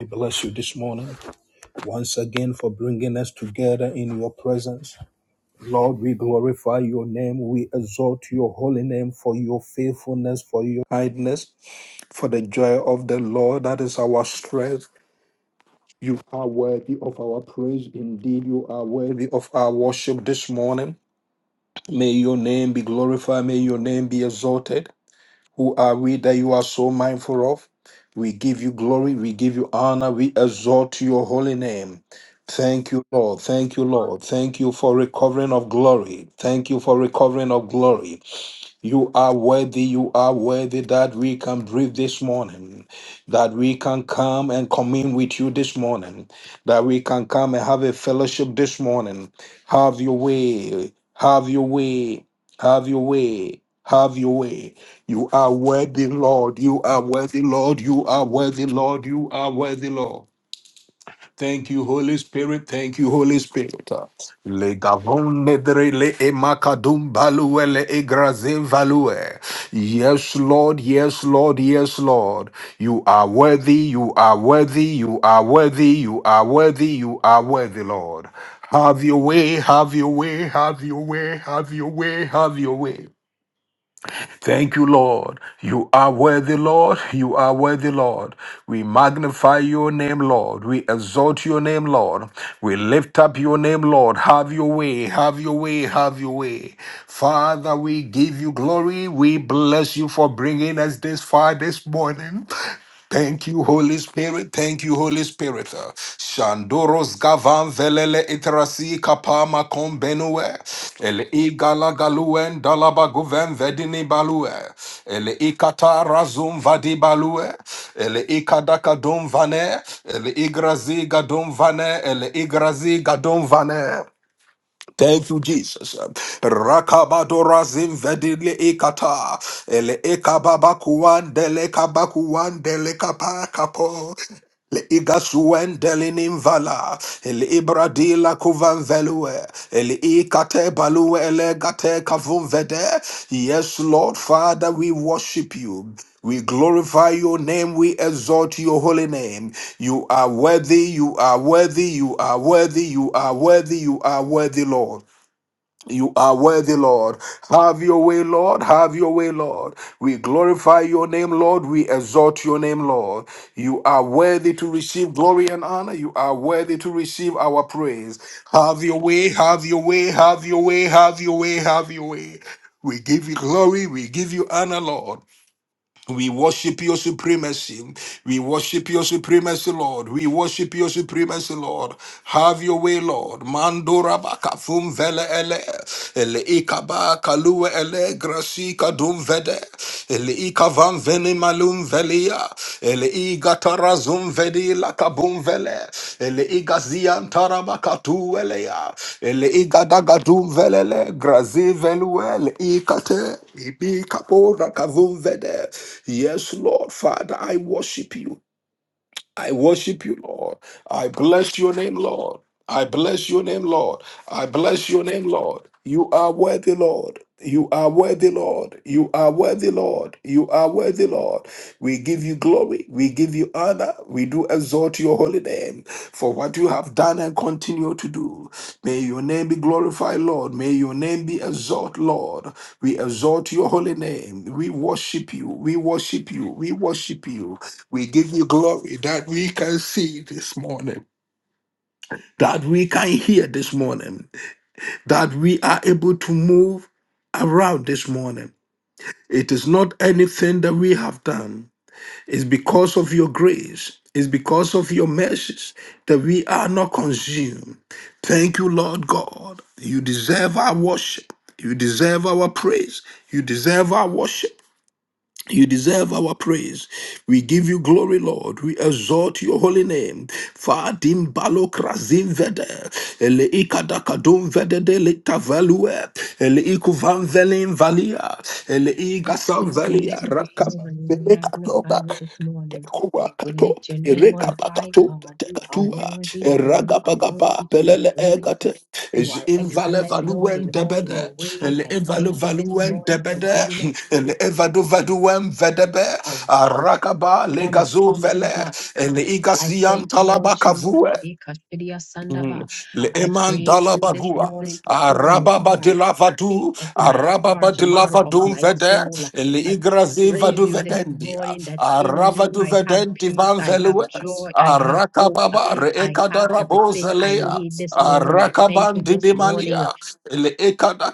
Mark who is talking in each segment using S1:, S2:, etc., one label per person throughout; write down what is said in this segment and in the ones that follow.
S1: We bless you this morning once again for bringing us together in your presence. Lord, we glorify your name. We exalt your holy name for your faithfulness, for your kindness, for the joy of the Lord. That is our strength. You are worthy of our praise. Indeed, you are worthy of our worship this morning. May your name be glorified. May your name be exalted. Who are we that you are so mindful of? We give you glory. We give you honor. We exalt your holy name. Thank you, Lord. Thank you, Lord. Thank you for recovering of glory. Thank you for recovering of glory. You are worthy, you are worthy that we can breathe this morning, that we can come and commune with you this morning, that we can come and have a fellowship this morning. Have your way, have your way, have your way, have your way. You are worthy, Lord, you are worthy, Lord, you are worthy, Lord, you are worthy, Lord. Thank you, Holy Spirit. Thank you, Holy Spirit. Le gavon nedre le emakadum balue le egrazin value. Yes, Lord. Yes, Lord. Yes, Lord. You are worthy. You are worthy. You are worthy. You are worthy. You are worthy, Lord. Have your way. Have your way. Have your way. Have your way. Have your way. Thank you, Lord. You are worthy, Lord. You are worthy, Lord. We magnify your name, Lord. We exalt your name, Lord. We lift up your name, Lord. Have your way, have your way, have your way. Father, we give you glory. We bless you for bringing us this far this morning. Thank you, Holy Spirit. Thank you, Holy Spirit. Uh, Shandoros gavan velele iterasi kapama kombenue. Ele igala galuen dalaba guven vedini balue. Ele ikata razum vadi balue. Ele ikadaka dum vane. Ele igrazi gadum vane. Ele igrazi gadum vane. Thank you, Jesus. Rakabadora zimvedile ikata. Ele ekababakuan dele kabakuan dele kapakapo. Le igasuen delinim vala, el ibradila kuvan velue, el ikate balue elegate kavun vede. Yes, Lord Father, we worship you. We glorify your name. We exalt your holy name. You are worthy. You are worthy. You are worthy. You are worthy. You are worthy, Lord. You are worthy, Lord. Have your way, Lord. Have your way, Lord. We glorify your name, Lord. We exalt your name, Lord. You are worthy to receive glory and honor. You are worthy to receive our praise. Have your way, have your way, have your way, have your way, have your way. We give you glory. We give you honor, Lord. We worship your supremacy. We worship your supremacy, Lord. We worship your supremacy, Lord. Have your way, Lord. Mandora baka fum vele ele. Ele ikaba kalue ele grasi kadum vede. Ele ikavam veni malum vele Velia, Ele Igatara Zumvedi Lakabumvele, Ele Igazian Tarabakatu Elea, Ele Igadagadum Velele, Grazi Veluel, Ikate, Ibi Kapora Kavumvede. Yes, Lord, Father, I worship you. I worship you, Lord. I bless your name, Lord. I bless your name, Lord. I bless your name, Lord. You are worthy, Lord. You are worthy, Lord. You are worthy, Lord. You are worthy, Lord. We give you glory. We give you honor. We do exalt your holy name for what you have done and continue to do. May your name be glorified, Lord. May your name be exalted, Lord. We exalt your holy name. We worship you. We worship you. We worship you. We give you glory that we can see this morning, that we can hear this morning, that we are able to move around this morning. It is not anything that we have done. It's because of your grace. It's because of your mercies that we are not consumed. Thank you, Lord God. You deserve our worship. You deserve our praise. You deserve our worship. You deserve our praise. We give you glory, Lord. We exalt your holy name. Fadim balo krazim vede. Ele ikadakadum vede de lekta value. Ele ikuvan velim valia. Ele
S2: Lord, we
S1: igasan
S2: praise
S1: valia
S2: you this
S1: rakapa.
S2: morning. We magnify you
S1: Elekatoka.
S2: this morning.
S1: Kuwa
S2: We
S1: kato,
S2: lift your name on
S1: ireka
S2: high,
S1: bakato,
S2: God. You are
S1: tekatua,
S2: worthy and you
S1: eraga
S2: are
S1: bagaba,
S2: worthy to be
S1: pelele
S2: praised.
S1: egate,
S2: You
S1: is
S2: are
S1: invale
S2: excellent, Lord, in
S1: valuen
S2: all your
S1: debede,
S2: ways.
S1: el
S2: I
S1: invale
S2: thank you this
S1: valuen
S2: morning for
S1: debede,
S2: being.
S1: el evadu vaduen vedebe,
S2: a.
S1: arakaba
S2: promise
S1: legazu
S2: keeping
S1: vele,
S2: God.
S1: el
S2: I
S1: igasian
S2: thank you, Lord Jesus.
S1: talabakavue,
S2: Ekashidia Sandaba.
S1: Le
S2: I
S1: eman
S2: praise you this
S1: dalabadua,
S2: morning for who you
S1: arababa de
S2: are, King
S1: lavadu,
S2: of my
S1: arababa
S2: heart,
S1: de
S2: lover of
S1: lavadum
S2: my
S1: vede,
S2: soul.
S1: le
S2: I
S1: igrazi
S2: praise
S1: vadu
S2: you this
S1: vedendia,
S2: morning that in you
S1: aravadu
S2: I have
S1: vedenti
S2: peace,
S1: van
S2: I have
S1: velue,
S2: joy, I have hope,
S1: arakababa re
S2: I have
S1: ekadarabo
S2: everything I
S1: zelea,
S2: need this morning. I thank
S1: arakaban
S2: you this morning
S1: didimalia, le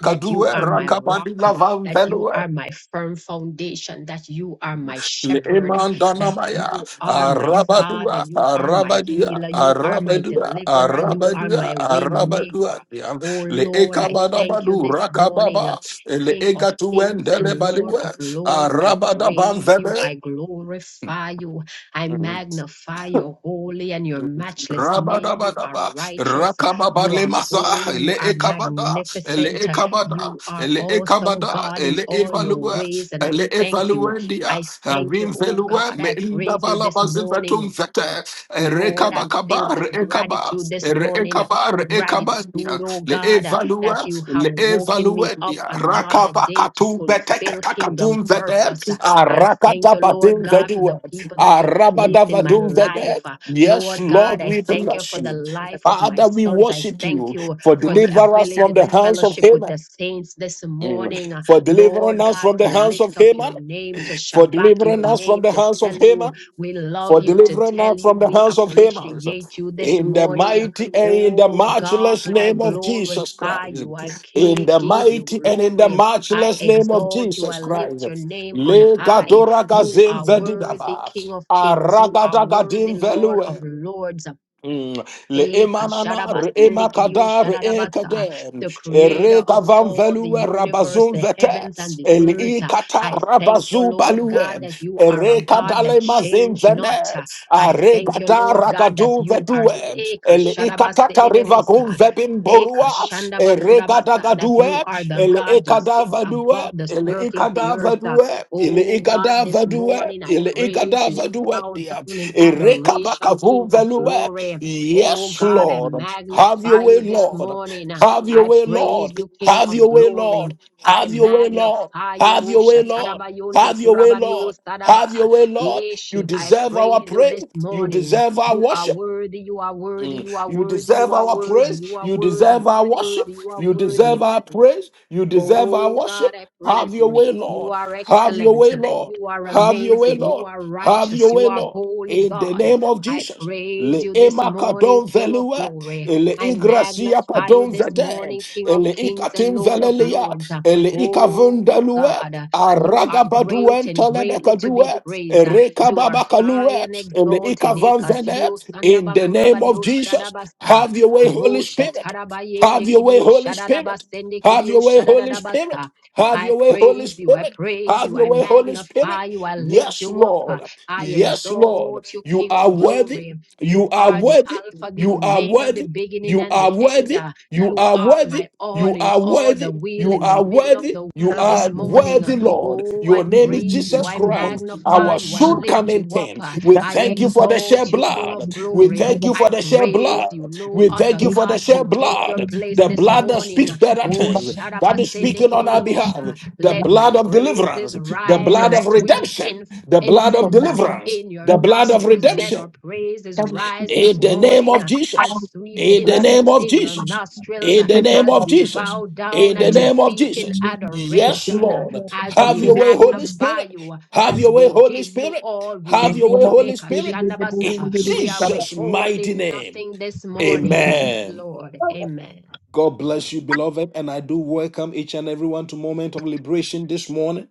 S2: that you are my rock,
S1: rakabadi lavan
S2: that you
S1: velue,
S2: are my firm foundation, that you are my shepherd, that
S1: Lemandanamaya,
S2: you are my father,
S1: Arabadua,
S2: you are my
S1: Arabadia,
S2: healer, you are my
S1: Arabadua,
S2: deliverer, you are my
S1: Arabadua,
S2: way maker.
S1: Arabadua, Diam,
S2: Oh Lord, I thank you
S1: Leekabadabadu,
S2: this morning.
S1: Rakababa, le
S2: King of kings
S1: Leegatuendele
S2: and Lord of
S1: Baliwe,
S2: lords, I praise you, I
S1: Arabadabanvebe.
S2: glorify you, I magnify your holy and your matchless name. You are
S1: Rabadabadaba,
S2: righteous, you
S1: Rakababale
S2: are
S1: Masa,
S2: holy,
S1: le
S2: you are
S1: Ekabada, Ele
S2: magnificent.
S1: Ekabada,
S2: You are
S1: Ele
S2: awesome,
S1: Ekabada,
S2: God, in
S1: le
S2: all your
S1: Evalue,
S2: ways, and I
S1: le
S2: thank you.
S1: Evaluendia,
S2: I thank you,
S1: Rim
S2: oh
S1: Velue,
S2: God. I praise you
S1: Meindabala
S2: this morning.
S1: Mazivatum Vete,
S2: Lord, I'm filled
S1: Erekabakaba,
S2: with
S1: Rekaba,
S2: gratitude this morning.
S1: rekaba
S2: Gratitude,
S1: Rekabandia,
S2: oh
S1: Le
S2: God, uh,
S1: Evalue,
S2: that you have
S1: Le
S2: woken me up
S1: Evaluendia,
S2: another day to
S1: Rakabakatu,
S2: fulfill kingdom
S1: Betekakatum Vete,
S2: purpose. Uh, I thank you, Lord God, for the
S1: Arakatabatim
S2: people that you have placed in my life.
S1: Arabadavaduvede.
S2: Uh,
S1: Yes,
S2: Lord God,
S1: Lord,
S2: I
S1: we
S2: thank you
S1: bless
S2: for the
S1: you.
S2: life of my
S1: Father, we
S2: sons. I
S1: worship
S2: thank
S1: you
S2: you
S1: for
S2: for the
S1: delivering us
S2: ability
S1: from
S2: to
S1: the hands of
S2: fellowship with
S1: Haman.
S2: the saints this morning.
S1: Mm.
S2: Uh,
S1: For delivering
S2: Lord
S1: us
S2: God,
S1: from the
S2: to
S1: hands of
S2: lift up your
S1: Haman.
S2: name, to
S1: For
S2: shabak your
S1: delivering us from
S2: name,
S1: the
S2: to
S1: hands
S2: tell
S1: of
S2: you
S1: Haman
S2: we love
S1: for
S2: you to
S1: delivering
S2: tell
S1: us
S2: you
S1: from the
S2: we
S1: hands of Haman.
S2: appreciate you this
S1: In the
S2: morning.
S1: mighty and in the
S2: Oh
S1: matchless
S2: God, I
S1: name of Jesus
S2: glorify
S1: Christ.
S2: you. I
S1: In
S2: ki-
S1: the
S2: give you
S1: mighty and in the
S2: glory. I
S1: matchless name of
S2: exalt you.
S1: Jesus
S2: I lift your
S1: Christ.
S2: name on
S1: Le
S2: high.
S1: gadora
S2: You
S1: gazim
S2: are worthy,
S1: vedidava.
S2: King of kings. You are
S1: Aragada
S2: worthy,
S1: gadim
S2: Lord of
S1: velue.
S2: lords.
S1: Mm. Le
S2: Eh,
S1: emanana re
S2: kashadabasende kidio
S1: emakada re
S2: shadadabata,
S1: ekadem
S2: The
S1: ere
S2: creator of
S1: gavan
S2: all the
S1: velue
S2: universe,
S1: rabazun
S2: the heavens and
S1: vetet
S2: the
S1: el
S2: earth.
S1: ikata
S2: I thank you,
S1: rabazu
S2: Lord God,
S1: balue
S2: that you are a
S1: ere
S2: God
S1: kadale
S2: that
S1: mazin
S2: change not.
S1: venet
S2: I
S1: are
S2: thank you,
S1: gada
S2: Lord God, that
S1: rakadu
S2: you are eh,
S1: vedue el ikakata riva
S2: kashadabasedebosa,
S1: gonvebin
S2: eh,
S1: borua e
S2: kashandabakurabasa, that
S1: regadagaduwe
S2: you are the
S1: el
S2: God who sits
S1: ikadavadue
S2: above the
S1: el
S2: circle of the earth.
S1: ikadavadue el
S2: Oh God, this
S1: ikadavadue
S2: morning I
S1: el
S2: praise you,
S1: ikadavadue
S2: bow
S1: dia
S2: down in
S1: e
S2: adoration, King of
S1: rekabakavuvelue
S2: glory. Oh
S1: yes
S2: God, I
S1: lord have
S2: magnify
S1: your way
S2: you this
S1: lord
S2: morning.
S1: have your
S2: I
S1: way
S2: praise
S1: lord
S2: you, King
S1: have
S2: of
S1: your way
S2: glory.
S1: lord
S2: I
S1: have your way lord
S2: magnify
S1: have
S2: you.
S1: your way lord
S2: Shatarabayondo
S1: have your way lord
S2: kurabadiosaraba.
S1: have your way, Lord. You
S2: Yeshi, I
S1: deserve our
S2: praise you
S1: praise.
S2: this
S1: You
S2: morning.
S1: deserve our
S2: You are
S1: worship.
S2: worthy, you are worthy,
S1: Mm.
S2: you are
S1: You
S2: worthy, you
S1: deserve
S2: are
S1: our
S2: worthy,
S1: praise.
S2: you are
S1: You
S2: worthy,
S1: deserve
S2: you are
S1: our
S2: worthy,
S1: worship.
S2: you are
S1: You
S2: worthy.
S1: deserve our praise. You deserve our
S2: Oh God,
S1: worship.
S2: I praise
S1: Have your
S2: you.
S1: way,
S2: You
S1: Lord.
S2: are
S1: Have your
S2: excellent.
S1: way, Lord.
S2: You are
S1: Have your way,
S2: amazing. You
S1: Lord.
S2: are
S1: Have
S2: righteous.
S1: your
S2: You
S1: way,
S2: are
S1: Lord.
S2: holy
S1: In the
S2: God.
S1: name of
S2: I
S1: Jesus.
S2: praise
S1: Le
S2: you this morning,
S1: emakadon
S2: King of
S1: velue
S2: glory.
S1: ele
S2: I
S1: igracia
S2: magnify you
S1: padonza
S2: this
S1: de,
S2: morning, King of
S1: ele
S2: kings and Lord of
S1: ikatimvelelia,
S2: lords.
S1: ele
S2: Oh
S1: ikavundalue,
S2: God, you are great and greatly to be
S1: aragabaduentelebekadue,
S2: praised. You are high and
S1: erekababakaluet, ele
S2: exalted. Eka shidio
S1: ikavanvenet.
S2: sanda
S1: In the name of
S2: bakurabadio
S1: Jesus,
S2: shadabasa.
S1: have your way, Holy
S2: Rosha
S1: Spirit.
S2: tarabayende
S1: Have your way,
S2: kidio
S1: Holy Spirit.
S2: shadadabasende
S1: Have
S2: kidio
S1: your way, Holy Spirit.
S2: shadadadabasa.
S1: Have
S2: I
S1: your way, Holy
S2: praise you, I
S1: Spirit.
S2: praise
S1: Have
S2: you,
S1: your
S2: I
S1: way, Holy Spirit.
S2: magnify you, I lift
S1: Yes,
S2: you up,
S1: Lord.
S2: I
S1: Yes, Lord.
S2: exalt you,
S1: You
S2: King
S1: are
S2: of
S1: worthy.
S2: glory.
S1: You
S2: You
S1: are
S2: are the
S1: worthy.
S2: Alpha, the
S1: You are
S2: Omega, the
S1: worthy.
S2: beginning
S1: You
S2: and
S1: are
S2: the end.
S1: worthy. You
S2: You
S1: are
S2: are
S1: worthy.
S2: my all
S1: You
S2: in
S1: are
S2: all, the
S1: worthy.
S2: wheel
S1: You
S2: in the
S1: are
S2: middle of
S1: worthy.
S2: the
S1: You
S2: wheel
S3: Thank
S2: this
S1: are
S2: morning.
S1: worthy, Lord.
S2: Oh, I
S1: Your name is
S2: praise you,
S1: Jesus
S2: I
S1: Christ,
S2: magnify
S1: our
S2: you, I
S1: soon
S2: lift
S1: coming
S2: you
S1: King.
S2: up.
S1: We
S2: I
S1: thank you for the shed
S2: exalt you, King of
S1: blood. We
S2: glory.
S1: thank you
S2: I
S1: for the shed blood.
S2: praise you. No
S1: We thank
S2: other
S1: you for the
S2: God can
S1: shed
S2: take your
S1: blood.
S2: place
S1: The
S2: this
S1: blood that
S2: morning.
S1: speaks better
S2: Oh,
S1: tongues, that is speaking on our
S3: you.
S1: behalf.
S2: Shadabasendekedebosha.
S1: The
S2: let my
S1: blood of
S2: praises
S1: deliverance, the
S2: rise
S1: blood
S2: as
S1: of
S2: sweet
S1: redemption,
S2: in
S1: the blood of
S2: incense uh,
S1: deliverance,
S2: in your
S1: the blood of
S2: nostrils. Let our
S1: redemption,
S2: praises rise this
S1: in the name
S2: morning
S1: of
S2: uh, as
S1: Jesus.
S2: sweet
S1: In the name
S2: incense
S1: of
S2: in your
S1: Jesus.
S2: nostrils uh,
S1: In the name
S2: as
S1: of
S2: we
S1: Jesus.
S2: bow down
S1: In the
S2: at your
S1: name of
S2: feet in
S1: Jesus. Yes,
S2: adoration
S1: Lord.
S2: as we
S1: Have your way, Holy
S2: magnify
S1: Spirit.
S2: you,
S1: Have
S2: as
S1: your way,
S2: we
S1: Holy
S2: give you
S1: Spirit.
S2: all, we
S1: Have your way,
S2: leave
S1: Holy Spirit. In
S2: Ekashanabasa. We are
S1: Jesus' mighty
S2: withholding
S1: name.
S2: nothing this morning. Yes,
S1: Amen.
S2: Lord. Amen.
S1: God bless you, beloved. And I do welcome each and everyone to Moment of Liberation this morning.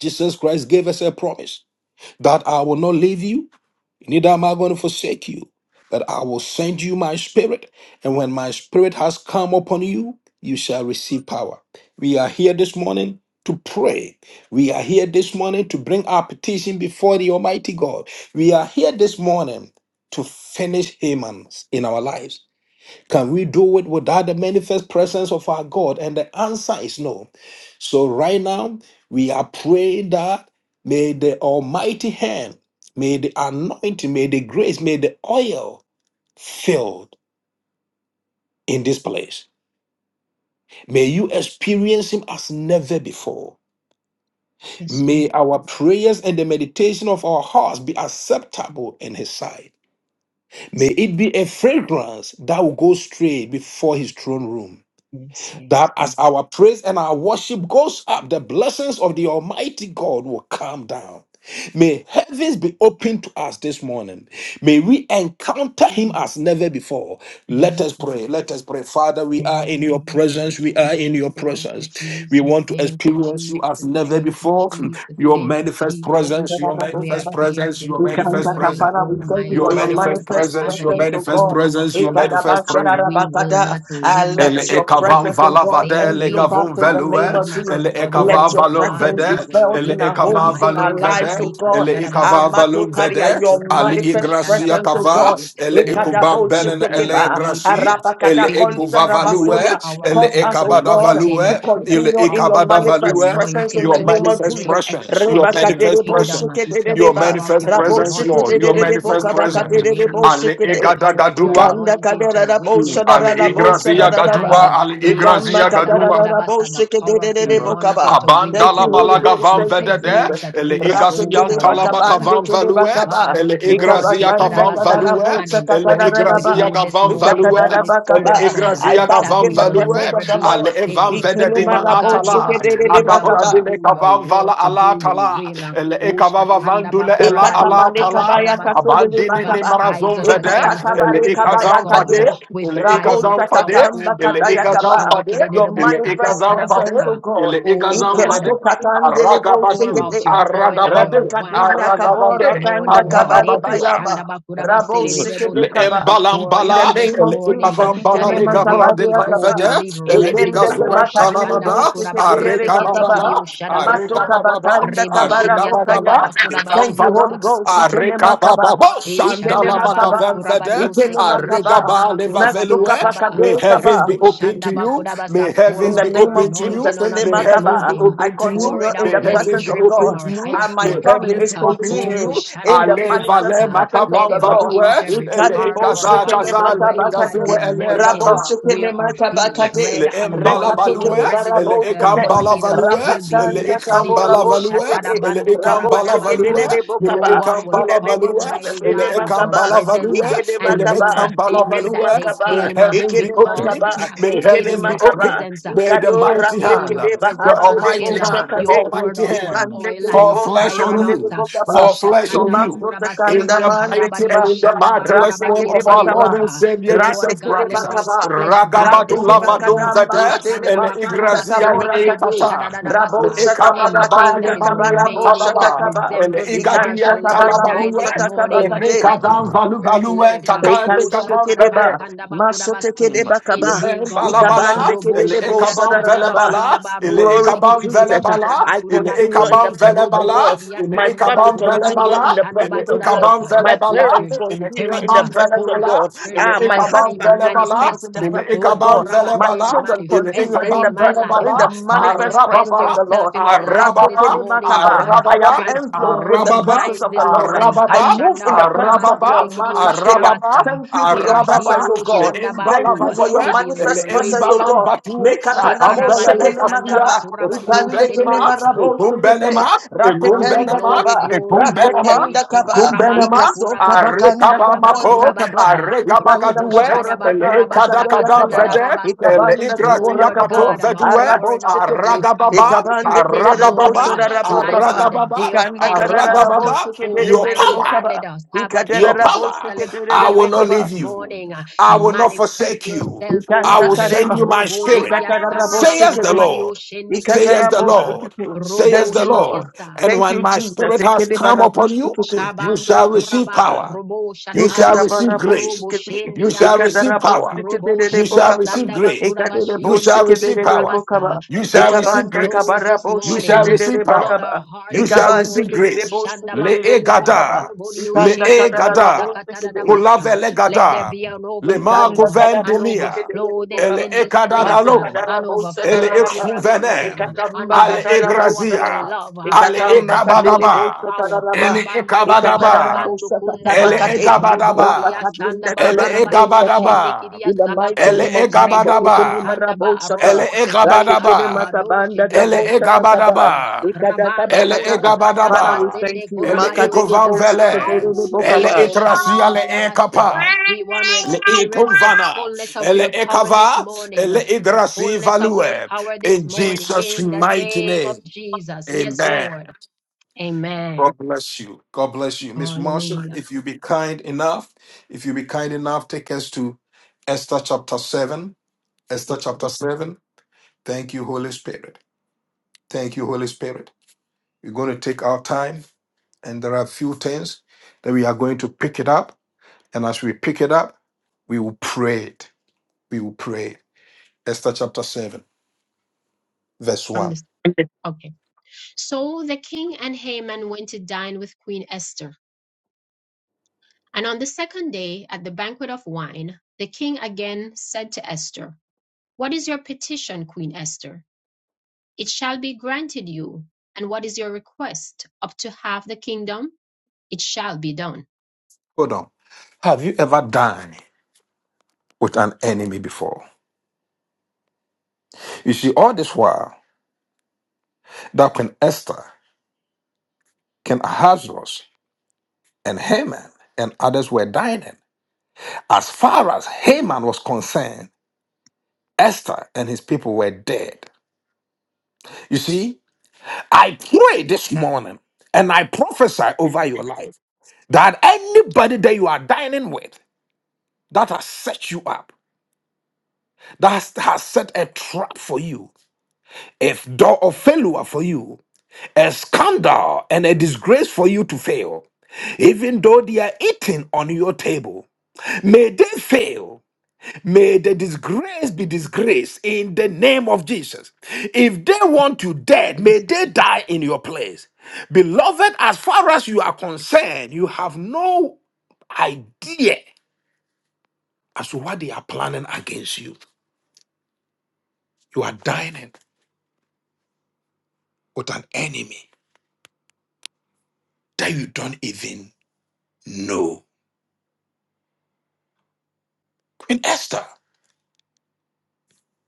S1: Jesus Christ gave us a promise that I will not leave you Neither am I going to forsake you, but I will send you my spirit. And when my spirit has come upon you, you shall receive power. We are here this morning to pray. We are here this morning to bring our petition before the Almighty God. We are here this morning to finish Haman in our lives. Can we do it without the manifest presence of our God? And the answer is no. So, right now, we are praying that may the Almighty hand, may the anointing, may the grace, may the oil fill in this place. May you experience Him as never before.
S2: Yes, Lord.
S1: May our prayers and the meditation of our hearts be acceptable in His sight. May
S2: Yes, Lord.
S1: it be a fragrance that will go straight before His throne room.
S2: yes, yes.
S1: That
S2: yes.
S1: as our praise and our worship goes up, the blessings of the Almighty God will come down. May heavens be open to us this morning. May we encounter him as never before. Let
S2: Mm.
S1: us pray. Let us pray. Father, we are in
S2: Thank
S1: your
S2: you,
S1: presence. We are in
S2: Jesus.
S1: your
S2: Thank you,
S1: presence. We
S2: Jesus.
S1: want to
S2: Thank you,
S1: experience you
S2: Jesus.
S1: as never
S2: Thank you,
S1: before.
S2: Jesus.
S1: Your
S2: Thank you,
S1: manifest
S2: Jesus.
S1: presence, your
S2: We are
S1: manifest
S2: here
S1: presence,
S2: this
S1: your
S3: We come
S1: manifest
S3: back, uh,
S2: morning,
S1: presence.
S3: Father. We thank you
S1: Your
S3: for
S2: Almighty
S3: your
S2: God,
S1: manifest
S2: to
S3: manifest
S2: have
S1: presence,
S2: an
S1: your
S3: presence, oh
S1: manifest
S3: God.
S2: encounter with
S1: presence, your
S2: you.
S1: manifest presence.
S2: We will
S3: Ikadabashadabakada.
S2: not
S3: Uh,
S2: leave
S1: El
S3: let
S2: this
S3: your
S1: ekavam
S2: place
S3: presence, oh
S2: the
S3: God,
S1: valavade
S2: same way
S3: envelope
S2: that
S3: us
S1: legavum
S3: in
S2: we
S3: the name
S1: velue.
S2: came.
S3: of Jesus.
S1: El
S2: But
S3: Let
S1: ekava
S2: oh
S3: your
S1: valum
S2: God,
S3: presence
S1: vede.
S3: be
S2: we will
S3: felt
S1: El
S3: in our
S2: leave,
S1: ekava
S3: homes, in
S2: Almighty
S3: our
S1: valum
S3: lives,
S2: God,
S1: vede.
S3: oh
S1: El
S3: God.
S1: ekava valum
S3: Amatokaria,
S1: vede.
S3: Your
S1: Ali
S2: Rabadiyo
S3: manifest
S1: igracia
S3: presence, oh
S2: Shandabakata,
S1: kava.
S3: God.
S1: El
S2: restored, uh,
S1: ekubam belen ele
S3: Ikadaboshetekeba,
S2: rejuvenated,
S1: graci.
S2: uh,
S1: El
S2: filled with
S1: ekuva
S2: power,
S1: value.
S2: the
S3: arapakadakontrabasoya.
S2: power
S1: El
S2: of
S3: Cause
S2: your
S3: us, oh
S1: ekabada
S3: God,
S2: anointing, uh,
S1: value.
S3: to
S2: the
S1: El
S3: continue in
S2: power
S3: your
S2: of
S1: ekabada
S2: your
S3: manifest
S1: value.
S3: presence
S2: anointing
S3: in the
S1: Your
S2: to
S3: name
S2: do
S3: of
S1: manifest
S3: Jesus.
S2: great
S1: presence. Your
S2: exploits for your
S1: manifest
S2: kingdom, uh,
S1: presence.
S2: the
S1: Your
S2: power
S3: Rebakadereboshekedereba,
S2: of
S1: manifest
S2: your
S1: presence, Lord.
S2: anointing
S1: Your
S2: to
S1: manifest
S2: heal in your
S1: presence.
S2: name, uh,
S1: Ali
S2: the
S3: raboshekedebokabakadereboshekede.
S2: power of your
S1: egadadadua.
S2: anointing to
S1: Mm.
S2: witness to
S1: Ali
S2: the lost
S1: igrazia
S2: and dying,
S1: gadua,
S2: uh,
S3: Ikandakaderaboshadaraboshadaraba.
S1: ali igrazia gadua.
S2: Ikashandabakurabasa, the power of your
S3: Ikambakadaraboshekedebokaba.
S2: anointing to win
S3: Thank
S1: Abandala
S3: you,
S2: souls.
S3: Holy
S2: uh,
S1: balaga
S3: Ghost.
S1: van
S2: You
S3: Thank you,
S2: said
S1: vedede,
S2: those
S3: Jesus.
S2: that
S1: ele
S2: win souls
S1: igazian
S2: are wise.
S1: talabaka
S2: uh,
S1: van
S2: Oh
S1: value,
S3: Ratekelebakabandekebakaba.
S2: God,
S1: ele
S2: we want
S1: igrazia
S2: take
S1: kavan
S2: Kadabasa
S1: value,
S2: an
S3: I
S1: ele
S2: encounter with
S1: igrazia
S2: you this
S1: gavan
S2: morning,
S1: value,
S2: Holy Spirit
S1: ele
S2: of God,
S1: igrazia
S2: that
S3: bask
S1: gavan
S3: in
S2: we
S3: the
S2: will
S1: value,
S3: presence
S2: never
S3: of the
S2: be the
S1: ale
S3: Lord.
S2: same.
S1: evan vededima
S2: Oh God, give
S1: atala,
S2: us wisdom
S1: agabra
S2: to
S3: Ikinimaraboshekedededebakaba.
S1: dile
S2: do your
S1: kavan
S2: work,
S1: vala
S2: to
S1: ala
S2: do your
S1: tala,
S2: will.
S1: ele
S2: Oh
S1: ekavava vandule ela ala tala,
S2: Shatandabakurabadiusakatarabasa.
S1: abandine ne
S3: Ikatamalekabayakatodedebakaba.
S2: Baptize
S1: marazon
S2: us
S1: vede
S2: again,
S1: ele
S2: Holy Spirit of
S1: ikazan
S2: God,
S1: fade
S3: Ikatakabarekabayakadea.
S2: with
S1: ele
S2: fire, with
S1: ikazan fade
S2: power, oh
S1: ele
S2: God.
S1: igazan
S3: Rabosatatambakadayakaba.
S1: fade
S3: Your
S1: ele
S3: manifest
S1: igazan fade
S3: presence, O
S2: Ikashindikidididibusakatarabasa.
S1: ele
S3: God.
S2: Oh
S1: igazan fade
S2: God, Pour
S1: aragabadu
S2: out
S3: Itestokatandeleboshekedede.
S2: your oil and
S1: aragabade
S2: your wine
S3: Rapakadulia
S2: upon us
S3: kabo
S2: this
S1: aragabade
S3: rapanda
S2: morning, God.
S3: kabare
S1: aragabade
S2: Ekashanda
S3: bayaba.
S2: bakuraba
S3: Rabo
S1: Le
S3: shikebe
S2: sedededebota.
S3: kaba.
S2: Pour it
S3: In the
S2: out
S1: embalambala,
S2: this
S3: name of
S1: le
S2: morning uh,
S3: Jesus,
S2: that
S1: ikavambala
S3: Ikele
S1: le
S2: everywhere
S1: gavra de
S3: Masabadi
S2: we go, we
S1: planzade,
S3: Akaba,
S2: leave
S1: le
S2: residue.
S3: Ekende
S2: Oh,
S1: igazuem
S3: Makadere
S2: shatanda
S1: talababa,
S3: Bosike
S2: bakuraba
S3: Bedere
S2: diesekete
S3: Bakaba,
S1: arekababa,
S2: kirio shadabasa.
S3: Matoka
S1: arekababa,
S3: Batanda
S2: Rebo
S3: Kabara
S2: shidia sanda
S1: arekababa,
S3: Bokaya.
S1: le
S2: bakuraba
S3: Thank you,
S2: shidio
S1: kamvada,
S3: Holy Ghost, Ikele Makaba,
S1: arekababa,
S2: Esha
S3: Ikele
S1: shandala
S2: tarabando
S3: Makaba,
S2: kurabadio
S3: Ikele
S2: sekedio
S1: makavenzade,
S3: Makaba,
S1: Makaba
S2: shandaba
S1: Leva
S2: kurabadio
S3: Matoka
S1: Velue.
S2: saba
S1: May
S3: Pakabe
S1: heavens
S3: Kaba,
S1: be
S2: rebo
S1: open to
S2: shandaba
S1: you.
S2: kurabasa.
S1: May
S3: in
S2: Pour
S1: heavens
S3: the
S1: be
S2: out
S3: name
S2: your
S1: open
S3: of
S1: to you.
S3: Jesus,
S2: anointing on
S3: in the
S2: us
S1: May
S2: this
S1: heavens
S3: Makaba,
S1: be
S2: morning.
S3: I
S1: open to you.
S2: Pour
S3: continue
S2: it
S3: in
S2: out,
S1: May
S3: the
S2: let it
S1: heavens
S3: presence
S1: be
S3: of
S2: drip from
S1: open
S3: God.
S1: to
S2: our
S1: you.
S2: heads
S3: And my
S2: to
S1: May
S2: our
S3: family
S1: heavens
S2: feet.
S3: is
S1: be open to
S2: Oh,
S1: you.
S3: continuing in the
S2: kushandaba
S1: Ale Vale
S3: manifest
S2: kurabasa.
S3: presence of
S2: Let
S1: Makaba
S3: the
S2: every
S3: Lord.
S2: inch,
S1: Vadue.
S2: every
S1: Ele
S2: part
S3: Ikadebo
S2: of our
S1: Igaza
S3: shekene
S2: bodies,
S1: Gaza Le
S2: Almighty God, be
S1: Igazue
S3: makabakade,
S1: Ele
S2: anointed.
S3: rabo
S2: Uh,
S1: Gata
S3: shekene
S2: Where our feet
S3: makabakade,
S2: tread,
S1: le embala
S2: anointing,
S3: rekateke
S2: the
S1: balue,
S3: de
S2: residue
S1: le
S3: barabo
S2: of the
S3: seke,
S1: ekambala
S2: anointing uh,
S1: value,
S2: will be
S1: le
S3: Rapatanta
S2: left there.
S3: kabora
S1: ekambala
S2: Oh,
S3: bose
S1: value,
S3: kede,
S1: le
S2: shatarabando
S3: rabose
S1: ekambala
S3: kede
S1: value,
S3: de
S2: kurabadabasa.
S3: de
S1: le
S2: No
S3: bokaba.
S2: one will
S3: In the
S1: ekambala
S3: name
S2: come,
S3: of
S1: value,
S3: Jesus,
S2: Almighty
S1: le
S3: ene
S2: God, into our
S3: makaba,
S1: ekambala
S2: presence
S1: value,
S2: uh,
S3: ikene
S1: le
S2: and
S3: makaba,
S2: leave the same
S1: ekambala
S2: way
S3: ikene
S2: that
S1: value.
S2: they
S3: makaba,
S1: May
S2: came uh,
S1: heavens be
S3: ikene
S2: because
S1: open,
S3: makaba,
S2: we have
S1: may
S2: stayed
S3: ikene
S2: in
S1: heavens be
S2: your
S1: open,
S3: makaba.
S2: presence. uh,
S1: may the
S2: We
S3: Ikado
S2: have
S1: mighty
S3: raste
S2: stayed in
S1: hand,
S2: your
S3: kede
S1: the
S2: presence
S3: bahande de
S1: almighty
S2: until uh,
S3: bosa
S1: hand, the
S2: you
S3: kade,
S2: poured
S1: almighty
S2: out your
S1: hand.
S3: ikande
S2: oil
S3: kede
S2: and
S1: Fall
S2: your
S3: bose
S1: flesh
S2: fire
S1: on
S3: kede
S2: on
S3: de
S2: us. uh.
S1: you.
S2: Oh,
S3: bokaba.
S1: Fall flesh on
S2: Shatanda
S1: you.
S3: Imasto
S2: Bakuraba
S1: In
S3: takanda
S2: Sendia
S1: the
S3: mande
S1: mighty
S2: Karabadio
S1: and
S3: keba,
S1: in the
S2: Shanda
S1: marvelous
S3: rate
S1: name
S2: Bakurabadi
S3: kede
S1: of our Lord
S3: basaba.
S1: and
S2: Sedebosa.
S1: Savior
S2: Lord
S1: Jesus
S2: God,
S3: Ratekele
S2: let
S1: Christ.
S2: all
S3: bakaba,
S2: flesh die
S1: Ragabadu
S2: this
S3: ratekele
S2: morning.
S1: lavadum
S3: bakadamba
S2: Oh,
S1: vede.
S3: kadele
S2: Shanda
S1: Ele
S2: Bakuraba
S3: basanta
S1: igrazia
S2: Sende
S3: kabora
S2: Kedebo
S3: kade,
S1: ekata.
S2: Shadadadabasa.
S3: rabosa tamaka
S1: ekabadaba
S2: Anything
S1: le
S2: that
S3: tanta
S2: is
S3: kaba
S1: manian
S3: rabosa
S2: remaining that
S1: talaba.
S3: takaba,
S1: Ele
S2: resembles
S3: ikanta
S2: Marsha,
S1: igadian
S2: let
S3: kaba
S2: it die
S1: talabalue.
S2: this
S3: rabosa takaba
S1: Ele
S2: morning. Uh,
S3: kade,
S2: Let your
S1: rikadam
S2: spirit
S1: valubalue.
S2: live. Uh, Oh,
S1: Kakante
S3: ekasote
S1: kamon vede.
S3: kedeba, masote
S2: shatarabasandabakurabase.
S3: kedeba kaba,
S1: Le
S2: in me,
S1: en
S2: God. Uh,
S3: ikabande
S1: balabala,
S2: Robo
S1: le
S3: kedede
S2: shidia
S3: bosa
S1: ekaban
S2: sanda
S3: dararaba,
S1: velebala,
S2: bakunda
S1: le
S2: baro
S3: Glory to
S1: ekaban
S2: sekidio
S3: Jesus.
S2: shanda
S1: velebala,
S3: I
S1: le
S3: continue
S2: bakurabase.
S3: in
S1: ekaban
S3: the presence of
S2: Robo
S1: velebala,
S3: God.
S2: shidia
S1: le
S3: My
S2: sanda
S3: family
S1: ekaban
S3: continue
S2: bakurabadio
S1: velebala,
S3: in the
S2: shanda
S1: le
S3: presence of God.
S1: ekaban
S2: bakurabasa.
S3: My
S1: velebala,
S2: Let your
S3: parents
S1: le
S3: continue
S2: Spirit,
S3: in the
S2: uh,
S1: ekaban
S3: presence of
S2: Holy
S1: velebala,
S3: God.
S2: Spirit
S1: le
S2: of
S3: Ah, my
S2: God,
S1: ekaban
S2: may
S3: husband
S1: velebala,
S3: continues in
S2: manifest.
S3: the
S2: uh,
S1: le
S3: presence
S2: Oh,
S3: of
S1: ekaban
S3: God.
S2: Kuraba
S3: My
S1: velebala,
S2: said,
S3: children
S1: le
S3: continue
S2: manifested
S3: in the
S2: in
S1: ekaban
S2: my
S3: presence,
S2: life.
S3: in
S2: Uh,
S3: the
S1: velebala,
S3: manifest
S2: Manifest
S3: presence
S1: arababa,
S3: of the
S2: yourself
S3: Lord.
S2: in our lives this
S1: arababa,
S2: morning,
S3: Ratokelemakaba.
S2: God.
S3: I
S1: arababa,
S3: am enveloped
S2: Transform
S3: with
S2: our
S3: the
S1: arababa,
S3: presence
S2: minds
S3: of the
S2: this
S3: Lord.
S2: morning.
S3: I
S1: arababa,
S3: move
S2: Kashanda
S3: in the
S2: bakura
S3: presence of
S1: arababa,
S2: basende
S3: God.
S2: kidi o
S3: Makasteria.
S1: arababa,
S2: shadabasa.
S3: Thank you for
S2: We are
S3: your
S2: here,
S3: presence,
S1: Arababa,
S3: oh
S2: O
S1: le
S3: God. Thank you
S2: Shandabaku,
S3: for your
S2: to
S1: embalabalua,
S2: be
S1: le
S3: manifest presence,
S2: liberated.
S3: oh God.
S1: embalambatu,
S3: Mekatana mo
S2: Shekarabadio
S1: akambelele
S3: shekene
S1: kastia,
S3: makaba,
S2: Sandabaku Rabadio
S3: ikande kene
S1: ekumbenema,
S3: marabo
S1: ekumbenema,
S3: shekebe,
S2: Glory,
S3: ratekenda
S1: ekumbenema,
S2: glory,
S3: kaba,
S2: glory,
S1: ekumbenema,
S2: glory.
S3: ratekenda kaba,
S1: ekumbenema,
S2: Shekarabando
S3: ikaso kaba
S2: kurabanio
S3: kanda
S1: arekaba
S3: kabo
S2: sandaba
S1: mako,
S3: ikataba,
S2: kurabasa.
S1: arekaba
S3: ikanda
S2: Robo
S1: gadue,
S3: kabora
S2: shadaba
S1: ele
S3: kadamba
S1: ekada
S2: kurabasa
S3: kadaya
S1: kadam
S3: kaba,
S1: zede,
S2: katatarabasa.
S1: ele
S3: ikabanda kabora
S1: igratia
S2: Lord
S1: katum
S2: God,
S3: kabo,
S2: an
S1: zedue,
S3: arabo
S2: outpouring out of your
S3: shekebe,
S2: of your
S1: aragababa,
S3: ikabande
S2: spirit this
S3: kederebo
S2: morning,
S1: aragababa,
S2: uh,
S3: sodarabo
S2: like on
S3: kaba,
S2: the
S1: aragababa,
S2: day of
S3: ikanda
S2: Pentecost. Uh,
S3: kadararabo
S1: aragababa,
S3: shekebe
S1: your
S2: Almighty God,
S1: power
S2: let
S3: kaba.
S2: us have a
S1: your
S3: Ikadera bosse
S1: power.
S2: Pentecostal
S1: I
S3: kedere
S1: will
S2: experience
S1: not
S2: this
S3: bokaba.
S1: leave you.
S2: morning. Uh,
S1: I will not
S2: Manifest
S1: forsake you.
S2: yourself, O
S1: I
S3: Ikanta
S1: will
S2: God. Eh,
S1: send
S3: kareba
S1: you my
S2: Robo
S1: spirit.
S2: shidia sandaba
S1: Say as the
S3: Ikaderabosikederebokaba.
S2: kurabadio
S1: Lord.
S3: Ikantakareba.
S2: shende
S1: Say
S2: kidio
S1: as the
S3: Ikatarabosikederebokaba.
S2: saba.
S1: Lord.
S3: Ikatarabosikete.
S1: Say as
S2: Robo
S3: Thank
S1: the
S3: you, Lord.
S1: Lord.
S2: shidiasa.
S1: And
S3: Thank
S1: when
S3: you,
S1: my spirit
S3: Jesus.
S1: come
S3: Ekedebara
S1: upon
S3: bosse
S1: you,
S3: kete.
S1: you
S2: Shabando Kuraba,
S1: shall,
S2: Robo
S1: you
S2: Shataba
S3: Ikatabara
S1: shall,
S3: bosse
S2: Sukurobo
S3: kete.
S1: you
S2: Shendi Andaba,
S3: Ikadara bosse
S2: Robo
S3: kedere
S2: Shedia
S3: bokaba.
S2: Sandaba Kuraba
S3: Ikadere bosse
S2: Shiende Kede
S3: kedere
S2: Kurabasa.
S3: bokaba.
S1: shall,
S2: Flood our
S3: ikabanda
S2: souls this morning.
S3: Ekedebarabosikete.
S2: Flood our
S3: Ikatabarabosikete. Ikatarabosikederebokaba. Ikaderebosikederebokaba.
S2: hearts this morning. Kushandaba Kundaba,
S3: Ikabandakabarabosikederebakaba. Ikabandekedebosikederebokaba.
S2: Robodio Shende Kidio
S3: Ikandakadarabosikederebokaba.
S2: Sakatadabasa. Let there
S1: Gada,
S2: be an
S1: le Marco
S3: Ikanda
S2: overflow, uh,
S3: kada
S2: an
S3: boste
S1: Vendelia,
S3: kedere
S2: overflow this
S3: bokaba.
S1: ele
S2: in this place,
S3: Mata
S2: uh,
S3: kadara
S1: Ecadaloma,
S2: an
S3: bosta
S1: ele
S2: overflow of your
S3: daraba.
S2: anointing, uh,
S1: Ecuvenem,
S2: an
S3: Ikatamba
S1: ale
S3: katara
S2: overflow of
S3: bosta
S2: your
S3: ta.
S1: Egrazia,
S2: love, uh,
S1: ale
S2: an
S3: Ikatamba
S2: overflow
S3: katere
S2: of your
S1: Ecabadaba,
S3: bosta
S2: power.
S3: daraba.
S1: ele
S2: Kurabandio
S3: Ikatara
S1: Ecabadaba,
S2: kunshabandu
S3: bosta kataba
S1: ele
S2: kundaba,
S3: kade. Rapa
S2: roboria
S1: Egabadaba,
S3: kadenda
S2: sandaba
S1: ele
S3: kabara
S2: kurabadio
S3: bosta ta.
S1: Egabadaba,
S2: shendikidia
S3: In the mighty
S1: ele
S2: sabaku,
S3: name of Jesus,
S2: rebo
S3: ikini
S1: Egabadaba,
S3: mara
S2: shatandaba,
S3: bosta
S2: robo
S1: ele
S3: ta.
S2: seke
S3: Rate kene
S1: Egabadaba,
S2: karabado
S3: makabanda
S1: ele
S2: shede,
S3: kabosta ta
S2: robo
S3: kaba.
S2: saka,
S1: Egabadaba,
S3: Ikada kaba
S1: ele
S2: rabandio
S3: kada. Father, we
S1: Egabadaba,
S3: thank
S2: shakatarabasende
S3: you.
S1: ele
S2: kurabadio
S3: Makadere
S1: Ecovan
S3: bosta
S2: shadarabasa.
S3: kedere
S1: Velez, ele
S2: Yeka
S3: bokaba.
S1: Etrasia
S2: shandaba
S1: le
S2: kudabasa.
S1: ele
S2: We want to
S1: Le
S2: experience the
S1: ikovana,
S2: fullness of
S1: ele
S2: your power this
S1: ekava,
S2: morning,
S1: ele
S2: uh, the
S1: idrasi
S2: fullness of your
S1: value.
S2: power this
S1: In
S2: morning
S1: Jesus'
S2: in the
S1: mighty
S2: name
S1: name.
S2: of Jesus. Yes,
S1: Amen.
S2: Lord. Amen.
S1: Bless you. God bless you. Miss Marshall,
S2: Hallelujah.
S1: if you be kind enough, if you be kind enough, take us to Esther chapter 7. Esther chapter 7. Thank you, Holy Spirit. Thank you, Holy Spirit. We're going to take our time, and there are a few things that we are going to pick it up. And as we pick it up, we will pray it. We will pray. Esther chapter 7. verse
S2: From
S1: 1.
S2: this, okay. So the king and Haman went to dine with Queen Esther. And on the second day, at the banquet of wine, the king again said to Esther, What is your petition, Queen Esther? It shall be granted you. And what is your request? Up to half the kingdom? It shall be done.
S1: Hold on. Have you ever dined with an enemy before? You see, all this while that Queen Esther, King Ahasuerus, and Haman and others were dining, as far as Haman was concerned, Esther and his people were dead. You see, I pray this morning and I prophesy over your life that anybody that you are dining with that has set you up, that has has set a trap for you, a door of failure for you, a scandal and a disgrace for you to fail, even though they are eating on your table. May they fail. May the disgrace be disgrace in the name of Jesus. If they want you dead, may they die in your place. Beloved, as far as you are concerned, you have no idea as to what they are planning against you. You are dining with an enemy that you don't even know. Queen Esther,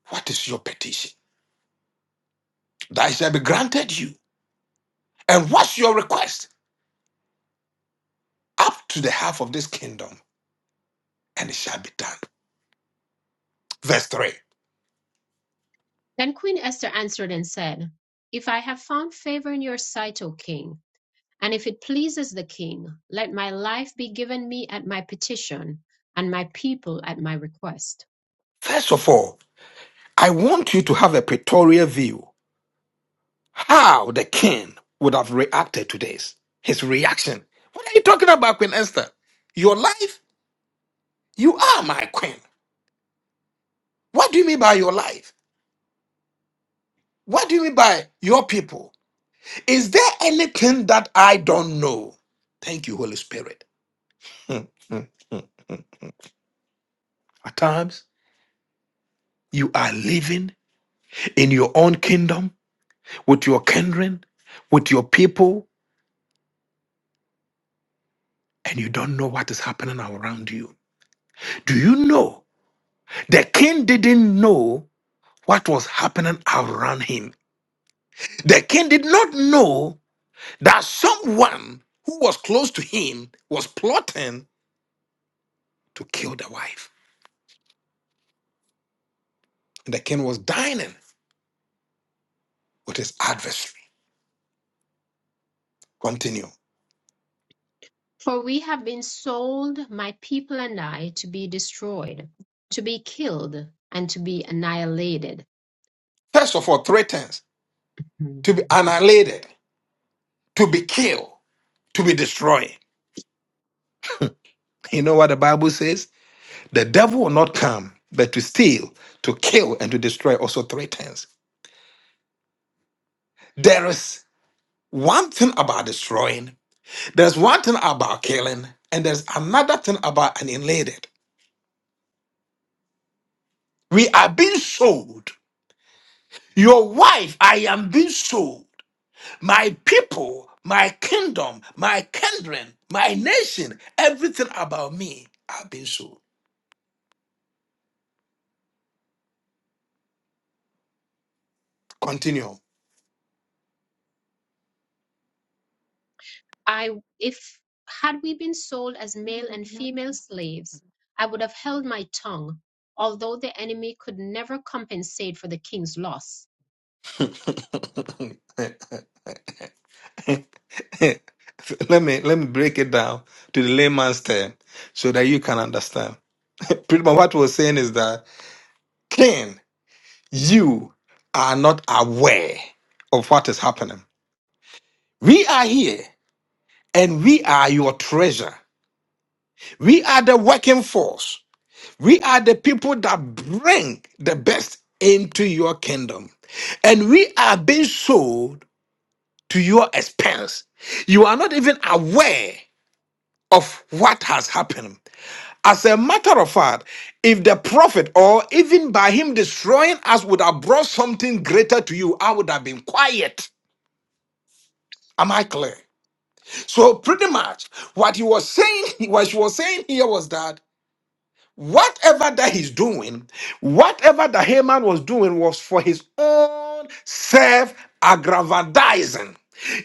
S1: what is your petition? That shall be granted you. And what's your request? Up to the half of this kingdom, and it shall be done. Verse 3.
S2: Then Queen Esther answered and said, If I have found favor in your sight, O king, and if it pleases the king, let my life be given me at my petition, and my people at my request.
S1: First of all, I want you to have a pictorial view how the king would have reacted to this. His reaction. What are you talking about, Queen Esther? Your life? You are my queen. What do you mean by your life? What do you mean by your people? Is there anything that I don't know? Thank you, Holy Spirit. Hmm, hmm, hmm. At times, you are living in your own kingdom, with your kindred, with your people, and you don't know what is happening around you. Do you know? The king didn't know what was happening around him. The king did not know that someone who was close to him was plotting to kill the wife. And the king was dining with his adversary. Continue.
S2: For we have been sold, my people and I, to be destroyed, to be killed, and to be annihilated.
S1: First of all, threatens to
S2: Mm-hmm.
S1: be annihilated, to be killed, to be destroyed. You know what the Bible says? The devil will not come, but to steal, to kill, and to destroy also three times. There is one thing about destroying, there's one thing about killing, and there's another thing about annihilated. We are being sold. Your wife, I am being sold. My people, my kingdom, my kindred, my nation, everything about me are being sold. Continue.
S2: I if had we been sold as male and female slaves, I would have held my tongue, although the enemy could never compensate for the king's loss.
S1: let me let me break it down to the layman's term so that you can understand. Pretty much what we're saying is that Cain, you are not aware of what is happening. We are here and we are your treasure. We are the working force. We are the people that bring the best into your kingdom. And we are being sold to your expense. You are not even aware of what has happened. As a matter of fact, if the prophet or even by him destroying us would have brought something greater to you, I would have been quiet. Am I clear? So pretty much what he was saying, what she was saying here was that Whatever that he's doing, whatever that Haman was doing was for his own self aggrandizing.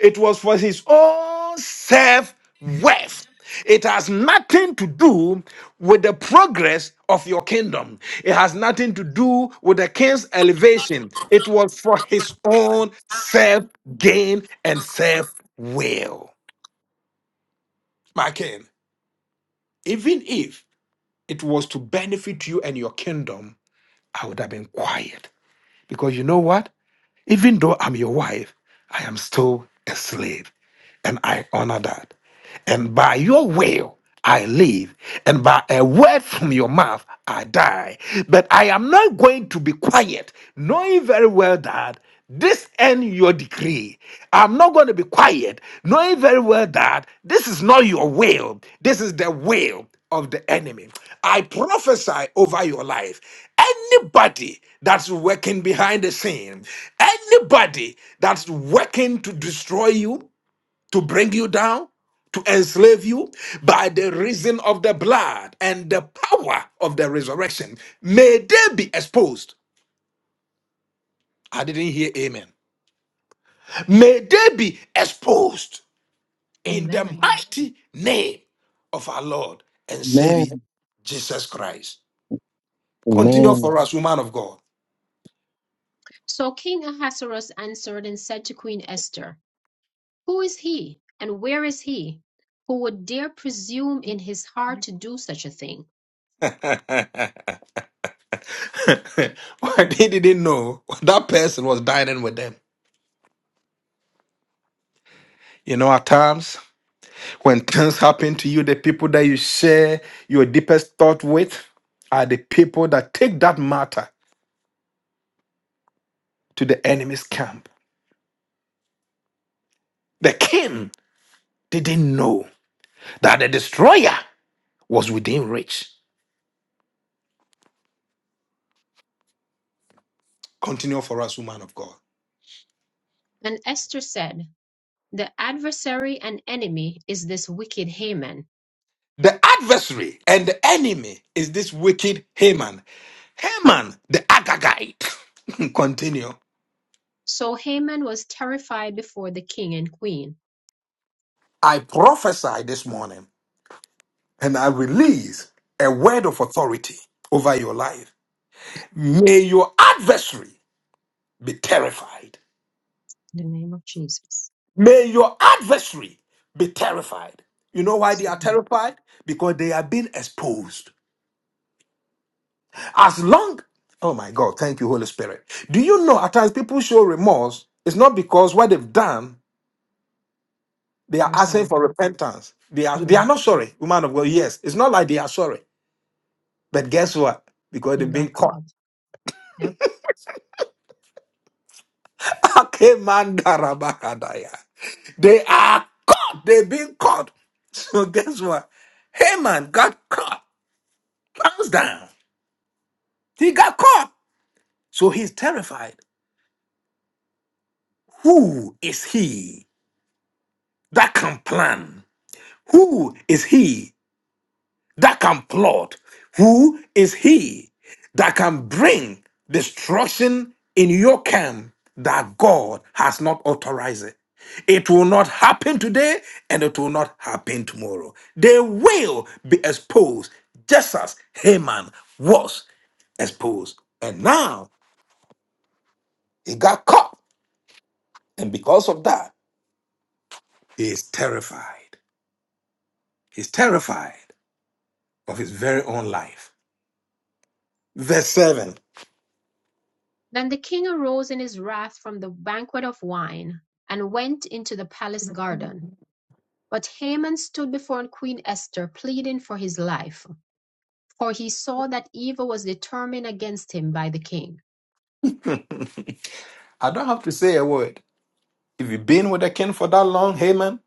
S1: It was for his own self worth. It has nothing to do with the progress of your kingdom. It has nothing to do with the king's elevation. It was for his own self gain and self will. My king, even if it was to benefit you and your kingdom, I would have been quiet. Because you know what? Even though I'm your wife, I am still a slave. And I honor that and by your will I live, and by a word from your mouth I die. But I am not going to be quiet, knowing very well that this end your decree. I'm not going to be quiet, knowing very well that this is not your will, this is the will of the enemy. I prophesy over your life. Anybody that's working behind the scene, anybody that's working to destroy you, to bring you down, to enslave you by the reason of the blood and the power of the resurrection. May they be exposed. I didn't hear amen. May they be exposed in the
S2: Amen.
S1: mighty name of our Lord and Savior
S4: Amen.
S1: Jesus Christ. Continue
S4: Amen.
S1: for us, woman of God.
S2: So King Ahasuerus answered and said to Queen Esther, Who is he, and where is he, who would dare presume in his heart to do such a thing?
S1: Why they didn't know that person was dining with them. You know, at times When things happen to you, the people that you share your deepest thought with are the people that take that matter to the enemy's camp. The king didn't know that the destroyer was within reach. Continue for us, woman of God.
S2: And Esther said, The adversary and enemy is this wicked Haman.
S1: The adversary and the enemy is this wicked Haman. Haman, the Agagite. Continue.
S2: So Haman was terrified before the king and queen.
S1: I prophesy this morning and I release a word of authority over your life. May your adversary be terrified.
S2: In the name of Jesus.
S1: May your adversary be terrified. You know why they are
S2: slew.
S1: terrified? Because they are being exposed. As long, oh my God, thank you, Holy Spirit. Do you know at times people show remorse? It's not because what they've done, they are
S2: are
S1: asking
S2: sorry.
S1: for repentance. They are they
S2: Yeah.
S1: are not sorry, woman of God. Yes, it's not like they are sorry. But guess what? Because
S2: He
S1: they've been
S2: got
S1: caught.
S2: caught. Yep.
S1: Okay, man, darabakadaya. They are caught. They've been caught. So guess what? Haman got caught. Hands down. He got caught. So he's terrified. Who is he that can plan? Who is he that can plot? Who is he that can bring destruction in your camp that God has not authorized it? It will not happen today and it will not happen tomorrow. They will be exposed just as Haman was exposed. And now he got caught. And because of that, He is terrified. He's terrified of his very own life. Verse 7.
S2: Then the king arose in his wrath from the banquet of wine and went into the palace garden. But Haman stood before Queen Esther pleading for his life, for he saw that evil was determined against him by the king.
S1: I don't have to say a word. If you've been with the king for that long, Haman,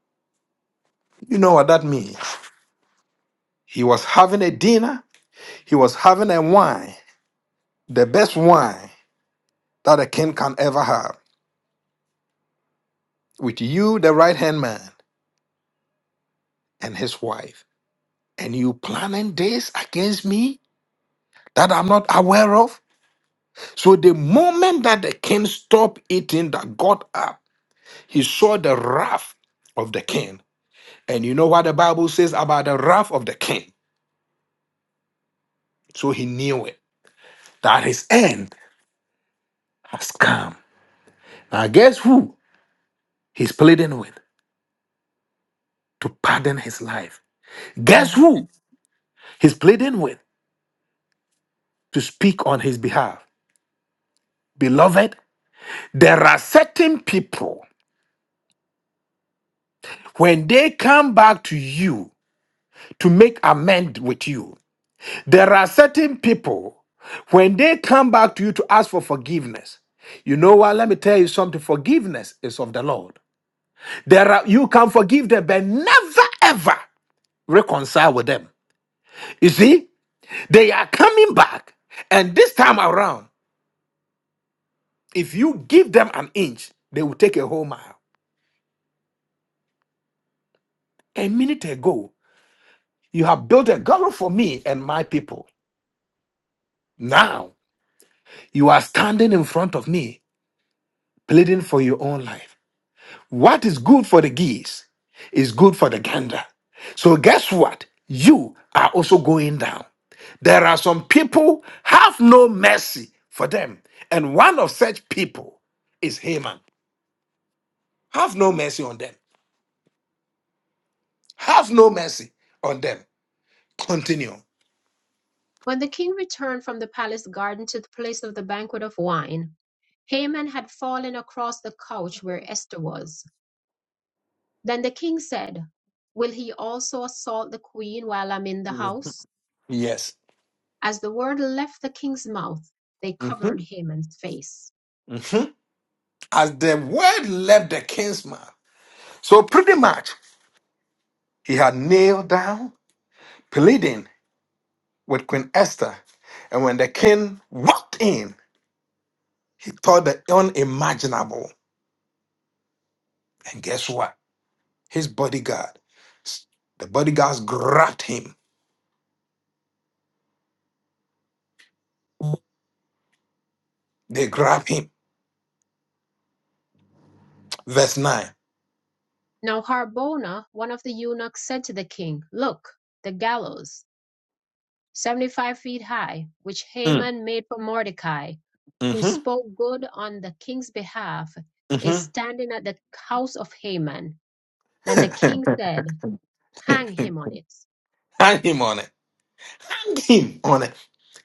S1: you know what that means. He was having a dinner, he was having a wine, the best wine that a king can ever have, with you, the right hand man, and his wife. And you planning this against me that I'm not aware of? So the moment that the king stopped eating, that got up, He saw the wrath of the king. And you know what the Bible says about the wrath of the king? So he knew it, that his end has come. Now, guess who he's pleading with to pardon his life?
S2: Mhm.
S1: Guess who he's pleading with to speak on his behalf? Beloved, there are certain people, when they come back to you to make amend with you, There are certain people, when they come back to you to ask for forgiveness, you know what? Let me tell you something. Forgiveness is of the Lord. There are you can forgive them, but never ever reconcile with them. You see, they are coming back, and this time around, if you give them an inch, they will take a whole mile. A minute ago, you have built a garden for me and my people. Now you are standing in front of me, pleading for your own life. What is good for the geese is good for the gander. So guess what? You are also going down. There are some people have no mercy for them. And one of such people is Haman. Have no mercy on them. Have no mercy on them. Continue.
S2: When the king returned from the palace garden to the place of the banquet of wine, Haman had fallen across the couch where Esther was. Then the king said, Will he also assault the queen while I'm in the house?
S1: Yes.
S2: As the word left the king's mouth, they covered
S1: Mhm,
S2: Haman's face.
S1: mhm. As the word left the king's mouth. So pretty much he had nailed down pleading with Queen Esther. And when the king walked in, He thought the unimaginable. And guess what? His bodyguard, the bodyguards grabbed him. They grabbed him. Verse 9.
S2: Now Harbona, one of the eunuchs, said to the king, Look, the gallows. seventy-five feet high, which
S1: Mm,
S2: Haman made for Mordecai, who
S1: hmm
S2: spoke good on the king's behalf, is
S1: hmm
S2: standing at the house of Haman. Then the king said, Hang him on it.
S1: Hang him on it. Hang him on it.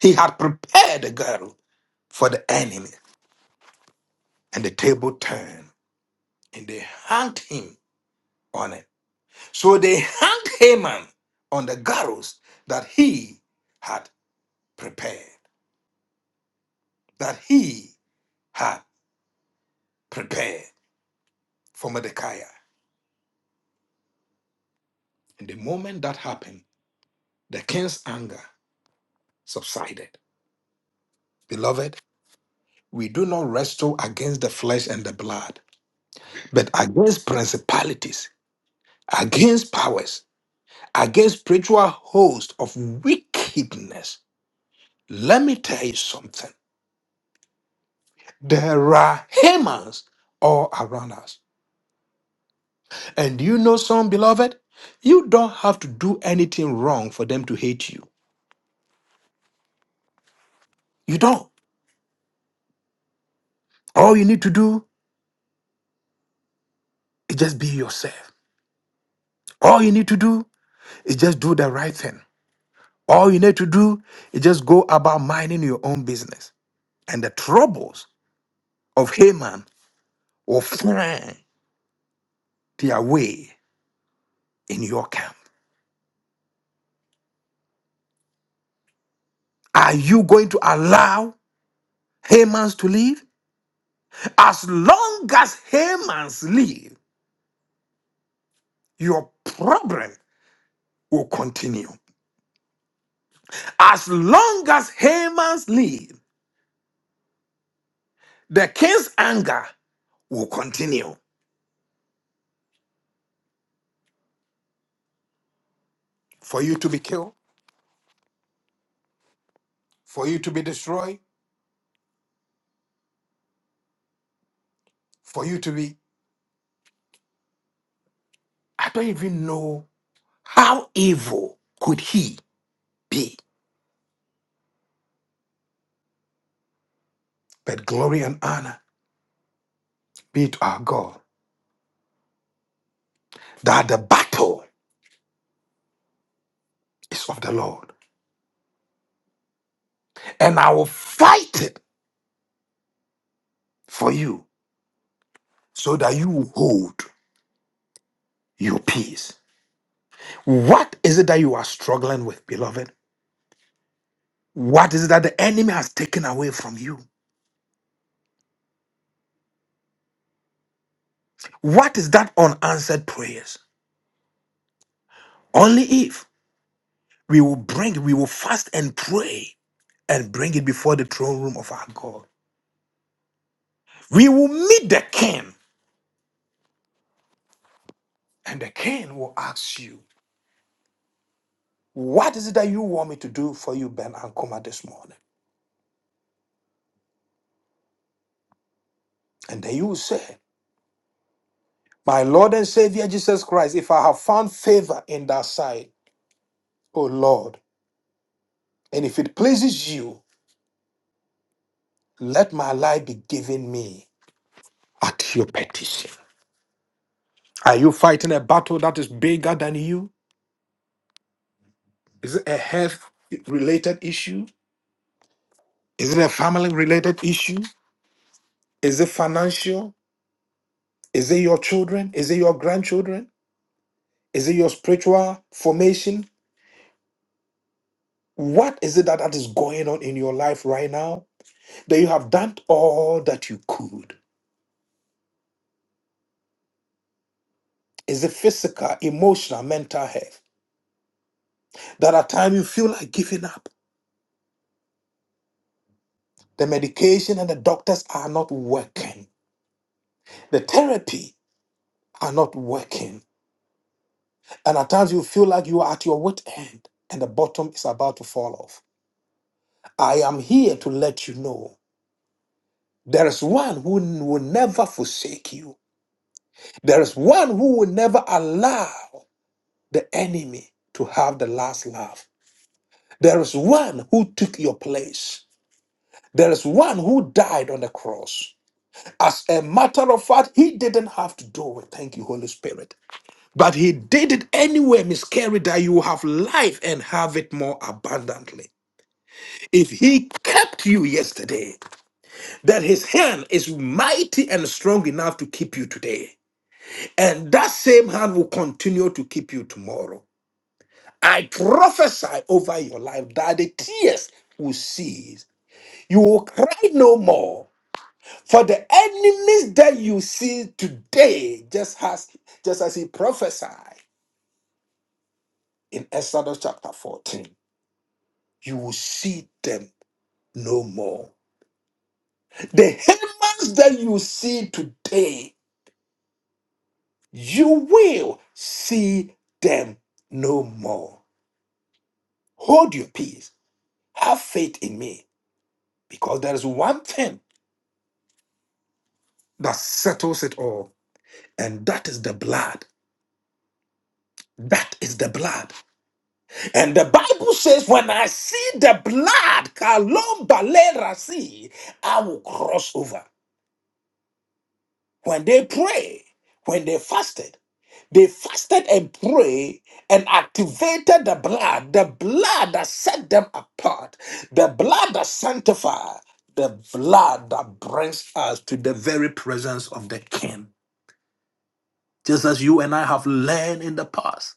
S1: He had prepared the girl for the enemy. And the table turned and they hanged him on it. So they hanged Haman on the gallows that he had prepared. That he had prepared for Mordecai. And the moment that happened, the king's anger subsided. Beloved, we do not wrestle against the flesh and the blood, but against principalities, against powers, against spiritual hosts of wickedness. Let me tell you something. There are Hamans all around us. And you know some, beloved? You don't have to do anything wrong for them to hate you. You don't. All you need to do is just be yourself. All you need to do is just do the right thing. All you need to do is just go about minding your own business. And the troubles of Haman will find their way in your camp. Are you going to allow Haman's to live? As long as Haman's live, your problem will continue. As long as Haman's live, the king's anger will continue for you to be killed, for you to be destroyed, for you to be. I don't even know How evil could he be? But glory and honor be to our God that the battle is of the Lord, and I will fight it for you so that you will hold your peace. What is it that you are struggling with, beloved? What is it that the enemy has taken away from you? What is that unanswered prayers? Only if we will bring, we will fast and pray and bring it before the throne room of our God. We will meet the king, and the king will ask you. What is it that you want me to do for you, Ben Ankoma, this morning? And then you will say, My Lord and Savior Jesus Christ, if I have found favor in thy sight, O Lord, and if it pleases you, let my life be given me at your petition. Are you fighting a battle that is bigger than you? Is it a health related issue? Is it a family related issue? Is it financial? Is it your children? Is it your grandchildren? Is it your spiritual formation? What is it that, that is going on in your life right now that you have done all that you could? Is it physical, emotional, mental health? That at times you feel like giving up. The medication and the doctors are not working. The therapy are not working. And at times you feel like you are at your wit end and the bottom is about to fall off. I am here to let you know there is one who will never forsake you. There is one who will never allow the enemy to have the last laugh. There is one who took your place. There is one who died on the cross. As a matter of fact, he didn't have to do it. Thank you, Holy Spirit. But he did it anyway, miscarried, that you have life and have it more abundantly. If he kept you yesterday, then his hand is mighty and strong enough to keep you today. And that same hand will continue to keep you tomorrow. I prophesy over your life that the tears will cease. You will cry no more. For the enemies that you see today, just as just as he prophesied in Exodus chapter 14, you will see them no more. The humans that you see today, you will see them no more. Hold your peace. Have faith in me. Because there is one thing that settles it all And that is the blood. That is the blood. And the Bible says, when I see the blood, Kalomba le rasi, I will cross over. When they pray, when they fasted, they fasted and prayed and activated the blood, the blood that set them apart, the blood that sanctified, the blood that brings us to the very presence of the King. Just as you and I have learned in the past,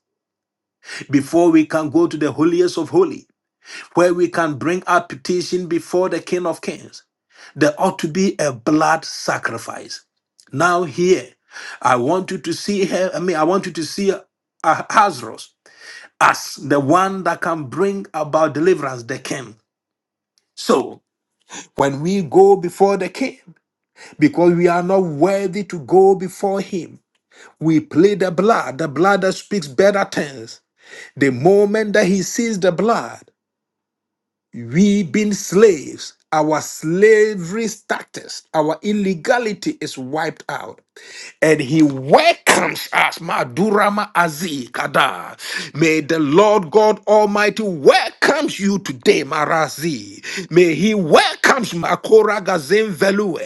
S1: before we can go to the holiest of holy, where we can bring our petition before the King of Kings. There ought to be a blood sacrifice. Now here, I want you to see her. I mean, I want you to see Hazros as the one that can bring about deliverance, the King. So when we go before the King, because we are not worthy to go before Him, we plead the blood, the blood that speaks better things. The moment that He sees the blood. we being slaves, our slavery status, our illegality is wiped out and he welcomes us. Madurama Azi Kada. May the Lord God Almighty welcomes you today, Marazi. May he welcomes Makora Gazem Velue.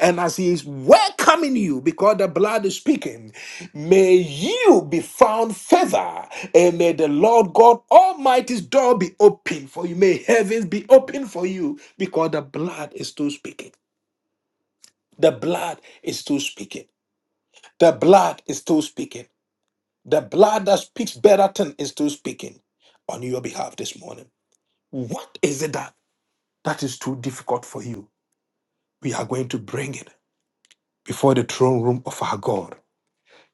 S1: And as he is welcoming you, because the blood is speaking, may you be found favor. And may the Lord God Almighty's door be open for you. May heavens be open for you because the blood is still speaking. The blood is still speaking. The blood is still speaking. The blood that speaks better thing is still speaking on your behalf this morning. What is it that that is too difficult for you? We are going to bring it before the throne room of our God.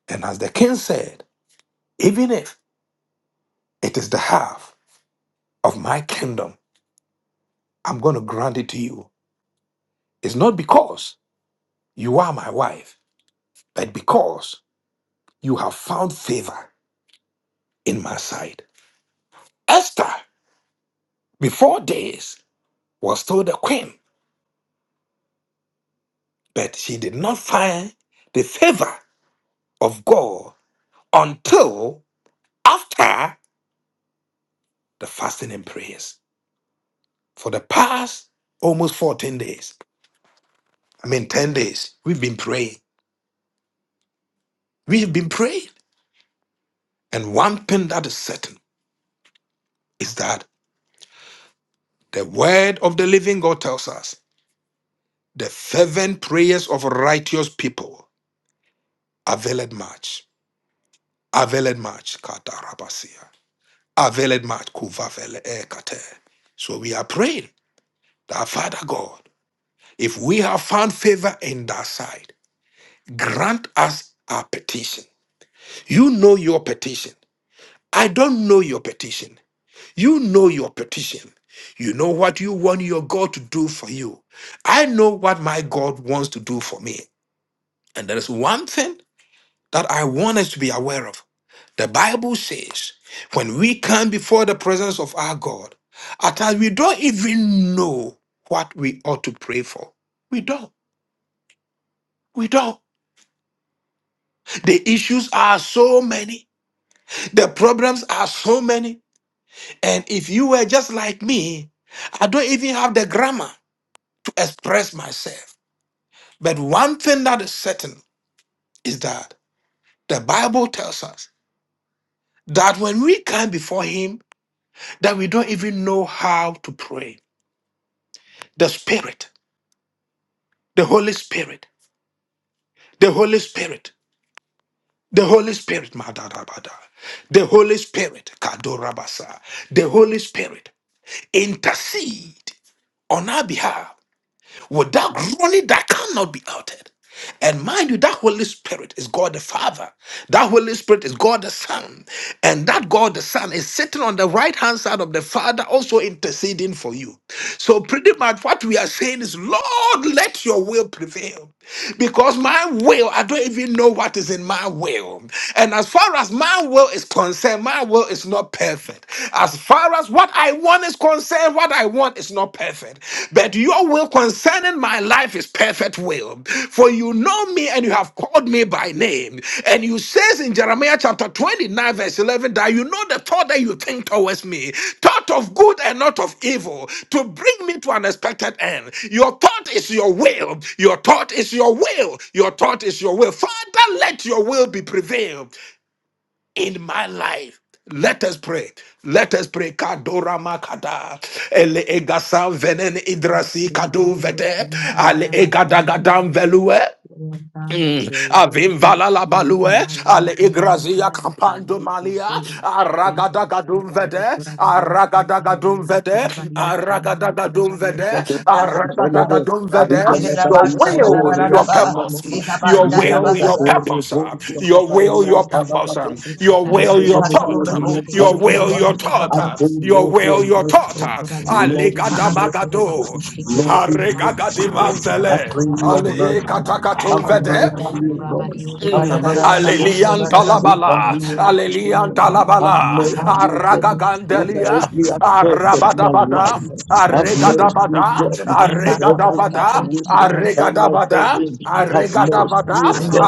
S1: And as the king said, even if it is the half of my kingdom, I'm going to grant it to you. It's not because you are my wife, but because you have found favor in my sight. Esther, before this, was still the queen But she did not find the favor of God until after the fasting and prayers. For the past almost 14 days, I mean 10 days, we've been praying. We've been praying. And one thing that is certain is that the word of the living God tells us the fervent prayers of righteous people availed much. Availed much. Katarabasia. Availed much. Kuvavele ekate. So we are praying that Father God. If we have found favor in thy sight, grant us our petition. You know your petition. I don't know your petition. You know your petition. You know what you want your God to do for you. I know what my God wants to do for me. And there is one thing that I want us to be aware of. The Bible says, when we come before the presence of our God, at times we don't even know what we ought to pray for. We don't. We don't. The issues are so many. The problems are so many. And if you were just like me, I don't even have the grammar to express myself. But one thing that is certain is that the Bible tells us that when we come before Him, that we don't even know how to pray. The Spirit, the Holy Spirit, the Holy Spirit, the Holy Spirit, madadabada, the Holy Spirit, kadorabasa, the Holy Spirit intercede on our behalf with that groaning that cannot be uttered. And mind you, that Holy Spirit is God the Father. That Holy Spirit is God the Son. And that God the Son is sitting on the right hand side of the Father, also interceding for you. So, pretty much what we are saying is, Lord, let your will prevail because my will, I don't even know what is in my will. And as far as my will is concerned, my will is not perfect. As far as what I want is concerned, what I want is not perfect. But your will concerning my life is perfect will. For you know me and you have called me by by name. And you says in Jeremiah chapter 29, verse 11, that you know the thought that you think towards me, thought of good and not of evil, to bring me to an expected end. Your thought is your will. Your thought is your will. Your thought is your will. Father, let your will be prevailed in my life. Let us pray. Let us pray. Kadora makada ele egasa venen idrasi kadu vete ale egadagadam velue.
S2: Lord God,
S1: Mm.
S2: that your will be
S1: Avimvala la
S2: done in
S1: balue,
S2: my life,
S1: ale
S2: Almighty
S1: igrazia
S2: God, that your
S1: campando
S2: will
S1: malia,
S2: prevail.
S1: aragadagadum vede, aragadagadum vede, aragadagadum vede,
S4: I pray,
S3: Rabosheba,
S4: Lord,
S1: aragadagadum vede.
S3: Rapikere
S1: Your
S2: Robushia
S3: Rabasha,
S2: Tanda
S1: will, your
S2: Bakura
S3: Rararaba,
S1: purpose,
S2: Basia
S1: your
S3: Itabanda
S2: Tabando
S1: will,
S2: Kurva,
S1: your
S3: Tabakata,
S1: purpose, your will, your
S2: Kurva,
S1: purpose,
S2: Aste
S1: your will,
S2: Kataraba
S1: your
S2: Kura
S3: Ikatoro
S1: thought,
S2: Pustiki,
S3: Rebochi,
S2: take
S1: your
S2: the
S1: will, your
S2: Kurabas to
S1: thought,
S3: Kukaba,
S2: the
S1: your
S2: Kurabashi,
S1: will,
S4: your
S1: your
S4: mercy.
S1: thought.
S2: O
S4: Lord, be
S2: Kurabakushiki, the
S4: merciful.
S1: Aligadabagado,
S2: Kurabakushiki, the
S4: Lord, be merciful.
S2: Kurabakustakata
S4: I
S2: Taraba
S1: arigagadimanvele.
S4: pray
S2: Kurabakusta
S4: your
S1: Ale e
S2: Katarabakurabakusta,
S4: mercy.
S2: Kurabakusta,
S4: Have
S1: katakaton
S4: mercy,
S1: vede.
S2: O
S4: O God.
S2: Kurabarius,
S4: Have
S1: Mm.
S4: mercy,
S2: Jendiki,
S4: O God.
S2: Kurabarius,
S1: Alelian
S2: the Putu
S4: Over
S1: dalabala,
S4: me and my
S2: Kurabarius, the Kidio
S1: alelian
S4: children. Have
S2: Kurabarius,
S1: dalabala,
S4: mercy,
S2: Tanda
S4: O God.
S2: Bakurabarius.
S4: over
S1: aragagandelia,
S4: every aspect of my
S1: arabadabada,
S4: life. Have mercy,
S1: arregadabada,
S2: Kurabarius,
S4: God,
S2: Tanda
S4: over every
S2: Bakurabarius,
S1: arregadabada,
S4: situation I
S2: Shedekirius,
S4: find
S2: Tanda
S1: arregadabada,
S4: myself in.
S2: Bakurabashi,
S4: Have
S1: arregadabada,
S4: mercy,
S2: Sakata
S4: God,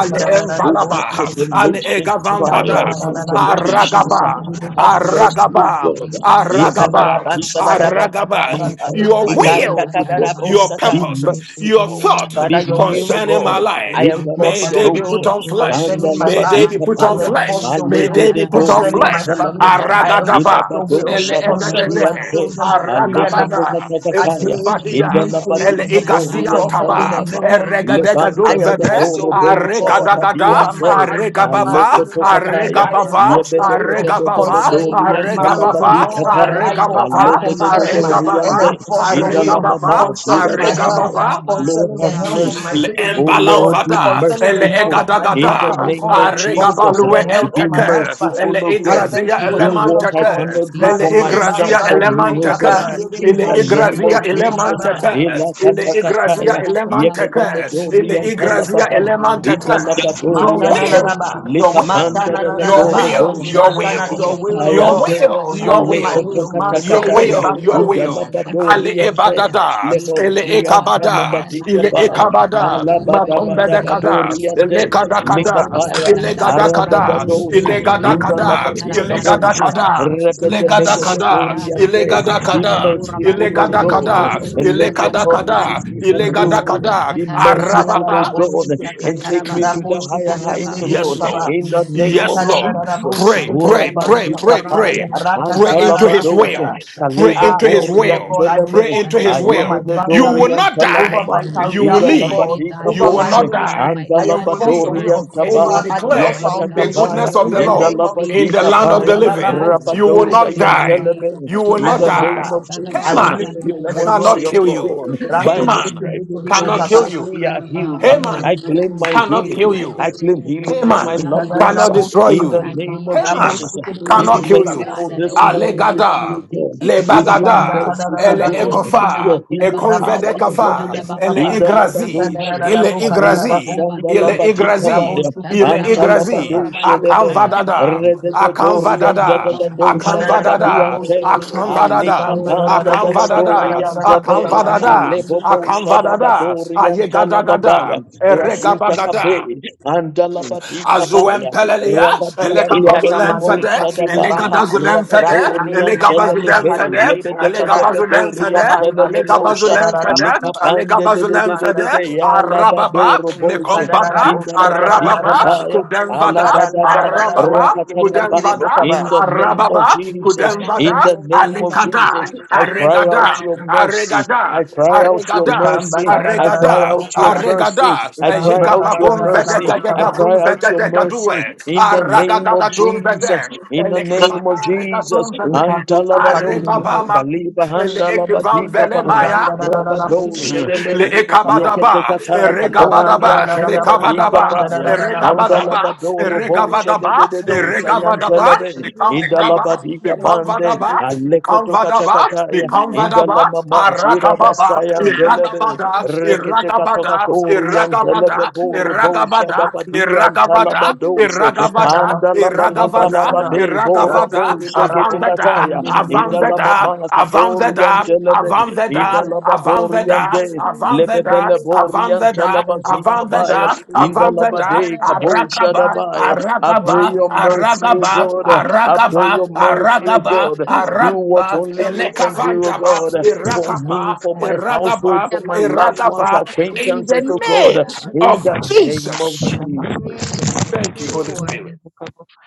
S4: over the relationship
S1: alegavambada,
S4: trials and
S2: Shabango Kurabadi
S4: temptations.
S1: aragaba,
S2: Sakatara
S4: Have mercy,
S2: Bakurabadi
S1: aragaba,
S4: God,
S2: Shirikidia
S4: in the name
S2: Sanda
S4: of
S1: aragaba,
S4: the
S2: Bakurabash.
S4: Father. my
S1: aragaba.
S4: help,
S1: Your
S4: my
S2: Ekurabadi
S4: way
S3: Ikanda
S1: will,
S4: to
S2: Sakatada
S4: God.
S3: kadara
S2: Bandu
S1: your
S3: bosata
S4: Be
S1: purpose,
S2: Kurabadi
S1: your
S2: Shikiri
S4: merciful,
S2: on the
S1: thought
S3: Father,
S4: be
S3: your will, oh
S2: Bakurabasu.
S1: concerning my my
S3: God.
S4: merciful.
S3: I
S4: In
S1: life.
S4: the
S1: May
S3: enforce your
S1: they be
S2: Ushikatarabando
S1: put
S4: Labadosha,
S3: will
S1: on flesh.
S4: and
S2: kurabario
S3: concerning
S4: the
S3: my
S1: May they
S3: life.
S1: be
S4: Labadika
S2: sharabando
S1: put
S3: I
S1: on
S4: Paya,
S1: flesh.
S2: kurabario
S3: enforce
S4: I
S3: your
S1: May
S4: lay
S3: will
S1: they be
S4: the
S1: put
S2: sakatarabando
S1: on
S3: concerning
S4: Dorian
S3: my
S1: flesh.
S2: kurabario
S3: family.
S4: Telamama.
S3: I
S2: sharabasta.
S1: Aragadaba.
S3: enforce your
S4: Ilabado
S3: will
S1: Ele
S2: Yes, Lord
S3: concerning
S1: egadebe.
S3: my
S2: God,
S4: Shadabadiante,
S3: children.
S2: let your
S3: Briella,
S2: divine
S1: Aragabada.
S2: will and
S4: Alekotokatakataya,
S2: purpose
S3: Ade,
S2: be
S1: Ekubadia.
S2: made
S3: Nikwe,
S2: manifest
S1: Ele
S2: in
S4: Indalabadika
S2: my life
S1: igasian
S2: in
S3: Kutoko,
S2: the
S1: taba.
S3: in the
S2: name of
S4: Boriantalamama,
S3: name of
S2: Jesus.
S3: Jesus. I
S4: Levanda
S2: Let
S4: da da
S2: me
S1: Eregadegadunzebe.
S3: enforce
S2: walk
S3: your will,
S4: Dorobo
S3: oh
S2: out and
S3: God
S1: Aregadagada.
S2: fulfill
S3: over
S2: my
S3: my
S4: Shadabadiante,
S2: kingdom
S3: husband,
S1: Aregabava.
S2: destiny, my
S3: Matulimoya.
S4: Alekotokataya,
S3: I
S2: kingdom
S1: Aregabava.
S2: purpose.
S3: enforce your will
S2: In the
S1: Aregabava.
S3: concerning
S2: name of
S3: my marriage,
S2: Jesus,
S3: oh
S1: Aregabava.
S2: Eka
S3: God.
S4: Yebedebedebedoriantalabadikata,
S3: I,
S2: sharabando
S3: co-
S1: Aregabava.
S3: I
S2: kurabario
S3: confirm and
S1: Aregabava.
S2: satarabando
S4: Aledededoriande,
S3: enforce your
S2: kurabario
S3: will
S4: Indalamama
S1: Aregabava.
S3: concerning my health,
S4: Shirabasaya.
S1: Aregabava
S2: Shikarabando
S4: Lord,
S3: concerning the
S4: have
S3: health of
S2: Korabario
S3: my
S4: mercy.
S1: le
S3: children,
S4: Oh
S2: Sekirio
S3: oh God,
S4: Lord, be
S2: Shandaba
S1: embalanvada
S3: concerning
S1: ele
S3: the
S2: Korabario
S3: health
S4: merciful.
S3: of
S2: Saka
S3: my
S4: In the
S3: daughter,
S2: Tarabando
S1: egadagada
S3: oh
S4: name of
S3: God,
S2: Kurabashiri
S4: Jesus,
S3: concerning
S1: aregabalue
S2: Sama
S3: the health of
S4: be
S3: my
S1: enteke
S3: husband.
S4: merciful,
S1: ele
S4: O
S3: I
S4: God.
S3: thank
S1: igrazia
S3: you for
S4: Do
S3: the
S2: Thank
S3: will
S4: what
S2: you,
S3: of
S4: I
S3: God.
S1: elemanteke
S2: Jesus.
S4: cannot do
S1: ele
S4: for
S2: Ikashanda
S3: Matureba
S4: myself,
S1: igrazia
S2: bakura
S4: for
S2: baso.
S4: me,
S3: shadebo
S4: oh
S2: Let
S1: elemanteke
S2: your
S4: God.
S2: will be
S3: kabandebo
S4: In
S1: ele
S4: the
S2: done in my
S4: name
S1: igrazia
S4: of
S2: life, Almighty
S4: Jesus.
S1: elemanteke
S2: God.
S1: ele igrazia
S2: Ilekashanda
S4: Elakatakataya,
S2: bakura basende
S1: elemanteke ele
S4: yepedebedorian
S2: kederebosha.
S1: igrazia
S4: talababai,
S2: At the end of
S1: elemanteke
S2: life's journey,
S1: your
S2: let
S3: Matana
S2: me
S1: will
S4: idalabadoriante,
S2: leave you
S3: Naraba,
S2: empty.
S4: likapanda
S3: Matana
S1: your
S3: Naraba,
S2: Ushada
S1: will your will
S2: bando
S4: dadadorobosha,
S1: your
S2: kura
S3: Matana,
S1: will
S3: your
S2: basende
S3: will, O
S1: your
S2: kerebosha
S3: God,
S4: ikapayante,
S1: will,
S2: rabasa.
S1: your
S3: not my
S1: will.
S2: Because
S3: will.
S2: your
S1: Your
S2: will
S3: Masete de
S2: and
S4: alekotokatakataya,
S2: your
S1: will, your
S3: Basatu.
S2: purpose
S1: will.
S2: has been
S1: Ale
S2: completed.
S4: idalabadoriante,
S1: ebadada, ele
S2: Ikashada basa In
S1: ekabada,
S2: my life,
S1: ele
S2: the
S4: leboliantalabadikapa,
S2: life of my
S1: ekabada,
S2: children, in
S1: makombe
S2: the
S1: de
S2: name of
S1: kada,
S2: Jesus.
S1: ele
S4: alabadabadabadoriante,
S1: kada kada,
S2: Robodia
S4: likapaya,
S1: ele
S2: Sandaba
S1: gada kada,
S2: Kurabadio
S4: aradadadosa,
S1: ele gada
S4: in
S2: Sendekidio
S4: the
S1: kada, ele
S4: Labatika
S2: Sakatarabando
S1: gada
S4: Boshe,
S2: Kuraba
S1: kada, ele gada
S2: Rebo
S1: kada,
S2: Sadando
S1: ele
S4: Rebedebedoriande.
S1: gada
S4: Be
S2: Kurabado
S1: kada,
S4: merciful,
S1: ele
S2: Kurabadio
S4: O
S1: gada
S4: God,
S1: kada,
S2: Sendekidio
S4: and
S1: ele
S4: let your
S1: kada
S2: Sakatarabasi
S1: kada,
S4: promises be
S1: ele gada
S4: fulfilled.
S2: Rebo
S1: kada,
S4: Be
S2: Sakatarabando
S4: merciful,
S3: Ekadara
S4: O
S1: arababa,
S2: Kurabadio
S4: God,
S3: raboshikete,
S4: and take me to the
S2: Sakatarabasidio
S3: raboshikete
S4: higher
S2: Sandaba
S4: heights, O
S3: dedede
S1: Yes,
S4: God,
S3: bukaba,
S1: Lord.
S4: in the
S2: Yes,
S4: name
S1: Yes,
S4: of
S2: Lord
S3: ekadara
S1: Lord.
S2: God.
S4: Jesus.
S1: Pray,
S3: raboshikete
S1: pray,
S3: dedede
S1: pray,
S2: Kasharabando
S3: bukaba,
S1: pray,
S4: Orabazikapaya,
S1: pray.
S2: kurabario
S1: Pray into
S3: rakatabara
S1: his
S2: sakatarabasa
S4: Antalabadoshe,
S1: will.
S3: basada.
S2: karabasha.
S1: Pray
S4: Kaleba
S3: Ah,
S1: into
S3: your
S2: Let
S1: his
S3: will,
S2: your
S3: oh
S1: will.
S3: God, I
S2: will, O
S1: Pray
S4: Boriantelebe,
S3: enforce
S1: into
S3: your
S1: his
S3: will
S2: Shatanda
S3: over my
S1: will. You will
S2: Bakurabasa.
S3: finances,
S1: not
S2: Let
S3: over
S1: die.
S3: my
S2: your
S4: Ayedededoriantalamaba,
S1: You
S2: will,
S3: career,
S4: in
S1: will
S4: the
S3: oh
S1: live.
S2: Almighty
S3: God,
S4: Labadika
S2: God, be
S1: You
S3: over
S1: will
S3: my
S2: my
S4: Boshe,
S1: not
S2: will,
S3: ministry.
S1: die.
S2: Almighty
S3: I
S1: You
S2: God.
S1: will
S2: Not
S3: enforce your
S1: live.
S2: my
S3: will
S2: will
S1: And you
S3: over
S2: be
S1: will
S4: Andalabadoriantaba,
S2: done,
S3: Adele's
S1: declare
S2: Almighty God,
S1: the
S2: but
S3: foundation
S4: Yakatakabaya,
S1: goodness of
S3: in
S1: the
S2: yours
S3: the
S5: Thank
S1: Lord
S3: name of
S2: be
S1: in the
S2: done,
S3: Jesus.
S1: land of the
S4: Indalabadikabaya,
S2: Almighty
S1: living.
S2: God, in my
S1: You will
S2: life,
S4: Rabadosa
S1: not
S2: in the
S1: die.
S2: name of
S4: Yantelebe,
S1: You will
S3: I
S4: in
S1: not
S2: Jesus.
S3: will
S4: the
S3: not
S4: name
S1: die.
S3: die.
S4: of
S3: I
S4: Jesus.
S3: will
S1: Haman
S3: live to
S2: Ikashandabakurabasa.
S4: Your
S3: declare the
S4: word
S1: cannot
S3: glory
S4: says
S3: of
S1: kill
S4: to
S3: God.
S1: you.
S4: God,
S2: I
S3: Rato
S4: by the
S1: Haman
S3: shikete
S2: surrender
S4: stripes of
S3: dedede
S1: cannot
S2: my
S1: kill
S2: will
S3: bukaba.
S4: Jesus,
S1: you.
S2: to
S4: we are
S2: you,
S4: healed.
S2: God. Let
S1: Haman
S2: your
S4: I
S2: will
S4: claim my
S1: cannot
S2: supersede
S1: kill
S4: healing.
S2: my
S4: I
S1: you.
S2: very
S4: claim
S2: own,
S4: healing for
S2: Almighty
S4: my
S1: Haman
S4: loved
S2: God.
S3: Ikadara la
S4: ones.
S1: cannot
S2: Give
S3: bosu
S1: destroy
S2: me,
S4: In the
S1: you.
S3: kiti.
S2: grant
S4: name
S2: me
S4: of
S2: that
S3: La
S1: Haman
S4: Jesus,
S3: bosu
S2: desire,
S3: kiti
S4: be
S3: rebe
S1: cannot kill
S2: Almighty
S3: bukaba.
S1: you.
S2: God,
S4: merciful
S2: that I
S4: this
S2: only
S4: morning
S2: desire
S4: with me,
S2: the
S4: O
S1: Alegada,
S2: things
S4: God,
S2: that you
S4: with your
S3: Ikanda
S1: lebagada,
S2: desire.
S3: kadara
S4: mercies,
S3: la
S4: O
S1: ele
S3: la
S2: Oh,
S4: God,
S3: bosu
S2: Shatanda
S3: kiti.
S1: ekofa,
S4: your
S2: Bakura
S4: healing
S3: La
S2: Basin,
S3: bosu
S4: power,
S1: ekonvede
S4: O
S3: kiti
S4: God.
S1: kafa,
S3: rebe
S2: Pushanda
S1: ele
S2: Bakura
S4: In
S3: bukaba.
S4: the
S2: Badio
S5: you.
S1: igrazi,
S3: Ikadara
S4: Labadoshe,
S3: la la
S1: ele
S2: Sakatarabandi,
S3: bukala la
S2: Robo
S3: la
S4: Kaleba
S1: igrazi,
S3: bosu
S4: Sanda
S1: ele
S2: Sharabasin,
S3: kiti. La
S1: igrazi,
S2: Robo
S4: Labadikabaya.
S3: bosu kiti
S1: ele
S3: rebe
S2: Shatarabandu
S1: igrazi,
S3: bukaba.
S2: Kurabadio
S4: Antalabadoshedebe,
S1: akanvadada,
S2: Sakatarabasin,
S4: Redededorian
S2: Rebo
S1: akanvadada,
S2: Shadanda
S4: dadadadosha
S3: Ikadara la la la
S1: akanvadada,
S2: Kurabadio
S3: bosu
S4: dabadiante,
S3: kiti.
S2: Sakurabadio
S1: akanvadada,
S3: Ikanda la la la
S4: Alikapanda
S2: Shendikidio
S3: bosu
S2: Sataraba.
S3: kadara
S1: akanvadada,
S3: la la
S4: dorian
S3: la
S4: debe,
S3: bukaba.
S2: Thank
S1: akanvadada,
S4: Alebobosha
S1: akanvadada,
S4: dabadorian
S1: ayegadagada,
S4: talababaya, Rasuta
S1: eregabagada,
S4: kabe, Andalabadika baya,
S1: Azuempelelia, Yes,
S4: Rabadian
S3: Ikata made
S1: Elegabazulemfede,
S4: telebebosha
S3: kasiri
S4: daba,
S3: baka.
S1: Elegabazulemfede,
S3: Ratu nini
S4: Rakatorian
S3: makamba
S4: telebebe,
S3: kadiri
S1: Elegabazulemfede,
S3: rebe buchada.
S4: Yebedebedebedorian
S1: Elegabazulemfede,
S3: Ikabandi rebe
S4: telebebosha,
S3: buchada la la
S1: Elegabazulemfede,
S3: bakaba.
S4: Likapande de de de de de de
S1: Elegabazulemfede,
S3: Ikabanda
S4: ya
S1: Arababa,
S4: labadoro boshe
S1: Mekombada,
S4: in the
S2: you.
S4: labadika
S1: Arababa,
S3: Ikadadadabosararararaba.
S4: paya
S1: Kudemvada,
S4: alabadaba
S1: Arababa,
S4: rakatakabai
S1: Kudemvada,
S3: Ikadandalararabosikibiriribokaba.
S4: in the name of
S1: Arababa,
S4: Jesus in
S1: Kudemvada,
S4: the name of Jesus
S1: Alikada,
S4: I cry out
S1: Arregada,
S4: your mercy
S1: arregada,
S4: I cry out your
S1: arregada,
S4: mercy I cry
S1: arregada,
S4: out your
S3: Ikambakararararabokaba.
S4: mercy
S1: arregada,
S4: I cry out your
S1: Jegababum
S4: mercy I
S3: Ikambakararararabokaba.
S1: vedegadegavum
S4: cry out your
S1: vedegadue,
S4: mercy in the name of
S1: Arragagadum
S4: Jesus
S1: vedem,
S4: in the name of Jesus
S1: Elegatum vedem,
S4: antalabadose
S3: Ikatusukabiriribo.
S1: Arrebabama,
S4: kaliba
S1: Elegatum
S4: handalabadika baya.
S1: velemaya,
S4: Rabado
S1: Mm-hmm.
S4: Shedebe,
S1: Le
S3: Ikandalarararabosikibiribokaba.
S1: ekabadaba,
S4: Yeketekata Katorian
S1: eregabadaba,
S4: Talabadika
S1: mekabadaba,
S4: Paya,
S3: Ikabandalarararabokabandaralarabokaba.
S1: eregabadaba,
S4: Andalabadoro Bo
S2: Рыбу учили,
S1: eregavadaba,
S4: Shededo
S2: на
S4: Sayan
S2: баку
S1: eregavadaba,
S4: Telebe,
S2: рабачили,
S1: mekavadaba,
S2: стаката
S4: Indalabadika
S2: пирога,
S4: Bande,
S1: mekavadaba,
S2: цепили.
S4: Alekoto
S1: mekavadaba,
S4: Katakataya,
S1: mekavadaba,
S4: Indalamama Shira
S1: arakababa,
S4: Basayan
S2: God,
S4: Telebe,
S1: iragabada, iragabada,
S4: Reketekatokatoria and
S1: iragabada,
S4: Telebe Boro Bo
S1: iragabada,
S4: Shadabadia and
S1: iragabada,
S4: Talabadose,
S1: iragavada, iragavada,
S3: Ikadabasukibiribosada.
S4: Andalababalababe, Bora Bo
S1: iragavada, Avanzada,
S4: Sheketekataya, Inda
S3: Ratukibarabosikibiribokaba.
S4: lama
S1: Avanzada,
S4: makatorian
S1: Avanzada,
S4: telebe, inda
S1: Avanzada,
S4: lama
S1: Avanzada,
S4: doriante,
S1: Avanzada,
S4: lebebele borian
S1: Avanzada,
S4: talabazika Baya,
S1: Avanzada,
S4: Indalababakatoriantelebe,
S1: Avanzada,
S4: Indalabadoriante, Lebebeleboriantalabazikabaya,
S1: Arakaba,
S4: Baya. I pray
S1: Aragaba,
S4: your mercy, O
S1: Aragaba,
S4: God. I
S2: not
S4: pray
S2: my
S4: your
S1: Aragaba,
S2: will,
S4: mercy,
S2: but
S4: O
S2: your
S1: Aragaba,
S4: God.
S2: divine
S4: Do
S2: will
S4: what
S2: be
S1: Aragaba,
S4: only
S2: done
S4: you
S2: in
S4: can
S2: my
S4: do, O
S2: life,
S1: Elekavandaba,
S2: O
S4: God.
S2: Lord
S4: For me,
S1: Irakapa,
S2: God.
S4: for my household,
S1: Iragaba,
S2: Yeah,
S4: for my
S2: Baruch
S4: loved ones,
S1: Iragaba,
S2: Shiriya Sende
S1: in the
S4: acquaintances, O
S2: Kirio
S4: God.
S1: name
S4: In
S1: of
S2: Sharabasa.
S4: the name of
S1: Jesus.
S2: Thank
S4: Jesus.
S2: you,
S1: Thank you, Holy
S2: Lord.
S1: Spirit.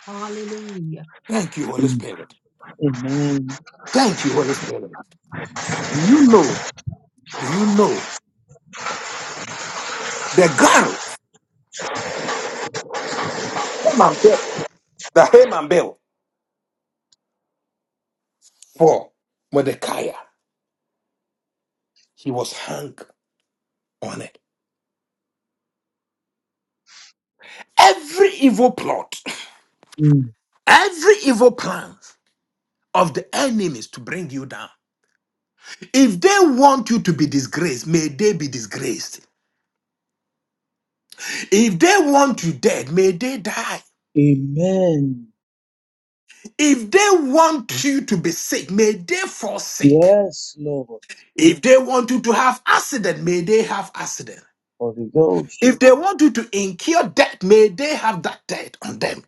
S2: Hallelujah.
S1: Thank you, Holy
S4: Mm.
S1: Spirit.
S4: Amen.
S1: Thank you, Holy Spirit. You know Do you know the garment that Haman built for Mordecai? He was hung on it. Every evil plot,
S4: Mm.
S1: every evil plan of the enemies to bring you down. If they want you to be disgraced, may they be disgraced. If they want you dead, may they die.
S4: Amen.
S1: If they want you to be sick, may they fall sick.
S4: Yes, Lord.
S1: If they want you to have accident, may they have accident.
S4: Holy Ghost.
S1: If they want you to incur debt, may they have that debt on them.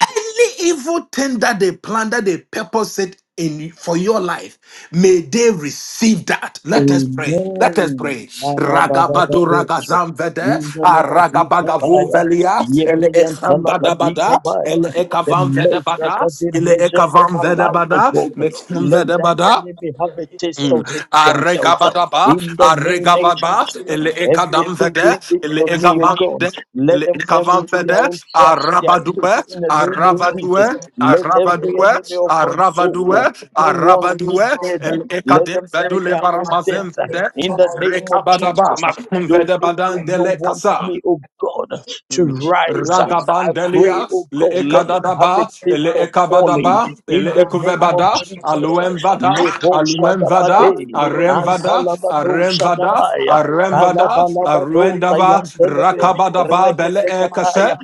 S1: Any evil thing that they plan, that they purpose it in for your life, may they receive that. Let us pray. Let us
S4: Amen.
S1: pray. Ragabado
S4: Lalabadabadabadabada.
S1: ragazam vede, aragabagavo
S4: Rinalabazikabaya.
S1: velia, ele ekam bada bada,
S4: Yebriyantalabadikabaya.
S1: ele
S4: The
S1: ekavam vede
S4: measure
S1: bada,
S4: that they
S1: ele
S4: measure for
S1: ekavam
S4: my
S1: vede
S4: life, oh
S1: bada,
S4: God,
S1: mekum
S4: let
S1: vede
S4: the
S1: bada.
S4: enemy have a taste
S1: Mm.
S4: of it themselves.
S1: Aregabadaba,
S4: In the name of
S1: Aregababa,
S4: Jesus,
S1: Ele
S4: everything they
S1: Ekadamvede,
S4: did
S1: Ele
S4: for me, oh God,
S1: Ezamande,
S4: let
S1: Ele
S4: them fall into their
S1: Ekavamvede,
S4: own traps, their
S1: Arabadue,
S4: pits. In the name of
S1: Arabadue,
S4: Jesus, let every
S1: Arabadue,
S4: enemy of my soul
S1: Arabadue,
S4: uh, who wants me
S1: Arabadue,
S4: dead.
S1: Ele
S4: Let
S1: Ekadin
S4: them die
S1: Vedule
S4: their own death uh,
S1: Baramazemvede,
S4: in the name of
S5: Into
S1: Rekabadaba,
S5: their
S4: Jesus. Uh,
S5: chest.
S4: Those
S1: Makumvede
S4: who do
S1: Badan
S4: not
S1: Dele
S4: want
S1: Kasa.
S4: me, oh God, uh, to
S1: Mm.
S4: rise, uh, I
S1: Ragabandelia,
S4: pray, oh
S1: le
S4: God, let them have a
S1: ekadadaba,
S4: taste
S1: le
S4: of falling
S1: ekabadaba, le
S4: in the name
S1: ekuvebada,
S4: of Jesus. Uh,
S1: aluemvada,
S4: Lebo
S1: aluemvada,
S4: Shadabade,
S1: aremvada,
S5: Robos,
S4: Antalabado
S1: aremvada,
S4: Shadabaya.
S1: aremvada,
S5: Amen.
S4: Kalabalabado
S1: aruendava,
S4: Sayantelebe,
S1: rakabadaba, bele ekase.
S4: Reketekataya,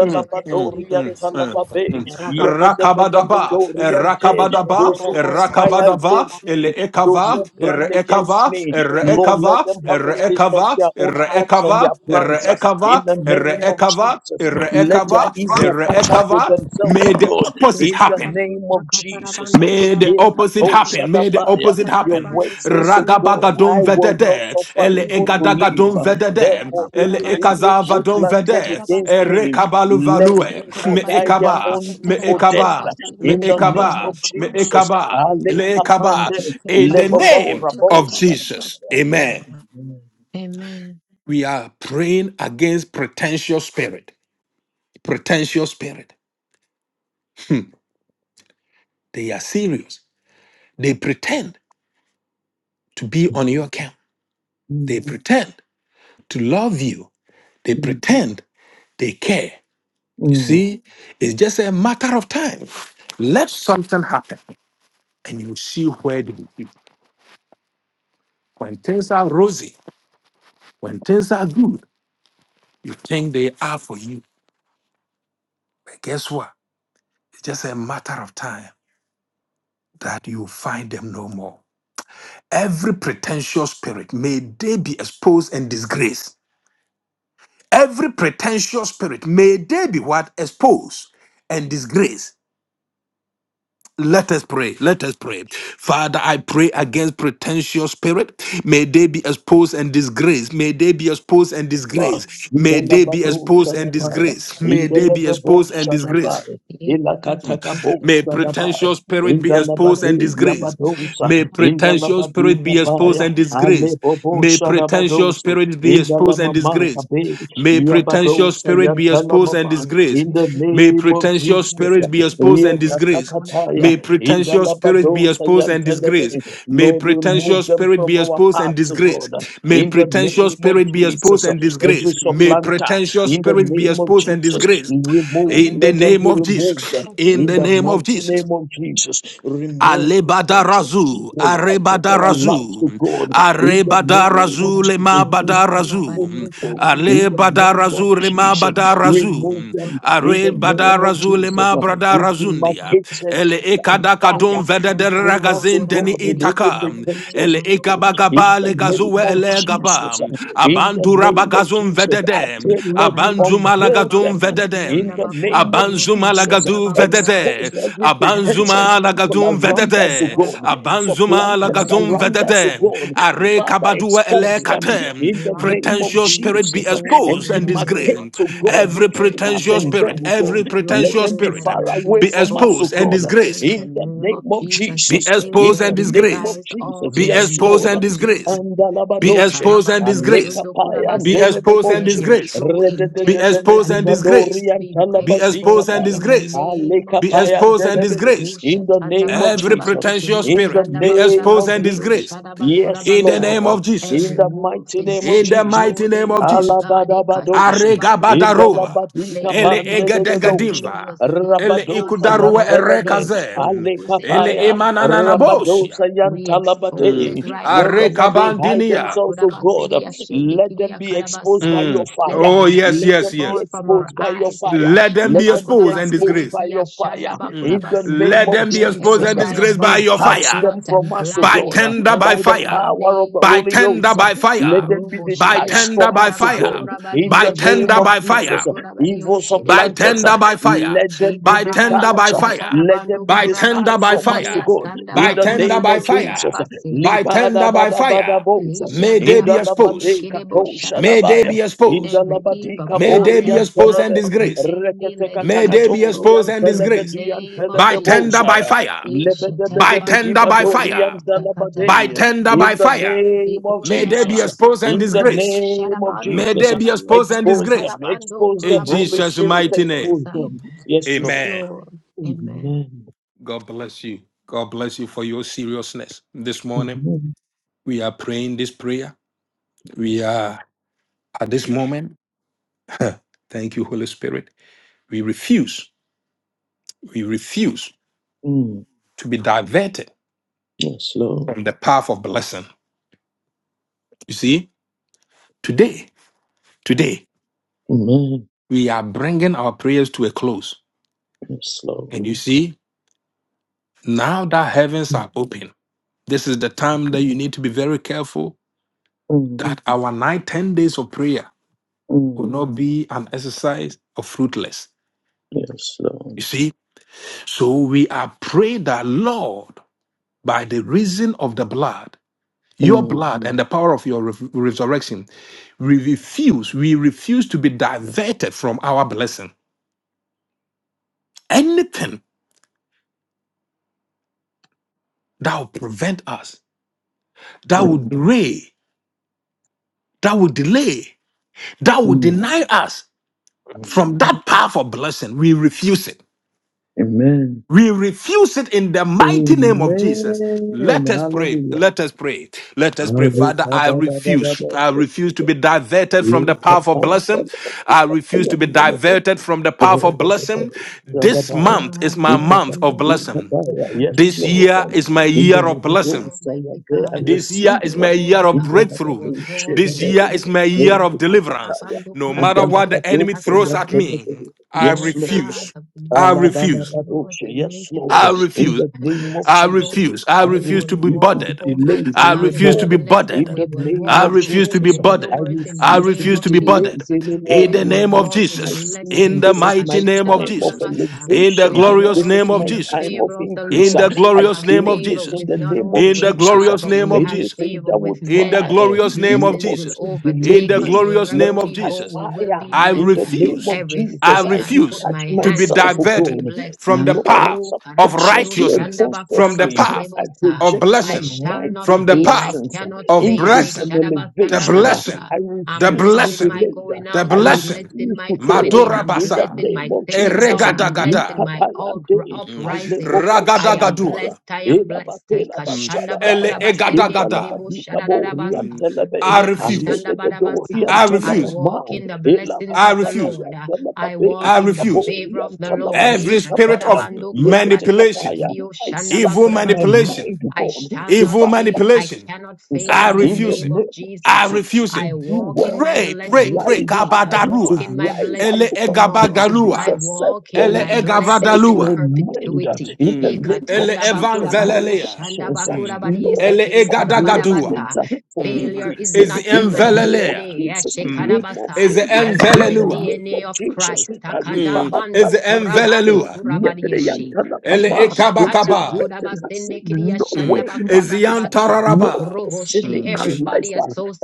S1: Mm, mm, mm, mm.
S4: Talababe,
S1: Rakabadaba,
S4: Yebedebedebedoriante,
S1: Rakabadaba,
S4: those who conspire against
S1: Rakabadava,
S4: me. Those
S1: Elekava,
S4: who plan against
S1: Erekava,
S4: me, Lord, let
S1: Erekava,
S4: them have a taste of
S1: Erekava,
S4: their own thoughts and their
S1: Erekava,
S4: plans. uh, In
S1: Erekava,
S4: the name of
S1: Erekava,
S4: Jesus, let their
S2: Kurabasa
S1: Erekava,
S2: Kirio
S4: evil catch up
S2: Sharabasa.
S4: with
S1: Erekava.
S4: themselves,
S1: May
S4: oh
S1: the
S4: God.
S1: opposite
S4: In the
S1: happen.
S2: Kurabariyo
S4: name of
S2: Saka
S4: Jesus, uh,
S2: Sarabando
S1: May the
S4: Yes,
S2: Kurabariyo
S1: opposite
S4: oh,
S1: happen. May
S2: Sikriyo
S1: the
S2: Saka
S4: Shadabaya,
S1: opposite
S4: your
S1: happen.
S4: word
S2: Sarabando
S4: says, oh
S2: Kurabariyo
S4: God, I
S1: Ragabagadum
S4: will not
S1: vedede.
S4: suffer
S1: Ele
S4: evil to
S2: Sikriyo
S1: egadagadum
S4: live.
S2: Rabasidiyo
S1: vedede.
S2: Kusaraba
S4: Therefore,
S1: Ele
S4: any
S2: Kurabasidiyo
S4: evil
S2: Shaka
S1: ekazavadum
S4: planted
S1: vede.
S4: against
S2: Tatarabasa.
S4: me,
S1: Erekabalu
S4: let
S1: value. Me
S4: evil die
S2: Kurabariyo
S4: their
S2: Saka
S4: own
S1: ekaba. Me
S4: evil
S2: Tataraba
S4: death.
S1: ekaba. Me
S2: Kurabasidiyo
S4: In the name
S1: ekaba.
S2: Sharabasa.
S4: of
S1: Me
S4: Jesus,
S1: ekaba.
S4: Ale
S1: Ele ekaba.
S4: Kapande,
S1: In the
S2: Kurabariyo
S4: Lebobo
S1: name
S4: rabo
S2: Sukutaka
S1: of Jesus.
S4: shanabaya.
S2: Tatarabasa.
S1: Amen.
S2: Amen.
S1: We are praying against pretentious spirit. Pretentious spirit. They are serious. They pretend to be on your camp. They
S4: Mm,
S1: pretend to love you. They
S4: mm,
S1: pretend they care. You
S4: mm,
S1: see, it's just a matter of time. Let something happen and you see where they will be. When things are rosy, when things are good, you think they are for you. But guess what? It's just a matter of time that you find them no more. Every pretentious spirit, may they be exposed and disgraced. Every pretentious spirit, may they be what? Exposed and disgraced Let us pray. Let us pray. Father, I pray against pretentious spirit. May they be exposed and disgraced. May they be exposed and disgraced. May they be
S4: Indelebebo
S1: exposed and
S4: Shadabaya,
S1: disgraced.
S2: Jesus.
S1: May they be
S4: Indelebebo
S1: exposed and disgraced.
S4: Shadabaya,
S2: ये खाला का
S4: Ilakataka Bo
S2: पूछते
S1: May
S2: हैं कि जो
S4: Shadabaya,
S1: pretentious
S2: पूछता है
S1: spirit be
S2: क्या बात कर
S1: exposed
S2: रहे
S1: and
S4: Indelebade
S2: हैं, जो एक
S1: disgraced.
S2: दूसरे से
S4: Yabadosa,
S1: May
S2: बात
S1: pretentious
S4: Indelebade
S1: spirit be exposed
S4: Kapaya,
S1: and
S4: Ale
S1: disgraced.
S4: Bobo
S1: May pretentious
S4: Shadabadosa,
S1: spirit be exposed and
S4: Indelamama
S1: disgraced.
S4: Kabe,
S1: May pretentious
S4: Yabadosa
S1: spirit be exposed and
S4: Yantalamama,
S1: disgraced.
S4: in the
S2: करते
S1: May
S2: हैं,
S4: name
S2: जो
S4: of
S2: बात
S1: pretentious
S2: करते हैं,
S4: Jesus,
S1: spirit
S2: जो बात
S1: be
S2: करते हैं,
S1: exposed and
S2: पूछता है
S1: disgraced.
S2: भाई बात करते
S4: Yekatakataya,
S1: May
S2: हैं, उसको
S1: pretentious spirit be
S4: Indelabadosa
S1: exposed and disgraced.
S4: Yantelebe,
S1: May
S4: Lord, remove
S1: pretentious
S4: them
S1: spirit
S4: from
S1: be
S4: our
S1: exposed and
S4: paths, O
S1: disgraced.
S4: God,
S1: May
S4: in the
S1: pretentious
S4: name of
S1: spirit be exposed
S4: Jesus
S1: and
S4: every
S1: disgraced. May
S4: supplanter
S1: pretentious
S4: in the
S1: spirit be
S4: name of
S1: exposed and
S4: Jesus,
S1: disgraced.
S2: भाई
S4: remove,
S1: In the
S2: उसका
S4: let
S2: क्या
S4: them
S1: name
S4: be
S1: of
S2: चला बात कर
S4: removed
S1: Jesus.
S2: रहा बात कर
S1: In
S4: in
S1: the
S2: रहा
S4: the
S1: name of
S2: क्वेश्चन
S4: mighty
S2: में
S1: Jesus.
S2: तो
S4: name of Jesus. Remove potential
S1: Alebadarazu,
S4: people out of our lives to
S1: Arebadarazu,
S4: God in the name of
S2: सारा
S1: Arebadarazu, Lema
S2: बारी
S4: Jesus. These
S2: उसको कोरा
S4: sinful
S2: बारी
S1: Badarazu,
S2: उसको
S4: people
S2: दे रही हूँ,
S4: in the
S2: दो कोरा
S4: name of
S1: Alebadarazu,
S2: बारी
S1: Lema
S2: उसका
S4: Jesus,
S2: बात कर रहा हूँ,
S4: remove
S2: दो
S1: Badarazu,
S4: them
S2: कोरा बारी
S4: in the
S2: उसको दे
S4: name
S2: रही
S4: of
S2: खाला
S1: Arebadarazu,
S2: बात
S4: Jesus.
S1: Lema
S2: कोरा
S4: We
S2: बात
S1: Bradarazunia,
S4: demarcated
S1: Ele
S2: कुछ
S1: Ekadakadum
S4: fire
S2: किया stand
S4: between
S2: up
S4: us, O
S1: Vedederagazin
S2: कोरा
S1: Deni
S2: बात
S4: God, and
S2: वीडियो
S4: every
S1: Itaka,
S2: कोरा वीडियो
S4: pretentious
S1: Ele
S2: सुन दो
S4: people
S2: कोरा बात
S4: in
S1: Ekabagaba
S4: the
S2: वीडियो
S4: name
S1: Legazue
S4: of
S2: stand up कोरा बात
S1: Elegaba,
S4: Jesus, in the
S1: Abandura
S4: name of
S1: bagazu
S4: Jesus, I
S1: vededem
S4: pray,
S2: Iko
S4: Lord, you
S1: abanzu
S2: tarabando
S4: unveil
S2: kuraba
S1: malagadum
S4: them.
S2: kusiki
S1: vededem
S4: In
S2: yanda
S4: the
S2: bakura
S4: name of
S2: bariyo
S1: abanzu
S2: siri
S4: Jesus,
S2: yanda
S1: malagadu
S2: bakura
S4: expose
S1: vedede
S2: basiriyo
S4: every
S1: abanzu
S2: kusaraba
S4: pretentious
S2: kuraba
S4: people
S1: malagadum
S2: kusiki
S4: around us, O
S1: vedede
S2: kusaraba
S4: God.
S2: sa.
S1: abanzu
S4: Supplanters
S1: malagadum
S4: around us, O
S1: vedede
S4: God.
S1: are
S4: Father,
S1: kabadua Ele
S4: expose
S2: Every
S4: them
S2: evil
S1: katem?
S4: in the
S2: plot
S4: name of
S1: pretentious
S2: be
S1: spirit be
S4: Jesus
S2: exposed
S4: and
S1: exposed
S2: in the
S1: and
S2: name
S4: demarcate,
S2: of
S1: disgraced
S4: to God,
S2: Jesus.
S1: every
S4: between
S2: Every
S4: us
S1: pretentious
S4: and
S2: wolf
S1: spirit
S4: them,
S2: in
S4: O
S2: sheep
S1: every
S4: God. Let
S1: pretentious
S4: them be
S2: clothing,
S1: spirit
S2: let
S1: um,
S4: far
S2: them be
S4: away
S1: be
S4: from us,
S2: exposed.
S4: O
S1: exposed and
S4: God.
S2: In
S1: disgraced
S2: the
S4: In the
S2: name
S4: name
S2: of
S4: of
S2: Jesus,
S1: be
S2: we
S4: Jesus,
S2: take
S4: in
S1: exposed
S2: their
S4: the
S1: and
S4: name of
S1: disgraced
S2: disguise
S4: Jesus,
S2: off
S1: be
S2: in the
S4: yes,
S1: exposed
S2: name
S4: Lord.
S1: and
S2: of Jesus.
S1: disgraced
S4: And
S1: be
S2: Eh,
S4: Andalabadoshe,
S1: exposed and
S2: karabanio
S1: disgraced
S2: shundo
S4: Alekapaya and
S1: be
S2: kurabasa.
S1: exposed and
S2: Let
S4: Delebeboshe,
S2: their
S1: disgraced
S2: true
S1: be
S2: intentions
S1: exposed
S2: and
S1: and disgraced.
S4: Redededededibadori
S2: motives
S4: and
S2: be
S1: Be exposed
S2: exposed
S1: and
S4: Talabazikaba,
S2: in the
S1: disgraced.
S2: name of
S1: Be
S4: Alekapaya and
S2: Jesus.
S1: exposed
S2: Eh,
S1: and
S4: Delebe,
S1: disgraced.
S4: in the
S2: ushatanda
S4: name of
S1: Every
S4: Jesus,
S2: bakunabase,
S1: pretentious
S2: kidio
S4: in the
S1: spirit
S2: shanda
S1: be
S4: name
S1: exposed
S4: of
S1: and
S2: bakunabase, dio
S4: Jesus,
S1: disgraced
S2: shanda
S4: yes,
S1: in the
S2: bakurabasa
S4: Lord,
S1: name of Jesus.
S4: in
S2: every
S4: the
S2: wolf
S4: mighty
S2: in
S4: name of
S1: In
S2: sheep
S1: the
S4: Jesus,
S1: mighty name
S2: clothing,
S1: of
S2: Lord
S1: Jesus.
S2: God.
S4: Alabadabadoshe, in the
S2: Ekashandabakurabasa.
S1: Aregabadaroa.
S4: Labadika
S2: Let their
S1: Ele
S4: Pande de
S2: deeds, their
S4: Pandededoshe,
S1: egedegadimva.
S2: devious deeds,
S1: Ele
S2: plots,
S4: Rabadosa
S2: and
S4: and
S1: ikudarua
S2: plans be
S4: Telebe,
S1: erekazem.
S2: exposed in the
S1: Ele
S4: Alekapaya,
S2: name of Jesus.
S1: imanananabosia.
S4: Rabadosa
S2: We expose
S1: Mm.
S2: it
S4: Yantalabate,
S2: right now.
S4: wherever they hide
S1: Arekabandinia.
S4: themselves, oh God, let them be exposed by
S2: Ushakandabakurabasidiashindikiriakarabasa.
S4: your
S1: Mm.
S2: Let
S4: fire.
S1: Oh,
S2: every
S1: yes,
S2: veil
S4: Let
S1: yes,
S4: them be
S2: fall
S1: yes.
S2: from our
S4: exposed by your
S2: eyes.
S4: fire.
S1: Let them be
S4: Let them be
S1: exposed and
S4: exposed
S1: disgraced.
S4: by your fire.
S1: Mm.
S4: In the
S2: Ekashandabakurabasindikiyashandabakurabasa.
S4: name
S1: Let
S4: of
S1: them be
S2: Let
S1: exposed
S2: every
S4: Jesus,
S1: and disgraced by your
S2: diabolical
S4: detach
S1: fire,
S2: plot
S4: them from
S2: and
S4: us, O
S2: plan
S1: by
S2: be
S4: God,
S1: tender by
S4: by
S2: exposed
S4: the
S2: in the
S1: fire,
S4: power of the
S2: name
S1: by
S2: of
S4: Holy
S1: tender
S4: Ghost.
S2: Jesus.
S1: by
S4: Let
S1: fire,
S4: them be
S2: Robo
S1: by
S2: shidia
S4: detached
S1: tender
S4: from
S1: by
S2: sanda
S4: us, O
S1: fire,
S4: God.
S2: bakura
S4: In
S1: by
S2: badio
S4: the
S2: shada
S4: name
S1: tender
S4: of
S1: by
S2: basondo
S4: Jesus,
S1: fire,
S2: kura badio
S4: evil
S1: by
S2: shiribusa.
S4: supplanters,
S1: tender by fire,
S4: let them
S2: Shika
S4: be
S1: by tender
S2: rabadio
S1: by
S4: detached.
S1: fire,
S2: satara
S4: Let them be
S1: by
S2: kura
S1: tender
S4: despised
S2: badio
S1: by
S4: from us, O
S2: shidia
S1: fire,
S4: God,
S2: sanda
S1: by
S4: in the
S2: bakura
S1: tender
S4: name
S1: by
S4: of
S2: badio
S1: fire,
S4: Jesus.
S2: sharabasi.
S1: by
S4: Lipada
S1: tender by
S4: bada bada
S1: fire.
S4: bosa.
S2: Lisha
S1: May they
S4: In the
S1: be
S2: Karabasende
S1: exposed.
S4: labadeka
S2: Kedebo
S1: May they
S2: Sharabasa.
S1: be
S4: toshadabaya. In
S1: exposed.
S4: the
S2: Every evil
S4: labadika
S1: May
S2: plot
S1: they be
S2: and
S4: borian
S1: exposed and
S2: plan
S4: telebe.
S2: of the
S1: disgraced.
S2: enemy, let
S4: Reketeka
S2: it
S1: May
S2: be
S1: they be
S2: exposed
S1: exposed
S4: takatorian
S1: and
S2: in the
S4: telebe
S1: disgraced
S4: dian
S2: name of
S1: by
S4: telebe
S1: tender,
S2: Jesus.
S1: by
S4: boshaya.
S1: fire,
S2: Lisha
S1: by
S2: Tarabandu
S1: tender, by fire,
S4: Lebedebedebedibadorian
S2: Kurabariusa
S1: by
S4: dalabade.
S2: Katarabasi.
S1: tender, by
S4: In the
S1: fire.
S4: name of
S2: Rigo
S1: May they be
S4: Jesus.
S2: Sharabasu
S1: exposed and
S4: In the
S2: Kurabariu
S1: disgraced.
S4: name of
S2: Sharabandu
S1: May
S4: Jesus.
S1: they be exposed
S2: Kurabariusa
S1: and
S4: Expose
S1: disgraced.
S4: them.
S2: Katarabandu
S4: Expose them.
S1: In
S4: Holy
S2: Kurabariu
S1: Jesus'
S4: Spirit,
S1: mighty name,
S4: expose
S2: Shedebosa.
S4: them. Yes,
S2: Yes,
S4: Lord.
S1: amen.
S2: Lord. Amen.
S4: Amen.
S1: God bless you. God bless you for your seriousness this morning.
S4: Amen.
S1: We are praying this prayer. We are at this moment. Thank you, Holy Spirit. We refuse, we refuse
S4: Mm,
S1: to be diverted
S4: yes, Lord.
S1: from the path of blessing. You see, today, today,
S4: Amen.
S1: we are bringing our prayers to a close.
S4: Yes, Lord.
S1: And you see, now that heavens
S4: Mm,
S1: are open, this is the time that you need to be very careful
S4: mm,
S1: that our nine, ten days of prayer will
S4: mm,
S1: not be an exercise of fruitless.
S4: yes, Lord.
S1: You see, so we are praying that Lord, by the reason of the blood, your
S4: Mm,
S1: blood and the power of your re- resurrection, we refuse, we refuse to be diverted from our blessing. Anything that will prevent us, that
S4: mm,
S1: would delay, that would delay, that would
S4: mm,
S1: deny us. from
S4: mm.
S1: that powerful blessing, we refuse it.
S4: Amen.
S1: We refuse it in the mighty name of Jesus.
S4: Amen.
S1: Let us pray.
S4: Hallelujah.
S1: Let us pray. Let us pray. Father, I refuse. I refuse to be diverted from the powerful blessing. I refuse to be
S4: Hallelujah.
S1: diverted from the powerful blessing. This
S4: Radabaya.
S1: month
S2: Father,
S1: is my
S2: in the
S1: month of
S2: name of
S1: blessing.
S4: Ikadabadikadaya.
S2: Jesus,
S4: Yes,
S2: we
S1: This
S2: will
S4: Lord.
S1: year
S4: And
S2: walk
S1: is my
S2: in our
S4: In the
S1: year of
S2: blessings,
S1: blessing.
S4: Lebedosa, you are
S2: Almighty
S4: there
S2: God.
S4: and
S1: This year
S4: receive
S1: is
S4: you.
S1: my
S2: Lord
S1: year of
S4: In the
S2: God, we
S1: breakthrough.
S2: will
S4: Labadosha,
S2: walk
S4: the
S1: This
S2: in
S1: year
S4: way.
S1: is my
S4: Glory
S1: year
S2: favor.
S1: of
S4: to the
S1: deliverance.
S4: Kataya.
S2: Satarabando
S1: No
S4: And the
S1: matter what
S2: kurakarebo
S1: the enemy
S4: Labadosa, you
S1: throws
S4: are
S1: at
S4: there,
S2: sakatarabasa.
S4: the
S1: me,
S4: way.
S1: I
S4: Yes,
S2: Lord
S4: Lord.
S2: God,
S1: refuse.
S2: the
S1: I
S2: blessings of
S1: refuse.
S2: the Lord,
S4: Alabanabadosha.
S2: they
S4: Yes,
S2: make it
S4: Lord.
S1: I
S2: rich and
S4: In
S2: they
S1: refuse.
S4: the
S2: add no
S4: name of
S1: I
S4: Jesus,
S2: sorrow.
S1: refuse. I
S4: I
S2: We
S1: refuse
S2: will
S1: to be
S4: refuse to
S2: walk,
S4: be
S1: bothered.
S2: Almighty
S4: delayed
S1: I
S2: God, in
S1: refuse
S2: our
S1: to be
S4: anymore.
S2: blessing.
S1: bothered.
S4: In
S2: We
S4: the
S2: will
S4: name
S1: I
S2: walk
S4: of
S2: through
S1: refuse to be
S4: Jesus,
S2: open
S4: I
S1: bothered.
S2: doors in the
S1: I
S4: refuse to
S2: name
S1: refuse
S4: be
S2: of
S1: to be
S4: delayed
S1: bothered.
S2: Jesus.
S1: In
S2: We
S1: the
S4: anymore.
S2: will
S1: name of
S4: This
S2: walk
S4: is
S2: in
S4: my
S1: Jesus. In
S4: season.
S1: the
S2: blessings.
S4: This is
S1: mighty
S4: my
S1: name
S2: Ikashanda
S1: of
S4: time of
S1: Jesus.
S2: bakurabasa.
S1: In the
S2: We
S4: elevation.
S2: are
S1: glorious
S4: This
S1: name
S4: is
S2: walking
S1: of
S2: in
S4: my
S2: the
S1: Jesus.
S4: time of
S2: favor of the
S1: In
S4: increase. Uh,
S1: the
S2: Lord. We
S4: I
S1: glorious
S2: have
S1: name
S4: claim
S1: of
S4: it
S2: favor
S1: Jesus.
S4: in
S2: with
S4: the
S2: not
S4: name
S2: only
S4: of
S1: In the
S2: with
S4: Jesus. Uh,
S2: God,
S1: glorious
S2: but
S1: name
S2: we
S1: of
S2: have
S1: Jesus
S4: Anything
S2: favor
S4: that
S2: with
S4: would
S1: in the
S4: try,
S2: men.
S4: uh,
S1: glorious name of
S2: Blessings
S4: Lord,
S2: will
S1: Jesus.
S4: to delay
S1: In the
S2: overtake us
S4: me,
S1: glorious
S4: let
S2: wherever
S1: name of
S4: it
S2: we
S4: catch
S2: go.
S1: Jesus.
S2: We will be
S4: fire.
S1: I
S4: In the
S2: blessed.
S4: name
S1: refuse,
S4: of
S1: I
S4: Jesus,
S2: Everything
S4: I
S2: I put
S1: refuse
S4: detach
S2: my
S1: to be
S2: hands
S4: myself,
S2: to
S4: oh
S2: will be
S1: diverted
S4: God.
S2: blessed.
S1: from
S2: Uh,
S1: the
S4: Lord,
S1: path
S2: Oh,
S1: of
S2: Karabadio
S4: subconsciously and
S1: righteousness, from the
S4: consciously,
S1: path
S4: I
S2: Shandabakurabasedebosa.
S1: of
S4: project my
S2: I
S1: blessing,
S2: shall
S4: mind
S2: not
S1: from
S4: to
S1: the
S2: fail. I
S1: path
S4: blessings, uh,
S2: cannot
S1: of
S2: fail. Eh,
S4: increase,
S1: blessing,
S4: and
S1: the
S4: elevation. Uh,
S1: blessing,
S2: Shadabasandadabasa.
S4: I
S2: I'm
S1: the
S4: refuse to
S2: blessed
S4: be
S2: in
S1: blessing,
S2: my
S4: delayed. Uh,
S2: going
S1: the
S2: out.
S4: I
S2: I'm
S4: refuse
S2: blessed
S1: blessing.
S2: in
S4: refuse
S2: my
S4: to
S2: coming
S4: fail
S2: in.
S1: Madura
S2: I'm
S4: in the
S2: blessed
S1: basa,
S2: in
S4: name
S2: my
S4: of
S2: sitting
S4: Jesus.
S2: down. I'm blessed in
S1: eregadagada,
S2: my
S4: Likapaya
S2: out,
S4: de,
S1: mm,
S2: uprising. I am
S4: alebobosadabaya,
S1: ragadagadoa,
S2: blessed. I am blessed. Eh,
S1: mm, ele
S4: elabatelabashadabaya,
S1: egadagada.
S2: Kashandabakurabasendekedebo
S4: indalabadikabo
S2: Shadadadabasa.
S1: Mm,
S4: riantelebe,
S1: I
S2: Eh,
S1: refuse.
S4: aledededo
S2: Kashandabadabasa.
S1: I
S2: I
S1: refuse.
S4: riantelebema,
S2: walk in the blessings
S1: I
S2: of the
S1: refuse.
S2: Lord. Uh, I
S4: elakatakatayantelebe,
S1: I
S2: walk in the
S4: kabo
S1: refuse.
S2: favor of the Lord. Eh,
S1: Every spirit
S4: riantelebazikabaya,
S1: of
S2: kurabadiese
S1: manipulation,
S4: yeketekataya.
S2: kidio
S4: I set
S1: evil
S4: my
S2: shandabakurabasa.
S4: mind
S1: manipulation,
S4: to
S2: I
S4: God
S2: shall
S4: to
S2: not
S1: evil
S2: fail. I
S1: manipulation,
S2: cannot
S4: Jesus.
S2: fail
S1: I
S2: in the
S4: In the
S1: refuse
S2: name
S1: it.
S2: of
S4: name of
S1: I
S2: Jesus. Uh,
S4: Jesus,
S1: refuse
S4: to
S1: it.
S2: I
S4: do
S2: walk in
S4: well,
S2: my
S1: Pray,
S4: to
S1: pray,
S2: blessings
S1: pray.
S4: rise
S2: today. I
S4: high,
S2: walk
S4: to
S2: in
S1: Kabadarua.
S2: my
S4: rise up,
S1: Ele
S2: blessings
S4: O God,
S2: tomorrow.
S4: to be
S2: I
S1: egabagalua.
S2: walk in
S1: Ele
S4: successful.
S2: my
S4: I
S2: blessings
S4: set
S2: in
S4: my
S1: egavadalua.
S4: mind uh,
S2: perpetuity.
S4: in the
S2: Eh,
S1: Mm.
S4: name of
S1: Ele
S2: bakura
S4: Jesus, my
S2: badio,
S1: evangelelea.
S2: shanda
S4: conscience, uh,
S2: bakura
S1: Mm.
S2: badie,
S4: Lord,
S1: Ele
S2: sekere
S4: for
S2: kura badabasa.
S1: egadagadua.
S4: upliftment, uh, for
S1: Mm.
S2: Failure
S4: increase,
S2: is
S4: uh,
S1: Is
S2: not in
S4: in the
S2: my
S4: name of
S1: envelelea.
S2: DNA.
S4: Jesus, no
S1: Mm.
S4: more
S2: Ashekadabasa.
S1: Is
S4: failure,
S2: I have
S4: in
S2: the
S4: the
S1: envelelua.
S4: name
S2: DNA
S4: of
S2: of
S4: Jesus.
S2: Christ.
S1: Mm, is
S2: Takadabando kurabando
S1: envelelua.
S2: kurabadiyeshe.
S1: Mm, ele
S2: Rebo shatanda
S1: ekabakaba.
S4: Retrogression has said
S2: bakudabasende kidiya
S4: no
S1: Mm,
S2: shanda
S4: way in my
S1: is
S4: life
S2: bakudabadabasa.
S4: no
S1: yantararaba.
S4: portion
S2: Roboshe,
S1: Mm,
S4: in my life.
S2: everybody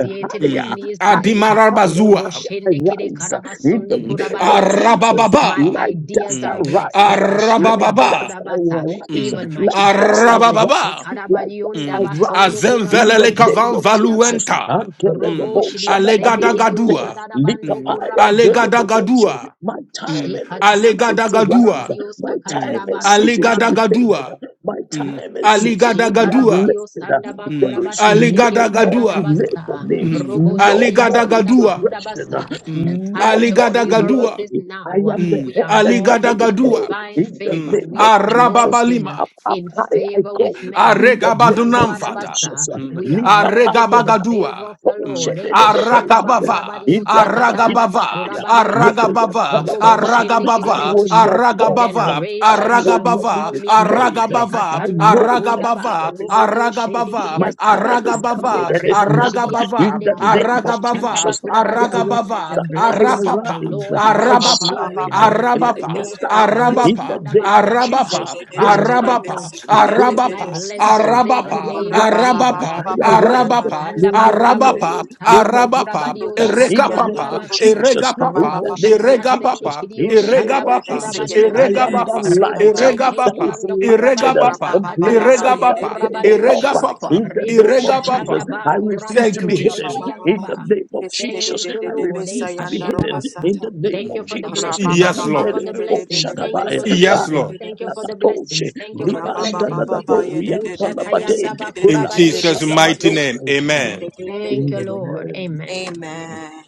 S4: uh,
S2: with
S4: Higher,
S1: mm,
S2: me is
S4: higher,
S2: blessed.
S4: higher,
S1: adimarabazua.
S4: higher. I
S2: Roboshende kide
S4: rise uh, in the
S2: karabasundu
S1: Mm,
S4: name of
S2: kurabadebosha.
S4: Jesus.
S2: My
S1: arabababa.
S4: Like dust
S2: ideas are
S1: Mm,
S4: I
S2: blessed.
S4: rise.
S2: Take
S4: uh,
S2: a
S4: Like
S2: shanda
S1: arabababa.
S4: dust I
S2: bakudabasa.
S4: will rise. uh,
S1: Mm,
S2: Even my
S4: Like
S2: shadow
S4: dust
S2: is
S4: I
S2: blessed.
S1: arabababa.
S4: rise. Like dust
S2: Ekarabadiunda
S4: I
S1: Mm.
S2: basondo
S4: rise uh, in the
S1: Azemvelele
S2: kurabadio
S4: name
S1: kavan
S4: of
S2: shederianda
S4: Jesus.
S2: basa.
S1: valuenta.
S4: Until the
S2: Robo
S1: Mm.
S4: motion
S2: shidia
S4: of a
S2: sende
S4: day and day.
S1: Alegadagadua.
S4: Lick
S2: Ekarabadiondabasondokurabadioshereriandabasa.
S4: up
S1: Mm.
S4: high until
S2: Roboshiriasendekidioshadadabandokurabadiosa.
S4: the motion.
S1: Alegadagadua.
S4: My time
S1: Mm.
S4: and my season
S2: Shekatarabandio
S4: to rise. uh,
S1: Alegadagadua.
S2: kurabadiosa
S4: My
S1: Mm.
S4: time and
S2: katarabando
S4: season to be
S2: kurabase.
S4: favored.
S1: Alegadagadua.
S4: My
S1: Mm.
S4: time is ceasing to be
S1: Alegadagadua.
S2: Shekarabadio
S4: uplifted. Uh,
S2: Sandaba
S1: Mm.
S4: There
S2: Kuraba
S4: is no
S2: Shendekede
S4: more
S1: Alegadagadua.
S4: delay for
S2: Karadabasa
S4: me,
S1: Mm.
S2: Robo
S4: no
S2: Shedia
S4: more
S2: Sandaba
S1: Alegadagadua.
S4: integration, uh,
S2: Kurabasa. The
S1: Mm.
S2: time
S4: no
S2: to
S4: more
S2: favor us
S4: delay.
S1: Alegadagadua.
S2: is
S4: I
S2: now.
S4: am the
S1: Mm.
S2: We
S4: head
S2: are
S4: and never
S2: walking
S4: the
S2: in
S4: tail.
S1: Alegadagadua.
S2: divine
S4: In the
S2: favor.
S1: Mm.
S4: name
S2: We
S4: of
S2: are
S4: Jesus,
S2: walking
S1: Arababalima.
S4: up, up
S2: in
S4: high I
S2: favor
S1: Mm.
S2: with
S4: go.
S2: men.
S4: In the
S2: Eka
S4: name of
S1: Aregabadunamfata.
S2: Shandabadabasa.
S4: Jesus,
S1: Mm.
S2: We are
S4: uh,
S2: walking in the favor
S1: Aregabagadua.
S2: of
S4: I
S2: the
S1: Mm.
S2: Lord. Eka Shandaba
S1: Arakabava,
S2: Kurabadio Sakataradaba
S1: Aragabava,
S2: Kurabadio Sa.
S1: Aragabava,
S2: Robo Shendekede
S1: Aragabava,
S4: will
S2: Debosha.
S4: not fall.
S1: Aragabava,
S4: I
S2: Generations
S4: will
S2: shall
S4: not
S1: Aragabava,
S4: be
S2: call me blessed.
S4: dismayed.
S1: Aragabava,
S4: I
S2: Tekatanda
S4: know my
S2: bakunda ba
S1: Aragabava,
S4: time is
S2: roborio shendi
S1: Aragabava,
S4: my
S2: kidia
S4: time is
S2: sabaku.
S1: Aragabava,
S4: coming and it's
S2: Rebo
S4: now.
S2: shidia
S4: In
S1: Aragabava,
S2: sande
S4: the
S2: kidio
S4: name of
S2: kushanda
S1: Aragabava,
S4: Jesus,
S2: bakuda
S4: I
S2: basa. The
S1: Aragabava,
S4: arise, I
S5: Amen.
S2: blessings of the
S1: Arapapa,
S4: arise,
S2: Lord
S4: I
S2: maketh me
S5: Rabba
S1: Arabapa,
S4: shine,
S2: rich and it
S4: and I
S2: adds
S4: can
S1: Arabapa,
S2: no
S4: star.
S2: sorrow. Oh,
S4: In the
S1: Arabapa,
S2: shanda
S4: name
S2: bakuda
S4: of
S2: basa.
S4: Jesus,
S1: Arabapa, Arabapa,
S2: I
S4: this
S2: will
S4: is my
S2: have no
S1: Arabapa,
S4: time,
S2: sorrow
S4: this
S2: with
S4: is
S2: my
S4: my season.
S2: blessings in the
S4: I
S1: Arabapa,
S2: name of
S4: arise,
S2: Jesus.
S1: Arabapa,
S4: I
S2: Robo
S4: arise,
S1: Arabapa,
S2: shanda
S4: no more
S2: bakura badio,
S4: delay,
S1: Arabapa,
S4: no
S2: shanda
S4: more
S2: bakura
S1: Arabapa,
S4: defeat.
S2: badio,
S4: In
S2: shanda
S4: the name
S2: bakura
S1: Erekapapa,
S4: of
S2: basa.
S4: Jesus, in
S1: Eregapapa,
S4: the
S2: Robo
S4: name of
S2: shidia sende
S4: Jesus,
S1: Eregapapa,
S2: kidio
S4: in the name
S2: shanda
S4: of
S1: Eregapapa,
S2: bakura
S4: Jesus, I
S2: badiosa.
S4: am that
S1: Eregapapa,
S2: Rebo
S4: light uh, that
S2: shetendi
S1: Eregapapa,
S4: is
S2: anda kura
S4: lighted uh,
S2: badiosa
S1: Eregapapa,
S4: and placed on
S2: katarabando
S4: that
S1: Eregapapa,
S2: kura
S4: tabletop.
S2: badiosha.
S4: uh,
S1: Eregapapa,
S4: In the
S2: Rebo
S4: name of Jesus,
S2: shatanda
S1: Eregapapa.
S2: ba
S4: I
S2: kura
S4: refuse
S1: Thank
S4: to
S1: you,
S4: be
S2: badiose
S1: Jesus.
S4: hidden.
S2: de yanda
S4: In the
S2: ba.
S4: name of Jesus,
S2: Thank you,
S4: I
S2: Lord. Eh,
S5: Keshtededededebesa
S4: refuse to be
S5: yanda
S2: kashanda
S4: hidden.
S2: basa.
S4: In
S5: robosata.
S4: the name
S2: Thank
S4: of
S2: you for the
S4: Jesus,
S2: blessings.
S1: Yes,
S2: Thank
S5: Rabababa,
S2: you
S1: Lord.
S2: for the
S4: Kandelebebo
S2: blessings. Thank you
S4: Shadabaya.
S2: for the
S1: Yes,
S4: Ah,
S2: blessings.
S1: Lord.
S2: Thank you
S5: yedididididibisikididididibish.
S2: for the
S4: Toshe,
S2: blessings. Thank you for the
S4: Libanda da
S2: blessings.
S4: da
S5: Rabababa,
S4: do,
S5: ye de, de
S4: Rianta
S5: de
S4: la
S5: de de
S2: Ushatayanda
S4: bade,
S5: seke
S2: ba
S5: de de
S2: kura
S1: In
S4: Kela
S5: de de de
S1: Jesus'
S4: bashada
S2: badiese.
S5: seke.
S1: mighty
S4: bado,
S1: name.
S5: Je
S4: Yamama.
S1: Amen.
S5: de de de de
S2: Thank you,
S5: de de.
S2: Lord.
S4: Amen.
S2: Amen.
S5: Amen.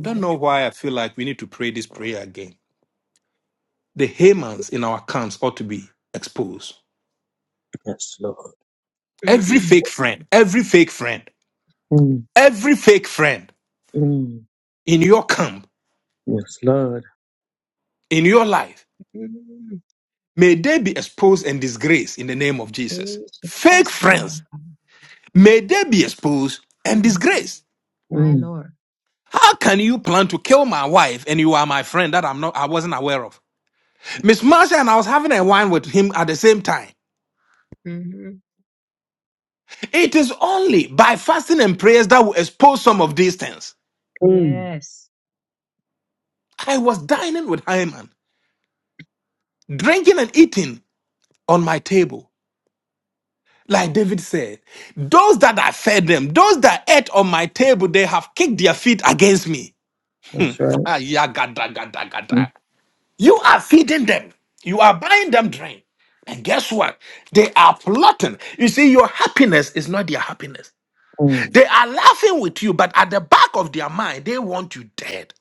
S1: Don't know why I feel like we need to pray this prayer again. The Hamans in our camps ought to be exposed.
S4: Yes, Lord.
S1: Every fake friend, every fake friend,
S4: Mm,
S1: every fake friend
S4: mm,
S1: in your camp,
S4: yes, Lord.
S1: in your life, may they be exposed and disgraced in the name of Jesus.
S2: Eh,
S1: Fake friends,
S2: Shirabasundaka.
S1: may they be exposed and
S2: Mm,
S1: disgraced.
S2: My
S4: Mm,
S2: Lord.
S1: How can you plan to kill my wife and you are my friend that I'm not I wasn't aware of? Miss Marsha and I was having a wine with him at the same time.
S2: hmm
S1: It is only by fasting and prayers that we expose some of these things.
S4: mm,
S2: Yes.
S1: I was dining with Hyman, drinking and eating on my table. Like David said, those that I fed them, those that ate on my table, they have kicked their feet against me.
S4: that's right.
S1: Ah, yeah, gada, gada,
S4: Mm,
S1: gada. You are feeding them. You are buying them drink. And guess what? They are plotting. You see, your happiness is not their happiness.
S4: mm,
S1: They are laughing with you, but at the back of their mind, they want you dead.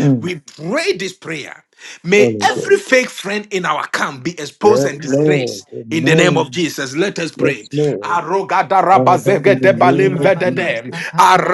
S4: mm.
S1: We pray this prayer. May
S4: Holy Ghost.
S1: every fake friend in our camp be exposed
S4: Yes,
S1: and
S4: Lord.
S1: disgraced. In the name of
S4: Amen.
S1: Jesus, let us
S4: Yes,
S1: pray.
S4: Lord. Father, in the
S2: Ede
S4: name of
S2: Kurabadio
S4: Jesus.
S1: Arogadabazegedebalimvedede,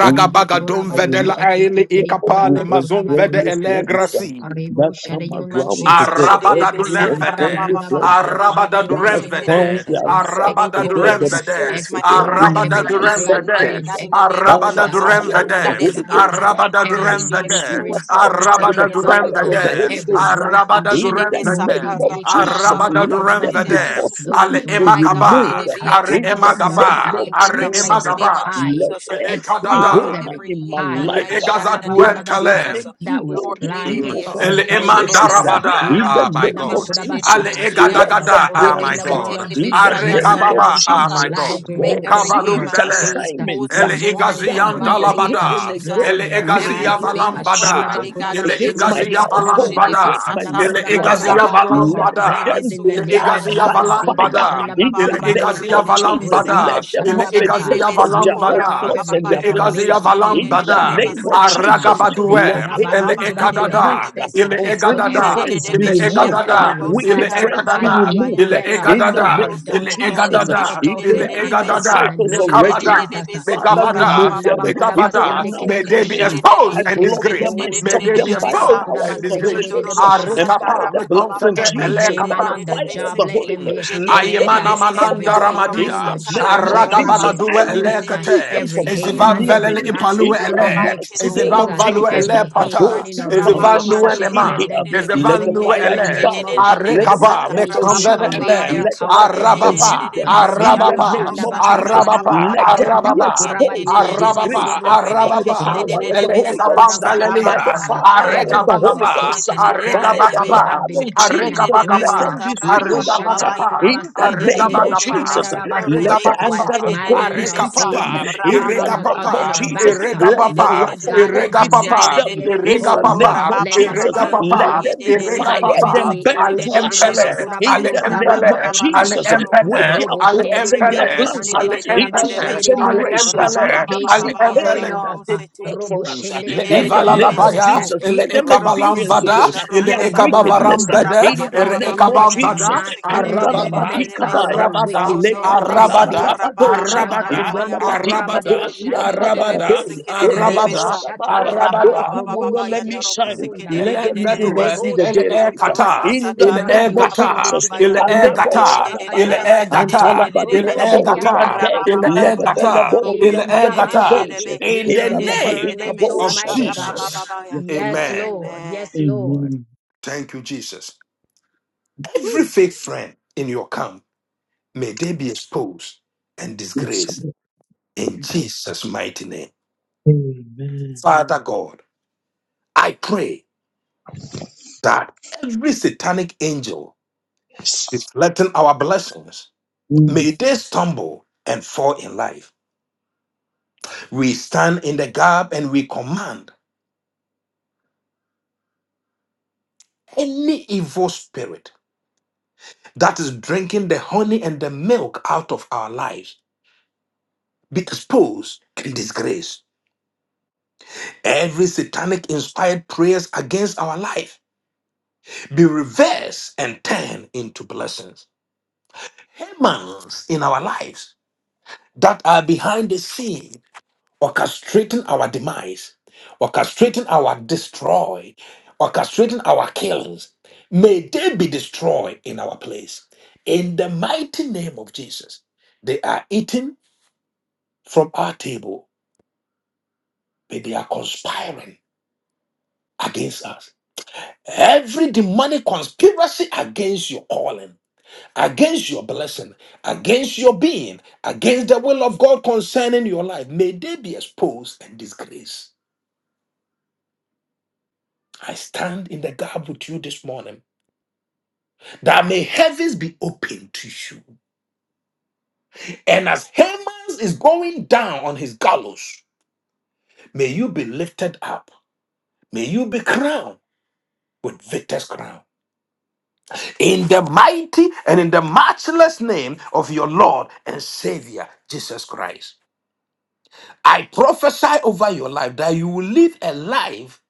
S4: We carry
S2: Kurabadio
S4: out
S2: Shekete Kidi
S4: with
S1: ikapale mazonvede
S4: unfriendly friends uh,
S1: elegrasi.
S2: Rebo
S4: that come
S2: Shadayondo
S4: around to
S5: Jesus.
S4: God,
S2: Korabario
S1: Arabada du
S4: every
S2: Sakatarabando
S1: lemvede,
S4: unfriendly friend
S2: Korabasa.
S4: uh,
S2: Father,
S1: Arabada du
S2: in
S4: that
S2: the
S4: has
S2: name of
S4: found
S1: remvede,
S2: Jesus, we
S4: themselves
S5: May
S1: Arabada
S4: to
S5: they
S1: du
S5: be
S2: expose,
S4: God
S1: remvede,
S4: themselves
S5: exposed,
S4: to
S5: mighty
S4: God
S5: God,
S2: expose
S4: in
S1: Arabada
S5: every
S2: every
S1: du
S4: my
S2: fake
S5: Haman, mighty
S1: remvede,
S4: circles
S2: friend,
S5: God,
S4: uh,
S5: in the name
S4: by
S5: of
S2: expose
S4: the
S1: Arabada
S2: the
S1: du
S5: Jesus,
S4: power of
S2: Kashanda
S5: that
S4: the
S1: remvede,
S5: is
S4: Holy
S5: in
S4: Ghost.
S2: Bakudabasa,
S5: our
S4: uh,
S5: midst.
S1: Arabada du
S5: May
S2: every
S4: I
S5: they be
S4: spew
S1: remvede,
S2: monitoring
S4: them
S5: exposed this
S4: out
S2: spirit,
S4: with the
S5: morning
S1: Arabada
S5: in
S1: du
S5: the
S2: expose
S4: fire
S5: mighty
S2: uh,
S4: of the
S5: name
S1: remvede,
S5: of
S4: Holy
S2: every
S5: Jesus.
S4: Ghost. uh,
S2: wolf in
S1: Arabada du
S2: sheep
S4: In the
S5: Shedebe
S1: remvede.
S4: name
S2: clothing,
S4: of
S2: eh,
S5: sakarabababa
S4: Jesus,
S2: Kashanda
S1: Arabada du
S4: let them be
S2: Bakudabasa.
S5: yedededebe
S1: remvede,
S5: suko.
S2: Those
S1: ale
S4: forcefully
S2: who
S4: be
S2: are
S5: My God,
S2: here,
S5: may
S4: removed.
S1: emakaba,
S2: oh
S5: they
S4: uh,
S5: be
S1: are
S2: Kashanda
S4: In the
S5: exposed this
S4: name
S2: Bakudabasa,
S1: emagaba,
S4: of
S5: morning in
S1: are
S5: the
S2: expose
S4: Jesus,
S2: every
S5: mighty
S4: uh,
S5: name of
S1: emagaba,
S2: spy,
S5: Jesus.
S4: let
S5: Father,
S2: expose
S1: ekadada,
S4: Rehaman
S2: every
S5: every
S4: in my
S2: spy,
S5: Haman,
S2: eh,
S1: le
S4: life.
S5: mighty
S4: uh,
S5: God, in
S2: Kashanda
S5: the name
S4: Those
S5: of
S2: Bakudabasa
S5: Jesus.
S1: egazatuentale.
S4: planning
S2: that was
S5: Lord,
S4: evil,
S5: may they
S2: planted
S1: Mm.
S5: be
S4: evil
S2: for our
S1: Ele
S5: exposed. Jede
S2: downfall.
S4: conspiracies uh,
S5: besaka,
S1: emandarabada,
S4: in the
S1: ah my
S4: name of
S5: rababakesh
S1: God.
S5: te dede
S4: Jesus,
S1: Ale
S2: Ikashandabakudabasa.
S5: besuya.
S2: By
S4: lots
S2: the
S1: egadagada,
S4: and
S1: ah
S2: power in
S1: my
S4: plans
S2: the
S5: Rebeket
S4: uh,
S2: blood
S5: te
S1: God.
S2: of
S5: dede
S4: in the
S2: Jesus,
S5: besayan,
S4: name
S2: remove
S4: of
S2: them
S1: Arekababa,
S2: from
S1: ah
S2: our
S5: narobosata.
S1: my
S4: Jesus, oh
S2: lives,
S1: God.
S5: May
S2: remove
S4: God,
S2: them
S5: every
S2: from our
S4: secret
S5: heathen be
S1: Mekavalumbele.
S2: space, uh,
S5: exposed
S4: assignments uh,
S1: Ele
S5: this
S2: remove them
S5: morning in
S4: done
S5: the
S2: from
S1: igazian
S2: our
S4: in the
S5: mighty
S2: place,
S5: name of
S2: uh,
S4: hidden
S1: dalabada.
S5: Jesus.
S1: Ele
S2: blind
S4: against
S2: their
S4: me,
S5: Every
S1: igazia
S2: eyes.
S4: against
S5: fake
S4: my
S5: friend,
S1: valambada.
S5: mighty
S4: children,
S5: God,
S1: el
S5: may they
S4: against
S5: be
S4: my
S1: igazia
S5: exposed.
S4: household,
S5: Jede
S2: Ikashandabakudabashindikidiakadabasa,
S4: against
S1: valambada.
S4: my
S5: besata,
S1: Ele
S4: loved ones. uh,
S2: katandabakudabasa,
S1: igazia
S2: To
S5: rababakesh
S2: our
S5: te
S4: Let
S5: dede
S1: valambada.
S2: plans
S4: them
S2: in the
S5: besuya,
S1: Ele
S2: name of
S4: die
S1: igazia
S4: by
S2: Jesus.
S5: narobosata.
S4: fire
S1: valambada.
S4: in the
S1: Ele
S5: Rababababaya,
S4: name
S5: te
S1: egazia
S4: of
S5: dede
S4: Jesus,
S5: besake.
S4: let
S1: valambada.
S4: them
S1: Ele
S4: have a
S2: Ikashandabakudabadiosandabakudabadioshadadabasa.
S5: Jede
S1: egazia
S4: taste of
S2: We
S4: their own
S5: besukora,
S2: cut
S1: valambada.
S2: off
S4: plots
S2: every
S4: and
S1: Ele
S4: their
S5: babababaya,
S4: plans.
S1: egazia
S5: te
S2: information.
S4: In the
S5: dede
S1: valambada.
S4: name of
S2: Ikashandabakudabasa,
S4: Jesus,
S5: besata.
S2: they
S4: let
S1: Aragabadue. Ele
S2: karabando
S5: Rababa
S4: Hamans
S2: kura
S4: be
S5: yede
S2: their
S5: de de
S4: removed.
S5: de
S1: ekadada.
S2: access uh,
S1: Ele
S5: beseke.
S2: to
S4: Unfriendly
S2: every
S5: Jede
S1: egadada.
S5: de
S4: friends
S5: de
S4: be
S1: Ele
S2: information
S5: besuyan
S4: removed.
S2: that they
S1: egadada.
S2: will
S5: robo
S4: Wicked
S1: Ele
S5: satar
S2: gather
S4: friends be
S5: Baba
S2: as
S1: egadada.
S5: baba
S4: removed.
S1: Ele
S2: intel uh,
S4: In the
S2: for
S1: egadada.
S2: our
S4: name of
S1: Ele
S2: downfall.
S4: Jesus,
S2: We
S5: Rabakeshte
S2: cut
S1: egadada.
S5: de
S4: if
S2: off
S4: they
S5: de de
S1: Ele
S2: their
S4: are
S5: de de
S4: in my
S2: access
S5: besa.
S2: in
S1: egadada.
S2: the
S4: circles
S2: name
S5: Jede
S2: of
S5: de
S4: already,
S5: de
S1: Nekabada.
S5: de
S2: Jesus. uh.
S1: May
S4: Father,
S5: besuko
S1: Gavada,
S4: remove
S5: rababa
S2: Ikashanda
S1: may
S4: them.
S5: baba
S4: If
S5: ya
S4: they are
S1: Gavada,
S5: robo
S4: now
S1: may
S5: seke
S1: they
S5: de
S1: be
S5: de de
S4: coming,
S5: de be.
S1: exposed
S4: I
S2: We
S1: and
S4: block
S5: De
S1: disgraced.
S4: them.
S5: de de
S4: I
S2: expose
S5: de
S1: May
S4: stop
S5: de
S1: they
S5: de
S1: be
S5: de
S4: them by
S2: ikashanda
S4: the
S1: exposed
S5: besa.
S4: power
S1: and
S4: of the Holy
S1: disgraced.
S5: Jodo
S4: Ghost.
S5: robo
S4: And by
S5: satar
S1: Arekapa,
S4: the
S5: baba
S1: may
S4: blood
S5: baba
S1: comfort
S4: of
S5: baba
S2: Every
S5: yede
S4: Jesus,
S5: de
S4: by
S2: Haman
S5: de
S4: the
S1: elekapa.
S5: de
S2: on
S5: de
S2: the
S4: fire of
S2: job,
S4: the
S2: let
S5: beseke.
S4: Holy
S2: them be
S4: Ghost,
S5: Jede
S4: let
S5: de de
S2: exposed.
S5: de
S4: them
S2: Uh,
S4: be
S5: de
S1: Ayemana
S2: Every
S4: stopped.
S1: mananda
S5: besuyan robo
S2: Haman
S4: In
S2: in
S1: ramadia.
S4: the
S2: the
S5: satar.
S4: name
S2: church,
S4: of
S2: let them be
S4: Jesus, I
S1: Aragabagaduwe
S5: Rabakesh de de
S2: exposed.
S5: de
S2: Uh,
S5: de de
S4: refuse
S1: elekete.
S4: them
S2: Every
S4: from
S5: bese,
S4: coming
S1: Ezivan
S2: Haman
S4: near
S2: in our
S1: velele
S4: me.
S2: families,
S1: ipalue
S4: In
S2: let
S4: the
S2: them be
S1: ele.
S5: Shukurabai
S4: mighty
S5: keshte
S4: name
S2: exposed.
S1: Ezivan
S4: of
S2: Uh,
S5: yanda
S1: value
S4: Jesus,
S1: ele
S2: Every
S5: robosata.
S4: but
S2: Haman
S1: pata.
S4: those
S2: in
S4: who
S2: our
S4: found
S1: Ezivan
S5: Rabababa
S1: lue
S4: themselves
S2: relationships,
S4: in
S5: yede de
S1: lema.
S2: let
S5: de
S4: here,
S2: them
S5: de
S2: be
S5: de
S4: let
S1: Ezivan
S4: the
S5: beseke.
S1: lue
S2: exposed in
S4: fire
S2: the
S1: ele.
S5: Jede
S2: name
S5: de
S2: of
S4: devour,
S5: de de
S4: let
S2: Jesus.
S4: the
S1: Arekaba
S5: besata
S4: fire
S2: We take
S1: mekanvene
S4: consume,
S2: away
S5: rabababa
S2: their
S5: ya.
S1: ele.
S4: let the
S2: power
S4: fire
S5: Yede de de
S2: today.
S5: de
S4: consume
S1: Arababa.
S5: de
S4: them.
S5: besu
S4: In the
S2: Rabadio
S5: yanda
S1: Arababa.
S4: name of
S5: robosata
S4: Jesus,
S2: shandabakurabadio
S1: Arababa.
S5: rabababa
S4: let
S5: ya.
S4: them be
S1: Arababa.
S5: Yede de
S2: sakatandabakurabadio
S4: exposed
S5: de
S4: and
S5: de de besu
S1: Arababa,
S4: disgraced
S2: shendekidebusa.
S5: torebe
S4: by the
S5: keshte
S1: Arababa,
S5: de
S4: power
S2: Robo
S5: de
S4: of
S5: de
S4: the
S1: Ele
S4: Holy
S5: besa.
S1: Ekabam
S4: Ghost by the
S1: Valelia,
S2: shidiastandabakurabasa
S5: Rabababa
S4: fire
S5: yanda
S4: of
S2: every
S1: Areka
S4: the Holy
S2: evil
S5: roboseke
S1: Bakaba,
S5: de
S2: plot
S4: Ghost,
S5: de
S2: and
S5: de de de
S4: by
S2: plan
S1: Areka
S5: de
S2: that
S5: de
S4: the
S5: be.
S2: they have
S1: Bakaba,
S4: blood
S2: been
S4: of
S5: Jede de
S2: plotting
S5: de de
S2: and
S4: Jesus.
S5: de
S4: Let
S2: planning. uh,
S1: Arregabagapa,
S4: them
S5: besata
S4: be spewed
S5: rabababa
S4: out
S5: ya.
S1: arregabagapa,
S4: in the
S5: Yede de
S4: name
S5: de
S4: of
S5: de de de
S1: arregabagapa,
S4: Jesus.
S5: besu
S2: Ikashandabakurabasindikideboshandadarabasa,
S4: Let
S5: torebe
S4: the
S2: While
S1: arregabagapa,
S4: anger
S5: keshte
S4: of
S5: de de
S4: God
S2: smiling
S5: de de
S2: in our
S4: beseech
S5: besa.
S2: face
S4: them
S1: arregapapa,
S2: and
S4: in
S2: stabbing
S4: the
S2: in our-
S4: name
S2: us
S5: Rababababaya,
S4: of
S2: in
S1: irregapapa,
S2: our
S4: Jesus.
S2: backs. uh,
S5: Roboseke,
S4: Let
S5: de
S4: the
S5: de
S1: irregapapa,
S5: de de
S2: Lord
S4: wrath
S5: de
S4: of
S5: be,
S2: God, let
S4: God
S2: the
S5: je de
S4: beseech
S5: de
S2: knives
S1: irregapapa,
S5: de de
S2: be
S4: them
S5: de be,
S4: in the
S2: exposed.
S5: Suto,
S2: uh,
S4: name
S1: irregapapa,
S4: of
S2: Let the
S4: Jesus.
S5: Rababababaya,
S2: fangs be
S4: Let
S1: irregapapa,
S5: ye
S4: them
S5: de
S4: be
S5: de de
S2: exposed
S5: de
S2: on
S5: de
S4: fired
S5: be,
S1: irregapapa,
S4: and
S5: Seke,
S2: today.
S5: de
S4: burned
S1: al
S5: de
S4: to
S5: de de de
S4: ashes
S5: be,
S1: empele,
S5: Sa,
S1: al
S4: in the name of
S1: empele, al
S5: Rababababaya,
S4: Jesus
S2: Ikashandabakurabadiosandabakurabashe,
S4: with
S1: empele,
S4: their
S5: Robosuto,
S1: al
S4: plots and their
S1: empele,
S5: Rebekesh,
S4: plans
S5: de de
S1: al
S5: de de de de
S4: into
S5: de
S4: their
S5: be,
S1: empele,
S5: Sa,
S1: al
S2: roboshendikiriasandabakurabashededededebosa.
S4: generations. Let
S1: empele,
S4: them
S2: Take
S1: al
S2: the
S4: see
S5: Rababababaya,
S2: covering
S4: pain
S1: empele,
S2: off.
S4: that they
S2: uh,
S5: Robosete,
S4: plot for
S2: Robo
S4: us
S5: je
S2: shende
S5: de
S1: Le
S5: de de
S4: in
S2: kedede
S5: de
S4: the
S5: de
S4: name
S5: be,
S4: of
S1: evalalabaya,
S2: that
S5: Suko,
S4: Jesus.
S1: ele
S4: Let
S2: people
S4: them
S2: can
S1: ekabalam
S4: experience, oh
S2: see eh,
S5: Robosuyan,
S1: vada,
S4: God,
S1: ele
S4: their
S2: Shatanda
S5: Robosata,
S1: ekabavaram
S4: wickedness uh,
S2: Bakurabasa,
S1: bede,
S4: in
S2: the
S4: the
S1: ere
S4: name of
S2: ugliness,
S1: ekabam
S5: Rababababaya,
S2: the
S4: Jesus.
S1: vada,
S5: Roboseke, de
S2: nastiness,
S5: de de
S2: the
S5: de de de
S1: arababa,
S2: mess,
S5: de
S2: uh,
S5: be, Se,
S4: Kandalabadikabaya,
S2: the
S1: arabada,
S2: wickedness. Let it be
S1: arabada,
S5: Jodorobosata
S2: exposed.
S4: alekapadabadabadoshe,
S2: uh,
S1: arabada,
S5: rabababababaya.
S2: Gadabando
S1: arabada,
S5: Amen.
S2: Kurabadio Shanda
S1: arabada,
S4: indalabadikabomiantalababe,
S2: Bakurabasi, Rebo
S1: arabada,
S4: elabashadabaya.
S2: Shatanda Ba,
S4: Those
S1: arabada.
S4: who will
S2: Robo
S4: not let me
S2: Shetendi
S4: shine,
S2: Kundaba.
S4: let
S1: Elen
S4: them even not
S1: Vedue,
S4: see
S2: Rebo
S4: the
S1: El
S2: shidia
S1: E
S4: daylight. uh,
S2: sanda
S1: Gata,
S2: bando
S4: In the
S1: Il E
S4: name
S2: kurabadio
S4: of
S1: Gata,
S4: Jesus,
S1: Il
S2: shendekidio
S1: E
S2: kurabadio
S1: Gata, Il
S4: Kaleboshadabaya,
S1: E
S2: sakatarabasa.
S1: Gata, Il
S2: Robo
S1: E
S2: shidia
S1: Gata,
S2: sanda
S4: antalabadikaboriante,
S1: Il E
S2: bakurabasa.
S1: Gata,
S2: E
S1: Il E Gata.
S2: karabashe,
S4: lebebeleboriantadadadoshe,
S1: In
S2: increase
S4: Yes,
S2: our
S1: the name,
S2: discernment, Almighty God.
S4: Lord.
S2: Yes,
S1: Amen.
S2: Lord. Yes, Lord.
S4: Amen.
S1: Thank you, Jesus. Every
S2: Whew.
S1: fake friend in your camp, may they be exposed and
S4: Yes,
S1: disgraced
S4: Lord.
S1: in Jesus' mighty name.
S4: Amen.
S1: Father God, I pray that every satanic angel
S4: Yes.
S1: reflecting our blessings,
S4: Mm.
S1: may they stumble and fall in life. We stand in the gap and we command any evil spirit that is drinking the honey and the milk out of our lives be exposed and disgraced Every satanic inspired prayers against our life be reversed and turned into blessings. Humans in our lives that are behind the scene, orchestrating our demise, orchestrating our destroy, orchestrating our killings, may they be destroyed in our place. In the mighty name of Jesus, they are eating from our table, but they are conspiring against us Every demonic conspiracy against your calling, against your blessing, against your being, against the will of God concerning your life, may they be exposed and disgraced. I stand in the gap with you this morning that may heavens be open to you. And as Haman is going down on his gallows, may you be lifted up. May you be crowned with victor's crown. In the mighty and in the matchless name of your Lord and Savior, Jesus Christ. I prophesy over your life that you will live a life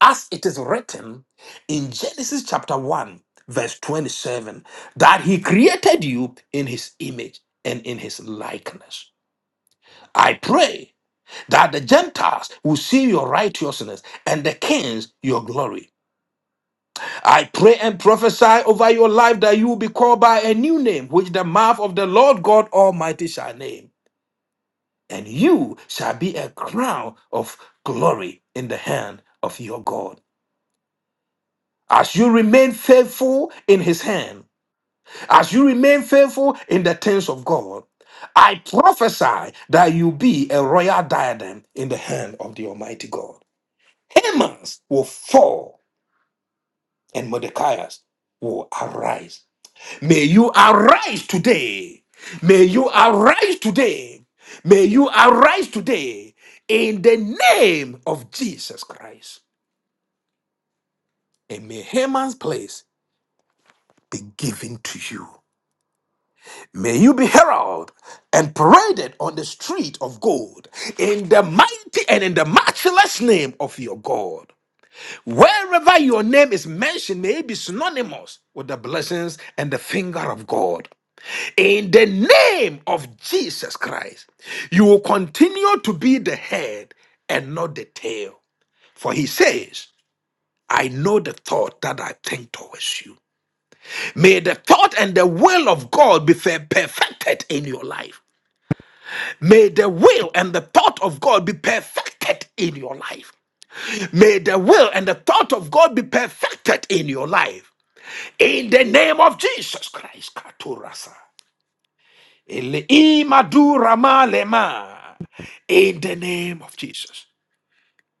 S1: as it is written in Genesis chapter 1, verse 27, that He created you in His image and in His likeness. I pray that the Gentiles will see your righteousness and the kings your glory. I pray and prophesy over your life that you will be called by a new name, which the mouth of the Lord God Almighty shall name. and you shall be a crown of glory in the hand of your God. As you remain faithful in his hand, as you remain faithful in the things of God, I prophesy that you be a royal diadem in the hand of the Almighty God. Haman's will fall and Mordecai's will arise May you arise today. May you arise today. May you arise today in the name of Jesus Christ. And may Haman's place be given to you. May you be heralded and paraded on the street of gold in the mighty and in the matchless name of your God. Wherever your name is mentioned, may it be synonymous with the blessings and the finger of God. In the name of Jesus Christ, you will continue to be the head and not the tail. For he says, I know the thought that I think towards you. May the thought and the will of God be per- perfected in your life. May the will and the thought of God be perfected in your life. May the will and the thought of God be perfected in your life. In the name of Jesus Christ. Ele- Imadu Rama Lema. In the name of Jesus,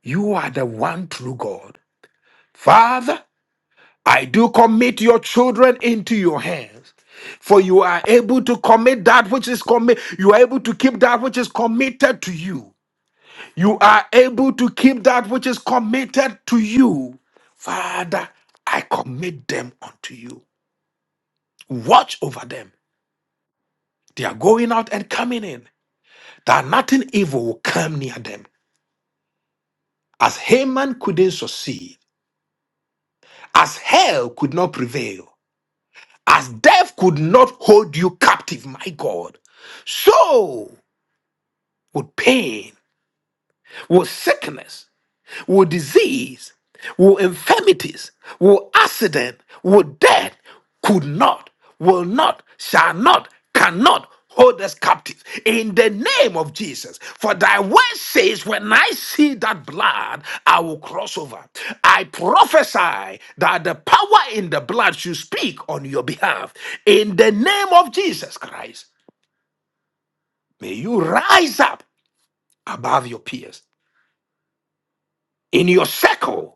S1: you are the one true God. Father, I do commit your children into your hands. For you are able to commit that which is commit. You are able to keep that which is committed to you. You are able to keep that which is committed to you. Father, I commit them unto you. Watch over them. They are going out and coming in, that nothing evil will come near them. As Haman couldn't succeed, as hell could not prevail, as death could not hold you captive, my God, so with pain, with sickness, will disease, will infirmities, will accident, will death could not, will not, shall not, cannot hold us captive in the name of Jesus. For thy word says, When I see that blood, I will cross over. I prophesy that the power in the blood should speak on your behalf in the name of Jesus Christ. May you rise up above your peers in your circle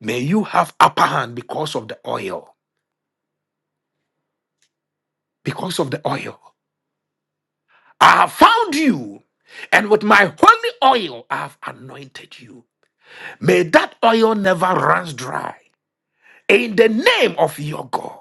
S1: May you have upper hand because of the oil. Because of the oil. I have found you, and with my holy oil I have anointed you. May that oil never runs dry. In the name of your God.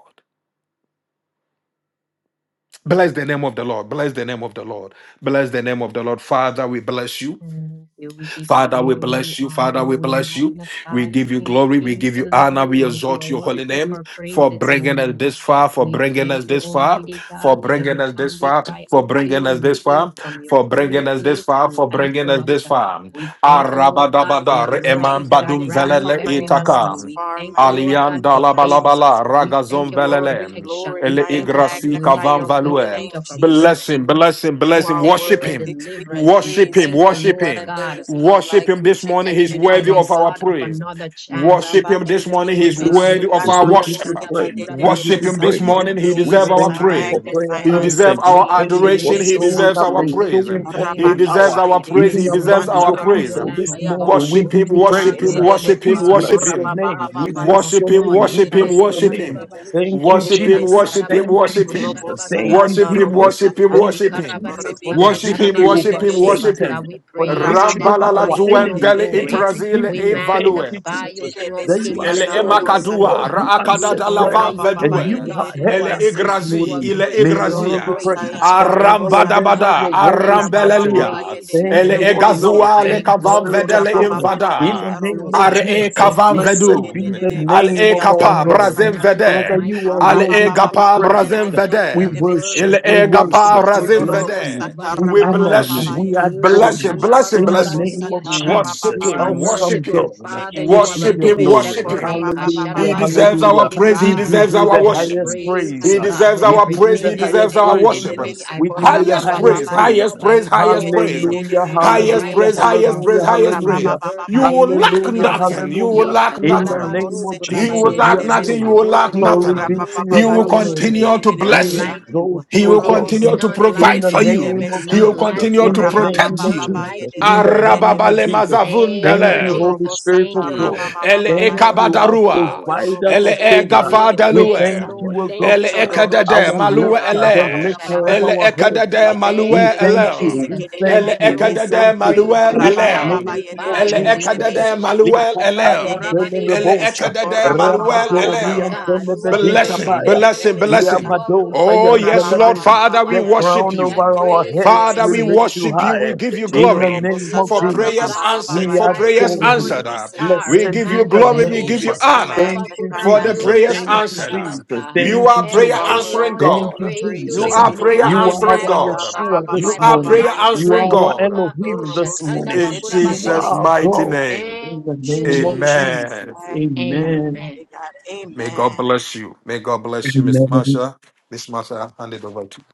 S1: Bless the name of the Lord. Bless the name of the Lord. Bless the name of the Lord. Father, we bless you.
S2: Thank you. We give you
S1: Father, we
S2: glory. We
S1: bless you.
S2: honor
S1: Father,
S2: you.
S1: we
S2: We
S1: bless you. We
S2: magnify you,
S1: give you
S2: King of
S1: glory. We
S2: Kings
S1: give you
S2: and Lord
S1: honor.
S2: of
S1: We
S2: Lords. You are
S1: exalt your holy
S2: worthy of
S1: name
S2: our praise
S1: for
S2: this
S1: bringing us
S2: morning.
S1: this far, for
S2: We
S1: bringing
S2: thank
S1: us
S2: you,
S1: this far,
S2: Almighty
S1: for
S2: God, that
S1: bringing
S2: every
S1: us this
S2: time we
S1: far,
S2: cry
S1: for
S2: out to you,
S1: bringing us
S2: you
S1: this
S2: hear
S1: far,
S2: from your
S1: for bringing
S2: holy
S1: us this
S2: place and
S1: far,
S2: you
S1: for bringing
S2: answer
S1: us
S2: us.
S1: this far.
S2: We thank you, Lord God, for
S5: Father,
S2: your
S5: we
S1: Arabadabadar
S5: thank
S2: mercies
S1: eman
S5: you,
S2: that are
S5: mighty
S1: badum
S2: brand
S5: God, for
S2: new
S1: velele
S2: every
S5: bringing us
S2: morning.
S5: this
S1: itaka.
S2: We
S5: far,
S2: thank you,
S5: mighty
S2: Lord
S5: God, in
S2: God,
S5: the
S1: Alian
S2: for
S5: name
S1: la
S5: of
S2: favor.
S5: Jesus.
S1: balabala
S2: We thank
S1: ragazon
S2: you for
S5: Lord, we
S1: velele
S2: protection. We
S1: ele
S5: glorify and
S2: thank you for
S1: igrasi
S5: magnify
S1: kavam
S5: your
S2: blessings. We
S5: holy
S1: value.
S2: thank
S5: name,
S2: you for
S1: Bless
S5: Jesus.
S1: him,
S2: breakthrough.
S1: bless him,
S5: You
S1: bless
S2: We
S1: him.
S5: are
S2: thank you
S1: Worship
S2: for
S1: him,
S5: worthy to be
S2: deliverance. We
S1: worship him,
S5: praised,
S2: thank you,
S5: mighty
S1: worship
S5: God,
S2: Lord
S5: and
S1: him,
S5: there
S2: God
S5: is none
S1: worship
S5: like
S1: him.
S5: you.
S1: This morning,
S2: that
S1: he's
S2: you are
S1: worthy
S2: a
S1: of
S5: Shekididididibisa,
S1: our
S2: God of
S1: praise.
S2: another chance. We
S1: Worship him
S2: thank
S1: this
S2: the
S1: morning.
S2: Lord
S4: give
S1: He's
S4: you
S2: God.
S1: worthy
S5: Rabaketididibisu,
S1: of
S4: praise.
S1: our
S4: We
S2: Ekashidia
S4: give
S1: worship.
S4: you praise. We give
S2: sandabakurabaka.
S1: Worship
S4: you
S1: him
S5: Yandarobostetidididibisa.
S1: this
S4: praise.
S2: We
S1: morning. He
S4: We
S1: deserves
S5: Jesus,
S1: our
S5: I
S4: thank
S2: glorify
S4: you
S2: you
S1: praise.
S4: for
S2: this
S4: prayer
S5: magnify and
S1: He
S5: I
S2: morning. We
S1: deserves
S4: answered.
S5: lift
S4: We
S1: our
S5: you up.
S2: praise
S4: thank
S2: you.
S4: you
S2: We
S4: for
S1: adoration. He
S4: showing
S2: exalt
S1: deserves
S4: up
S5: Shedidibisaka,
S2: you.
S1: our
S2: We
S4: and
S1: praise.
S2: lift your
S4: showing forth
S2: name
S4: your
S1: He
S2: on
S1: deserves
S4: power.
S1: our
S2: high.
S1: praise.
S4: Even
S1: He
S5: Rabakeshtedidibisu,
S1: deserves
S4: amongst
S2: Worthy
S1: our
S4: your
S2: are
S1: praise.
S2: you,
S4: people
S2: Lamb
S4: this
S2: of
S5: Yandarobosataya,
S4: morning,
S2: God.
S4: we
S1: Worship him,
S4: give you
S2: Worthy are
S1: worship
S2: you,
S1: him,
S4: praise.
S2: Lamb of
S1: worship him,
S4: We
S5: Shedididibisu,
S2: God.
S1: worship
S4: bless your
S1: him.
S2: Worthy
S4: name.
S2: are
S4: We
S2: you, Lamb
S4: bless
S5: Korababababaya.
S2: of
S1: Worship
S4: your
S1: him,
S2: God.
S4: name. We
S5: Ye
S1: worship him,
S5: de
S4: bless
S5: de
S4: your
S5: de
S2: Esadayanda
S1: worship
S5: de
S4: name.
S5: de de
S1: him.
S2: kurabadi
S4: Thank
S5: de de
S4: you,
S5: de
S2: sharebo
S1: Worship
S5: de
S1: him,
S5: besa.
S4: Jesus.
S1: worship him,
S4: Thank
S2: sakatarabandi
S4: you,
S1: worship him.
S5: Robo
S4: Jesus.
S2: okusharabasa.
S4: Thank you,
S5: sayanda,
S1: Worship him,
S5: robo
S4: Jesus.
S1: worship him,
S5: satya.
S4: Thank
S1: worship
S4: you,
S1: him.
S2: Shekarabandio
S4: Jesus, for the
S5: Oribikhe
S1: Worship
S5: shede
S1: him,
S5: de
S4: victory
S5: de de de
S1: worship
S4: over
S2: sakatarabandio
S1: him,
S5: besu.
S1: worship
S4: Satan,
S2: shebasa.
S1: him.
S2: We
S4: for the
S2: praise you
S4: victory
S2: this
S5: Rababa
S4: over
S1: Rambalala
S4: our
S2: morning,
S5: babaye
S2: King
S5: de
S2: of
S5: de
S4: enemies.
S5: de
S1: duendele
S5: de
S4: Thank
S2: glory.
S4: you,
S5: besu.
S1: itrazile
S2: We
S4: Jesus. Thank
S1: evalue.
S4: you,
S2: magnify you,
S5: Shede
S4: Jesus
S5: de
S2: King of
S4: that
S5: besu
S4: you
S2: kings
S4: are
S2: and
S1: Ele
S5: yanda
S2: Lord
S4: still
S2: of
S5: robo
S4: the
S2: lords.
S5: satya.
S4: God
S1: emakadua,
S4: who
S2: We
S4: answered
S1: raakadada
S4: prayer.
S2: honor
S1: lavan
S5: Rababa
S2: you,
S4: And
S1: vedue.
S5: babaye
S2: great
S4: you
S5: de
S4: have
S5: de
S2: God.
S5: de
S2: You
S5: de
S4: heard
S2: are
S1: Ele
S4: us
S5: besu
S4: this
S2: great.
S5: ke.
S1: igrazi,
S2: You are
S4: morning.
S1: ile
S4: May
S2: great.
S4: your
S2: You
S5: Jodo
S2: are
S4: name be
S5: robo
S1: igrazia.
S2: great.
S4: praised
S5: sayanda robo
S4: forever
S2: Oh
S4: and
S5: satya.
S4: ever.
S2: God,
S1: Arambadabada,
S4: Your
S2: I
S4: word
S2: thank
S4: is
S2: you. I
S5: Orababa
S4: settled.
S1: arambelelia.
S5: babaye
S2: praise
S5: de
S2: you.
S5: de
S2: I
S4: Thank
S5: de
S1: Ele
S4: you,
S5: de
S2: lift
S4: Holy
S2: you
S5: besu.
S2: up.
S4: Ghost.
S1: egazua
S2: I
S1: le
S4: Thank you,
S1: kavan
S2: exalt
S5: Joto
S4: Spirit
S2: you
S4: of
S1: vedele
S2: this
S4: God.
S5: rababa
S2: morning,
S4: In
S5: babaye
S2: King
S4: the
S1: invada.
S2: of
S5: nda robo.
S4: name of
S1: Ar
S2: glory.
S1: e
S2: I
S4: Jesus,
S1: kavan
S2: thank you.
S5: Shede
S4: blessed
S1: vedu.
S4: be
S5: de de de
S4: the
S5: de
S1: Al
S5: besu
S4: name
S1: e
S4: of
S5: yanda
S2: I
S4: our
S1: kapa
S5: robo
S4: God.
S1: brazem
S5: satya.
S2: recognize,
S4: Father,
S1: vede.
S4: you
S2: Almighty
S4: are
S2: God,
S1: Al
S2: it's
S4: worthy
S1: e
S2: no
S4: to
S2: good
S4: be
S1: gapa
S2: thing that
S5: Arabababababaye de
S1: brazem
S4: praised.
S2: I've
S5: de de
S2: done
S5: de
S2: to
S4: We
S5: de de
S1: vede.
S2: deserve your
S4: worship,
S1: Ele
S5: beseke.
S4: we
S1: e
S2: glory, to
S1: gapa
S4: worship, we
S2: deserve
S1: razem
S2: your
S4: bless
S5: Jodoro
S4: you,
S5: bosa
S2: mercy,
S1: vede.
S2: but it's
S4: we
S1: We
S4: honor
S2: because
S1: bless
S2: uh,
S4: you,
S1: you.
S4: we
S5: tarababababaye.
S4: adore
S1: Bless him,
S4: you.
S1: bless him,
S4: In
S5: Jodoro
S4: the
S1: bless him.
S4: name
S5: bosa
S4: of
S2: Ishatandabakurabasidiasha,
S1: Worship
S2: you
S4: Jesus,
S1: him,
S2: are a
S5: tarabababaye.
S1: worship
S4: awesome
S2: merciful
S1: him,
S4: God
S5: Je
S2: Father,
S5: de de
S2: you
S5: de
S2: are
S4: receive
S2: a
S5: de
S1: worship
S4: your
S5: de
S1: him,
S2: good
S4: glory.
S1: worship
S2: shepherd.
S5: besukora
S1: him.
S4: Hallelujah,
S1: He
S5: babababaye.
S1: deserves our
S4: hallelujah.
S1: praise,
S4: We
S1: he
S2: Ekasharabasendekerebusha.
S4: give
S1: deserves
S5: Father, I
S4: you
S1: our
S4: the
S5: give
S2: And
S5: you
S2: I
S1: worship.
S4: highest
S5: praise,
S2: praise
S4: praise.
S2: you,
S1: He
S5: mighty God.
S2: God,
S1: deserves
S2: with
S4: We
S1: our
S4: give you
S1: praise, he
S4: the
S2: everything that
S4: highest
S1: deserves
S2: is
S1: our
S4: praise.
S2: within
S1: worship.
S2: me. I
S4: We give you
S2: praise
S4: the
S2: you.
S1: Highest
S2: I
S4: highest
S1: praise,
S2: lift
S5: Shededededededebesukora-ba-ba-ba-ba-ya.
S2: you
S4: praise.
S2: up.
S1: highest
S2: I
S1: praise, highest
S2: exalt
S1: praise,
S2: you.
S4: Hallelujah,
S2: You are
S1: highest
S4: hallelujah,
S1: praise,
S2: righteous. You
S1: highest
S2: are
S1: praise,
S4: hallelujah,
S2: holy.
S1: highest
S2: You
S1: praise.
S4: hallelujah.
S2: deserve
S1: You
S2: my
S1: will
S2: praise,
S1: lack
S4: Hallelujah,
S2: God.
S5: Yedededededededebesa.
S1: nothing, you will
S4: hallelujah.
S1: lack
S2: Yesha
S4: In the
S1: nothing.
S4: name
S2: tarabando
S4: of
S5: Rabose te
S1: He
S5: de
S1: will
S4: Jesus,
S5: de de
S1: lack
S5: de
S2: kurabadiese.
S4: yes,
S2: You
S1: nothing, you
S5: besa.
S2: are
S4: Lord.
S1: will lack
S2: worthy, you
S4: Glory
S2: are
S4: be
S1: nothing.
S4: to
S2: worthy,
S4: your
S1: He
S2: you
S5: Rabababa
S1: will
S2: are
S4: holy
S5: kesh te
S2: worthy.
S5: de
S4: name.
S1: continue
S2: There
S5: de
S2: is
S1: to
S5: de de
S2: none
S4: We
S1: bless
S5: besa.
S2: like
S1: you.
S4: exalt
S2: you.
S1: He
S4: you, O
S1: will
S2: There
S4: God.
S2: is
S5: Robose
S1: continue to
S5: ke
S2: none
S5: de de de
S4: In
S1: provide
S2: like
S4: the
S5: de
S1: for
S2: you.
S5: de
S2: There
S5: de
S2: is
S1: you.
S4: name of
S5: besa.
S1: He
S2: none
S1: will
S4: Jesus,
S2: like
S1: continue
S4: in
S2: you.
S1: to
S4: the
S2: There is
S4: name
S1: protect
S4: of
S2: none
S5: Rabababa
S1: you.
S2: like
S5: ye
S4: Jesus,
S5: de
S2: you.
S5: de
S4: in the
S5: de de de
S4: name of
S1: Arababale
S5: besa.
S4: Jesus.
S2: Thank
S4: Thank
S2: you,
S4: you,
S5: Dodo
S1: Arababalemazavundalem.
S4: Holy
S2: Jesus.
S5: robosa
S4: Spirit
S5: ta
S2: Thank
S4: of
S2: you,
S4: God.
S2: Lord.
S1: El
S2: Thank you,
S5: rabababa
S4: Thank
S5: ya.
S2: Lord.
S4: you, our
S2: Thank you,
S1: ekabadarua.
S2: Lord.
S5: Dodo
S4: provider,
S1: El
S5: robose ke
S2: Thank
S5: de
S2: you,
S4: sustainer.
S5: de de de
S2: Lord.
S5: de
S4: We
S2: Thank you,
S4: thank
S5: besa.
S1: egafadalue.
S4: you,
S2: Lord.
S4: O
S2: Thank
S1: El
S4: God,
S2: you,
S5: Jodo
S2: Lord.
S5: robos
S2: Yesha
S1: ekadade
S4: our
S1: malue
S4: lifter,
S2: tarabasti,
S4: the
S1: ele.
S2: yosha
S5: rabababa
S4: lifter of
S1: El
S5: ya.
S4: our
S2: rabasta.
S1: ekadade
S4: heads. We
S1: malue
S2: Thank you,
S4: thank
S5: Jesus,
S4: you,
S1: ele.
S2: Jesus.
S4: we
S2: King
S1: El
S4: thank
S2: of
S4: you, we
S2: glory, we
S4: thank
S1: ekadade
S4: you.
S2: praise
S1: malue
S2: you.
S4: In
S2: We
S4: the
S1: ele.
S4: name
S2: magnify
S4: of
S1: El
S2: you. We
S4: Jesus.
S1: ekadade
S2: Yesha
S1: malue
S2: tandaba
S4: Likataya
S1: ele. El
S2: kurabadesa.
S4: delebebosha,
S1: ekadade
S2: You are
S1: malue
S4: rabadori
S2: worthy,
S4: and
S1: ele.
S2: God. You are worthy.
S1: Blessing,
S2: You
S4: telebedikapaya,
S2: are
S1: blessing,
S2: worthy. You
S1: blessing.
S2: are
S4: liabadosa
S1: Oh,
S2: worthy.
S4: and
S2: You are
S1: yes, Lord
S4: telebe.
S2: worthy. You
S1: Father, we
S2: are
S4: The
S1: worship
S4: crown
S2: worthy. I
S1: you.
S4: over our
S2: praise you. I
S4: heads
S1: Father, we
S4: will lift
S2: praise
S4: you
S2: you,
S1: worship you.
S2: King of
S1: We
S4: high.
S1: give you
S2: Kings, uh,
S4: In the
S1: glory
S4: name of
S2: Lily
S1: for
S2: of the
S1: prayers
S4: Jesus.
S2: Valley,
S1: answered.
S2: your
S4: We
S1: For
S2: bright
S1: prayers
S2: and
S4: adore you.
S2: morning
S1: answered.
S2: star,
S1: We
S4: Blessed
S1: give you
S4: be the
S1: glory.
S2: Emmanuel.
S1: We
S2: Oh,
S1: give
S4: name.
S1: you
S5: I
S2: Shatanda
S1: honor
S4: Thank you,
S5: magnify and
S1: for
S5: I
S1: the
S4: Jesus.
S5: lift
S1: prayers
S2: Bakurabadiosa
S5: you
S4: Thank
S5: up,
S4: you,
S1: answered.
S5: Jesus.
S4: Jesus.
S2: Katarabasa.
S1: You
S4: Thank
S1: are
S4: you,
S2: El
S1: prayer
S5: You are
S4: Jesus.
S1: answering
S2: Elyon,
S5: worthy
S2: we
S5: to
S4: Thank
S5: be
S4: you,
S1: God.
S2: praise you
S5: praised.
S1: You
S4: Jesus.
S2: this
S1: are prayer
S2: morning.
S4: You
S2: We
S4: are
S1: answering
S4: our
S1: God.
S2: magnify
S4: Yeshua
S2: you,
S1: You
S4: this
S2: my
S1: are prayer
S4: morning.
S2: provider,
S4: You
S1: answering
S4: are
S2: my
S4: our
S1: God.
S2: healer. Oh,
S4: Elohim this
S2: Shatanda
S4: morning.
S1: In
S4: You are
S1: Jesus'
S2: Bakurabase.
S4: our
S1: mighty
S4: God.
S1: name.
S2: Thank
S4: In the
S2: you,
S4: name of
S2: Jesus.
S5: Jesus, I
S1: Amen.
S4: Jesus.
S5: magnify you,
S4: Amen.
S2: Amen.
S5: mighty God.
S1: May God
S5: Amen.
S1: bless you. May God bless you, Miss
S4: Amen.
S1: Marsha. Miss Marsha, I've handed over to you.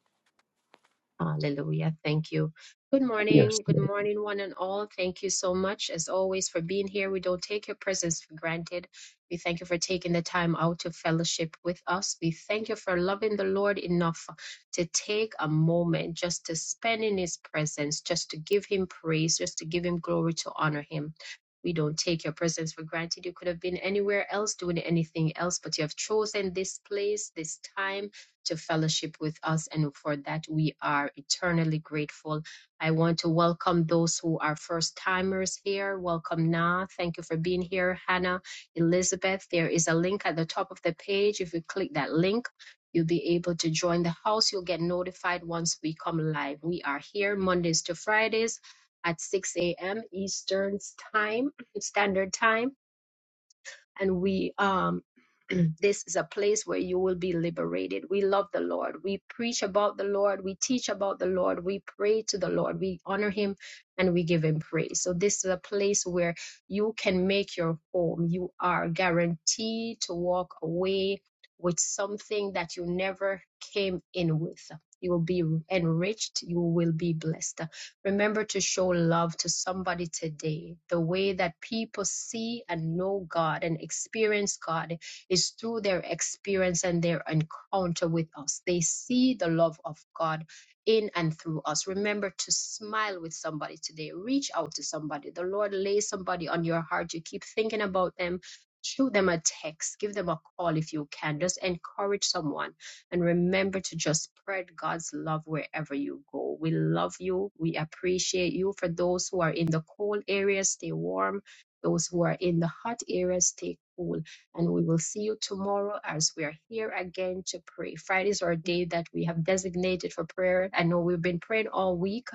S2: Hallelujah. Thank you. Good
S4: Yes.
S2: morning. Good morning, one and all. Thank you so much, as always, for being here. We don't take your presence for granted. We thank you for taking the time out to fellowship with us. We thank you for loving the Lord enough to take a moment just to spend in His presence, just to give Him praise, just to give Him glory, to honor Him. We don't take your presence for granted. You could have been anywhere else doing anything else, but you have chosen this place, this time to fellowship with us. And for that, we are eternally grateful. I want to welcome those who are first timers here. Welcome, Na. Thank you for being here, Hannah, Elizabeth. There is a link at the top of the page. If you click that link, You'll be able to join the house. You'll get notified once we come live. We are here Mondays to Fridays at 6 a.m. Eastern Time, Standard Time and we um this is a place where you will be liberated. We love the Lord. We preach about the Lord. We teach about the Lord. We pray to the Lord. We honor him and we give him praise. So this is a place where you can make your home. You are guaranteed to walk away with something that you never came in with. You will be enriched. You will be blessed. Remember to show love to somebody today. The way that people see and know God and experience God is through their experience and their encounter with us. They see the love of God in and through us. Remember to smile with somebody today. Reach out to somebody. The Lord lays somebody on your heart. You keep thinking about them. Shoot them a text. Give them a call if you can. Just encourage someone and remember to just spread God's love wherever you go. We love you. We appreciate you. For those who are in the cold areas, stay warm. Those who are in the hot areas, stay cool. And we will see you tomorrow as we are here again to pray. Fridays are a day that we have designated for prayer. I know we've been praying all week,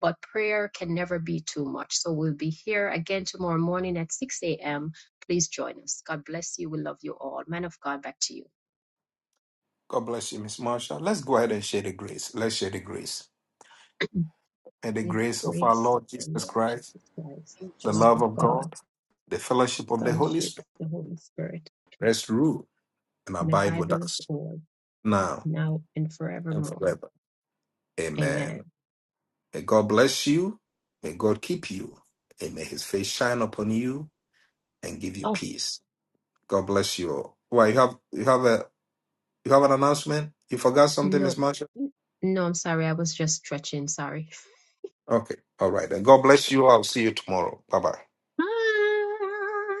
S2: but prayer can never be too much. So we'll be here again tomorrow morning at 6 a.m. Please join us. God bless you. We love you all. Man of God, back to you.
S1: God bless you, Miss Marsha. Let's go ahead and share the grace. Let's share the grace. May the
S2: May the
S1: grace of our
S2: grace of
S1: Lord
S2: our
S1: Jesus
S2: Lord
S1: Christ,
S2: Jesus Christ,
S5: In
S2: the
S1: the
S5: Jesus'
S2: love
S1: love
S2: of
S1: of
S2: God,
S1: God, the fellowship of the Holy
S2: fellowship of
S1: Spirit
S2: the Holy Spirit,
S1: rest, rule, and
S2: and
S1: abide
S2: abide
S1: with
S2: with us
S1: us
S2: all,
S1: now
S2: now and
S1: and
S2: forevermore.
S1: forever.
S2: Amen.
S1: Amen. May God bless you. May God keep you. And may his face shine upon you and give you
S2: Oh,
S1: peace. God bless you all. Why you have you have a you have an announcement? You forgot something, Miss
S2: no.
S1: Marsha?
S2: No, I'm sorry. I was just stretching. Sorry.
S1: Okay. All right. Then God bless you. I'll see you tomorrow. Bye bye.
S2: Ah.